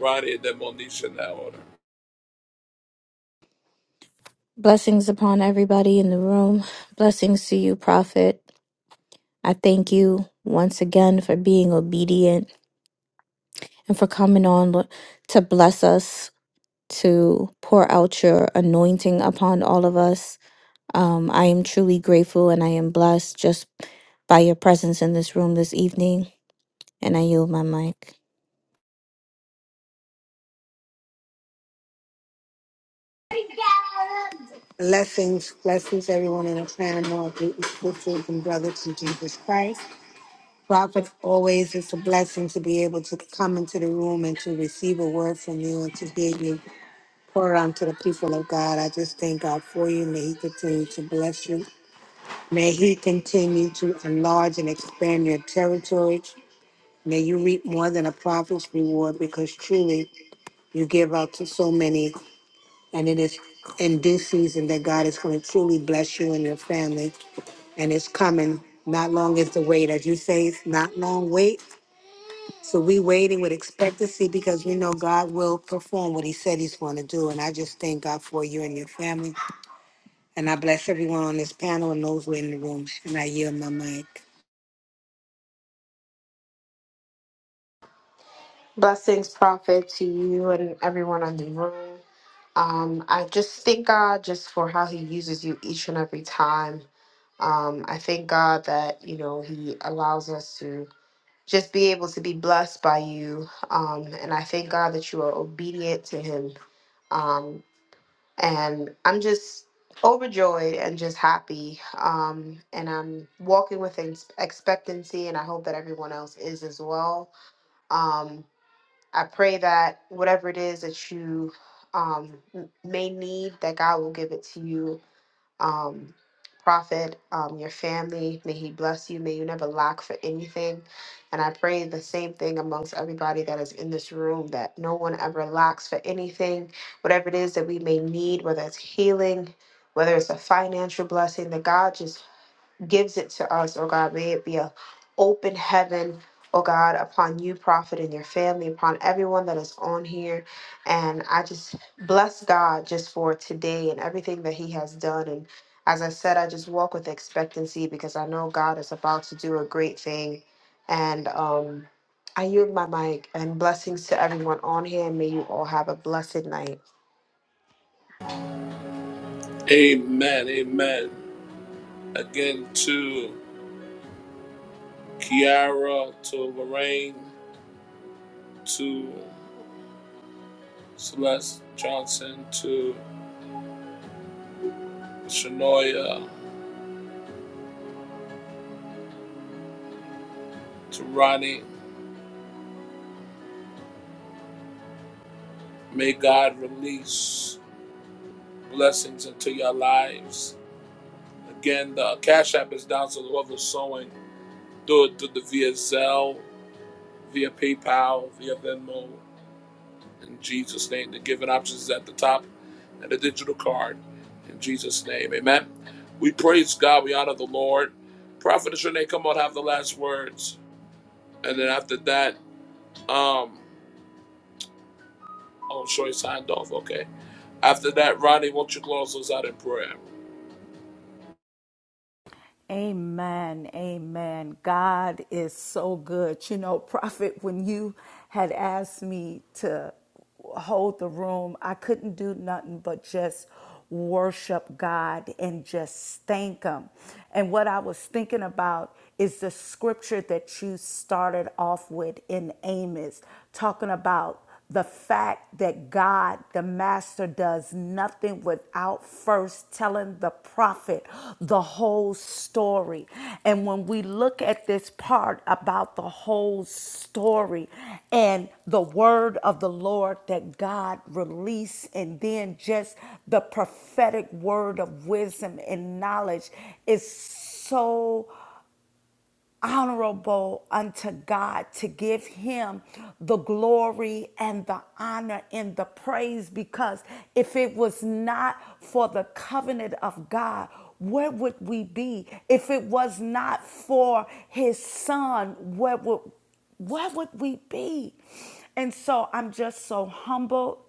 Speaker 1: Ronnie, and then Monisha in that order.
Speaker 10: Blessings upon everybody in the room. Blessings to you, Prophet. I thank you once again for being obedient and for coming on lo- to bless us, to pour out your anointing upon all of us. Um, I am truly grateful and I am blessed just by your presence in this room this evening. And I yield my mic.
Speaker 11: Blessings, blessings, everyone in the clan and all great sisters and brothers in Jesus Christ. Prophet, always it's a blessing to be able to come into the room and to receive a word from you and to hear you pour onto the people of God. I just thank God for you. May He continue to bless you. May He continue to enlarge and expand your territory. May you reap more than a prophet's reward because truly you give out to so many And it is in due season that God is going to truly bless you and your family. And it's coming. Not long is the wait. As you say, it's not long wait. So we waiting with expectancy because we know God will perform what he said he's going to do. And I just thank God for you and your family. And I bless everyone on this panel and those who are in the room. And I yield my mic.
Speaker 13: Blessings, Prophet, to you and everyone in the room. Um, I just thank God just for how He uses you each and every time. Um, I thank God that, you know, He allows us to just be able to be blessed by you. Um, and I thank God that you are obedient to Him. Um, and I'm just overjoyed and just happy. Um, and I'm walking with ex- expectancy, and I hope that everyone else is as well. Um, I pray that whatever it is that you um, m- may need, that God will give it to you. Um, prophet, um, your family, may He bless you. May you never lack for anything. And I pray the same thing amongst everybody that is in this room that no one ever lacks for anything. Whatever it is that we may need, whether it's healing, whether it's a financial blessing, that God just gives it to us, oh God. May it be a open heaven, oh God, upon you, prophet, and your family, upon everyone that is on here. And I just bless God just for today and everything that He has done. And as I said, I just walk with expectancy because I know God is about to do a great thing. And um, I yield my mic and blessings to everyone on here. And may you all have a blessed night.
Speaker 1: Amen, amen. Again, to Kiara, to Lorraine, to Celeste Johnson, to Shanoya, to Ronnie. May God release blessings into your lives. Again, the Cash App is down, so whoever's sowing, do it, do the via Zelle, via PayPal, via Venmo. In Jesus' name, the giving options is at the top, and the digital card. In Jesus' name, amen. We praise God. We honor the Lord. Prophet Shanae, come on, have the last words. And then after that, um, oh, Troy signed off. Okay. After that, Ronnie, won't you close us out in prayer?
Speaker 4: Amen. Amen. God is so good. You know, Prophet, when you had asked me to hold the room, I couldn't do nothing but just worship God and just thank Him. And what I was thinking about is the scripture that you started off with in Amos, talking about the fact that God, the master, does nothing without first telling the prophet the whole story. And when we look at this part about the whole story and the word of the Lord that God released, and then just the prophetic word of wisdom and knowledge is so honorable unto God, to give him the glory and the honor and the praise, because if it was not for the covenant of God, where would we be? If it was not for his son, where would where would we be? And so I'm just so humbled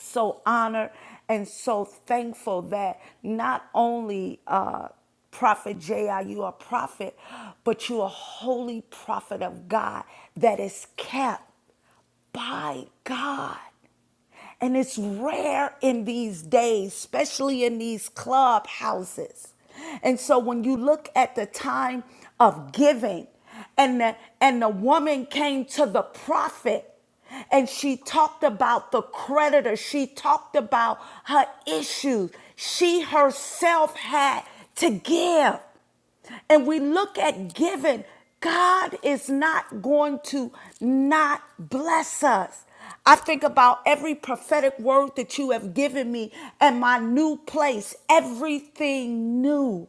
Speaker 4: so honored and so thankful that not only uh, Prophet J.I., you are a prophet, but you are a holy prophet of God that is kept by God. And it's rare in these days, especially in these clubhouses. And so when you look at the time of giving, and the, and the woman came to the prophet and she talked about the creditor. She talked about her issues. She herself had to give and we look at giving, God is not going to not bless us. I think about every prophetic word that you have given me and my new place, everything new.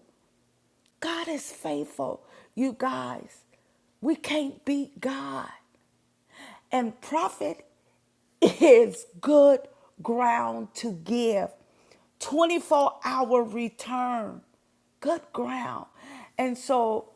Speaker 4: God is faithful. You guys, we can't beat God. And profit is good ground to give. 24 hour return. Good ground. And so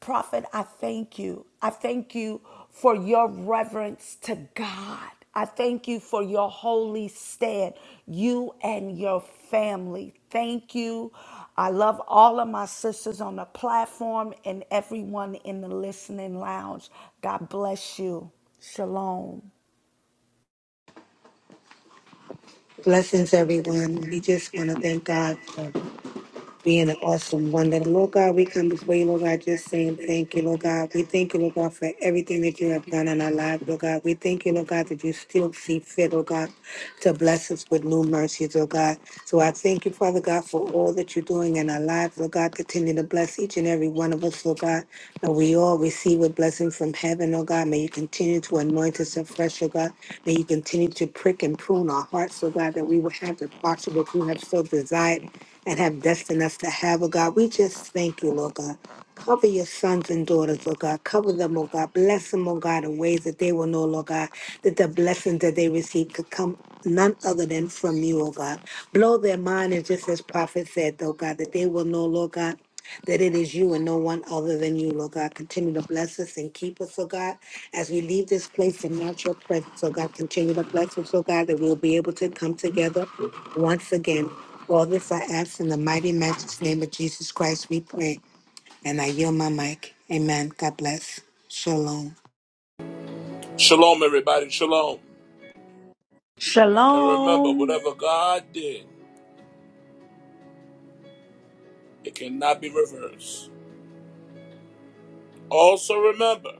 Speaker 4: Prophet, I thank you. I thank you for your reverence to God. I thank you for your holy stand, you and your family. Thank you. I love all of my sisters on the platform and everyone in the listening lounge. God bless you. Shalom.
Speaker 11: Blessings, everyone. We just want to thank God. being an awesome one. That Lord God, we come before you, Lord God, just saying thank you, Lord God. We thank you, Lord God, for everything that you have done in our lives, Lord God. We thank you, Lord God, that you still see fit, Lord God, to bless us with new mercies, Lord God. So I thank you, Father God, for all that you're doing in our lives, Lord God. Continue to bless each and every one of us, Lord God. May we all receive a blessing from heaven, Lord God. May you continue to anoint us afresh, Lord God. May you continue to prick and prune our hearts, Lord God, that we will have the posture that you have so desired and have destined us to have, oh God. We just thank you, Lord God. Cover your sons and daughters, Lord God. Cover them, oh God. Bless them, oh God, in ways that they will know, Lord God, that the blessings that they receive could come none other than from you, oh God blow their mind and just as prophet said though god that they will know lord god that it is you and no one other than you lord god continue to bless us and keep us oh god as we leave this place and not your presence oh god continue to bless us oh god that we'll be able to come together once again all this i ask in the mighty matchless name of jesus christ we pray and i yield my mic amen god bless shalom
Speaker 1: Shalom, everybody. Shalom. And remember,
Speaker 4: Shalom.
Speaker 1: whatever God did, it cannot be reversed. Also, remember,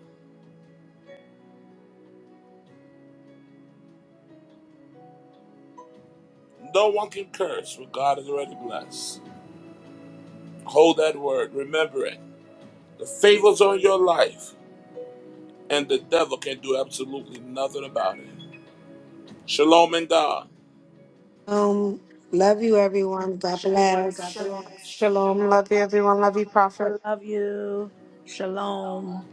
Speaker 1: no one can curse what God has already blessed. Hold that word. Remember it. The favor's on your life, and the devil can do absolutely nothing about it. Shalom and God.
Speaker 11: um love you everyone god
Speaker 13: Everyone, God
Speaker 11: bless
Speaker 13: bless. Shalom. Love you, everyone. Love you,
Speaker 4: I
Speaker 13: prophet.
Speaker 4: love you. Shalom.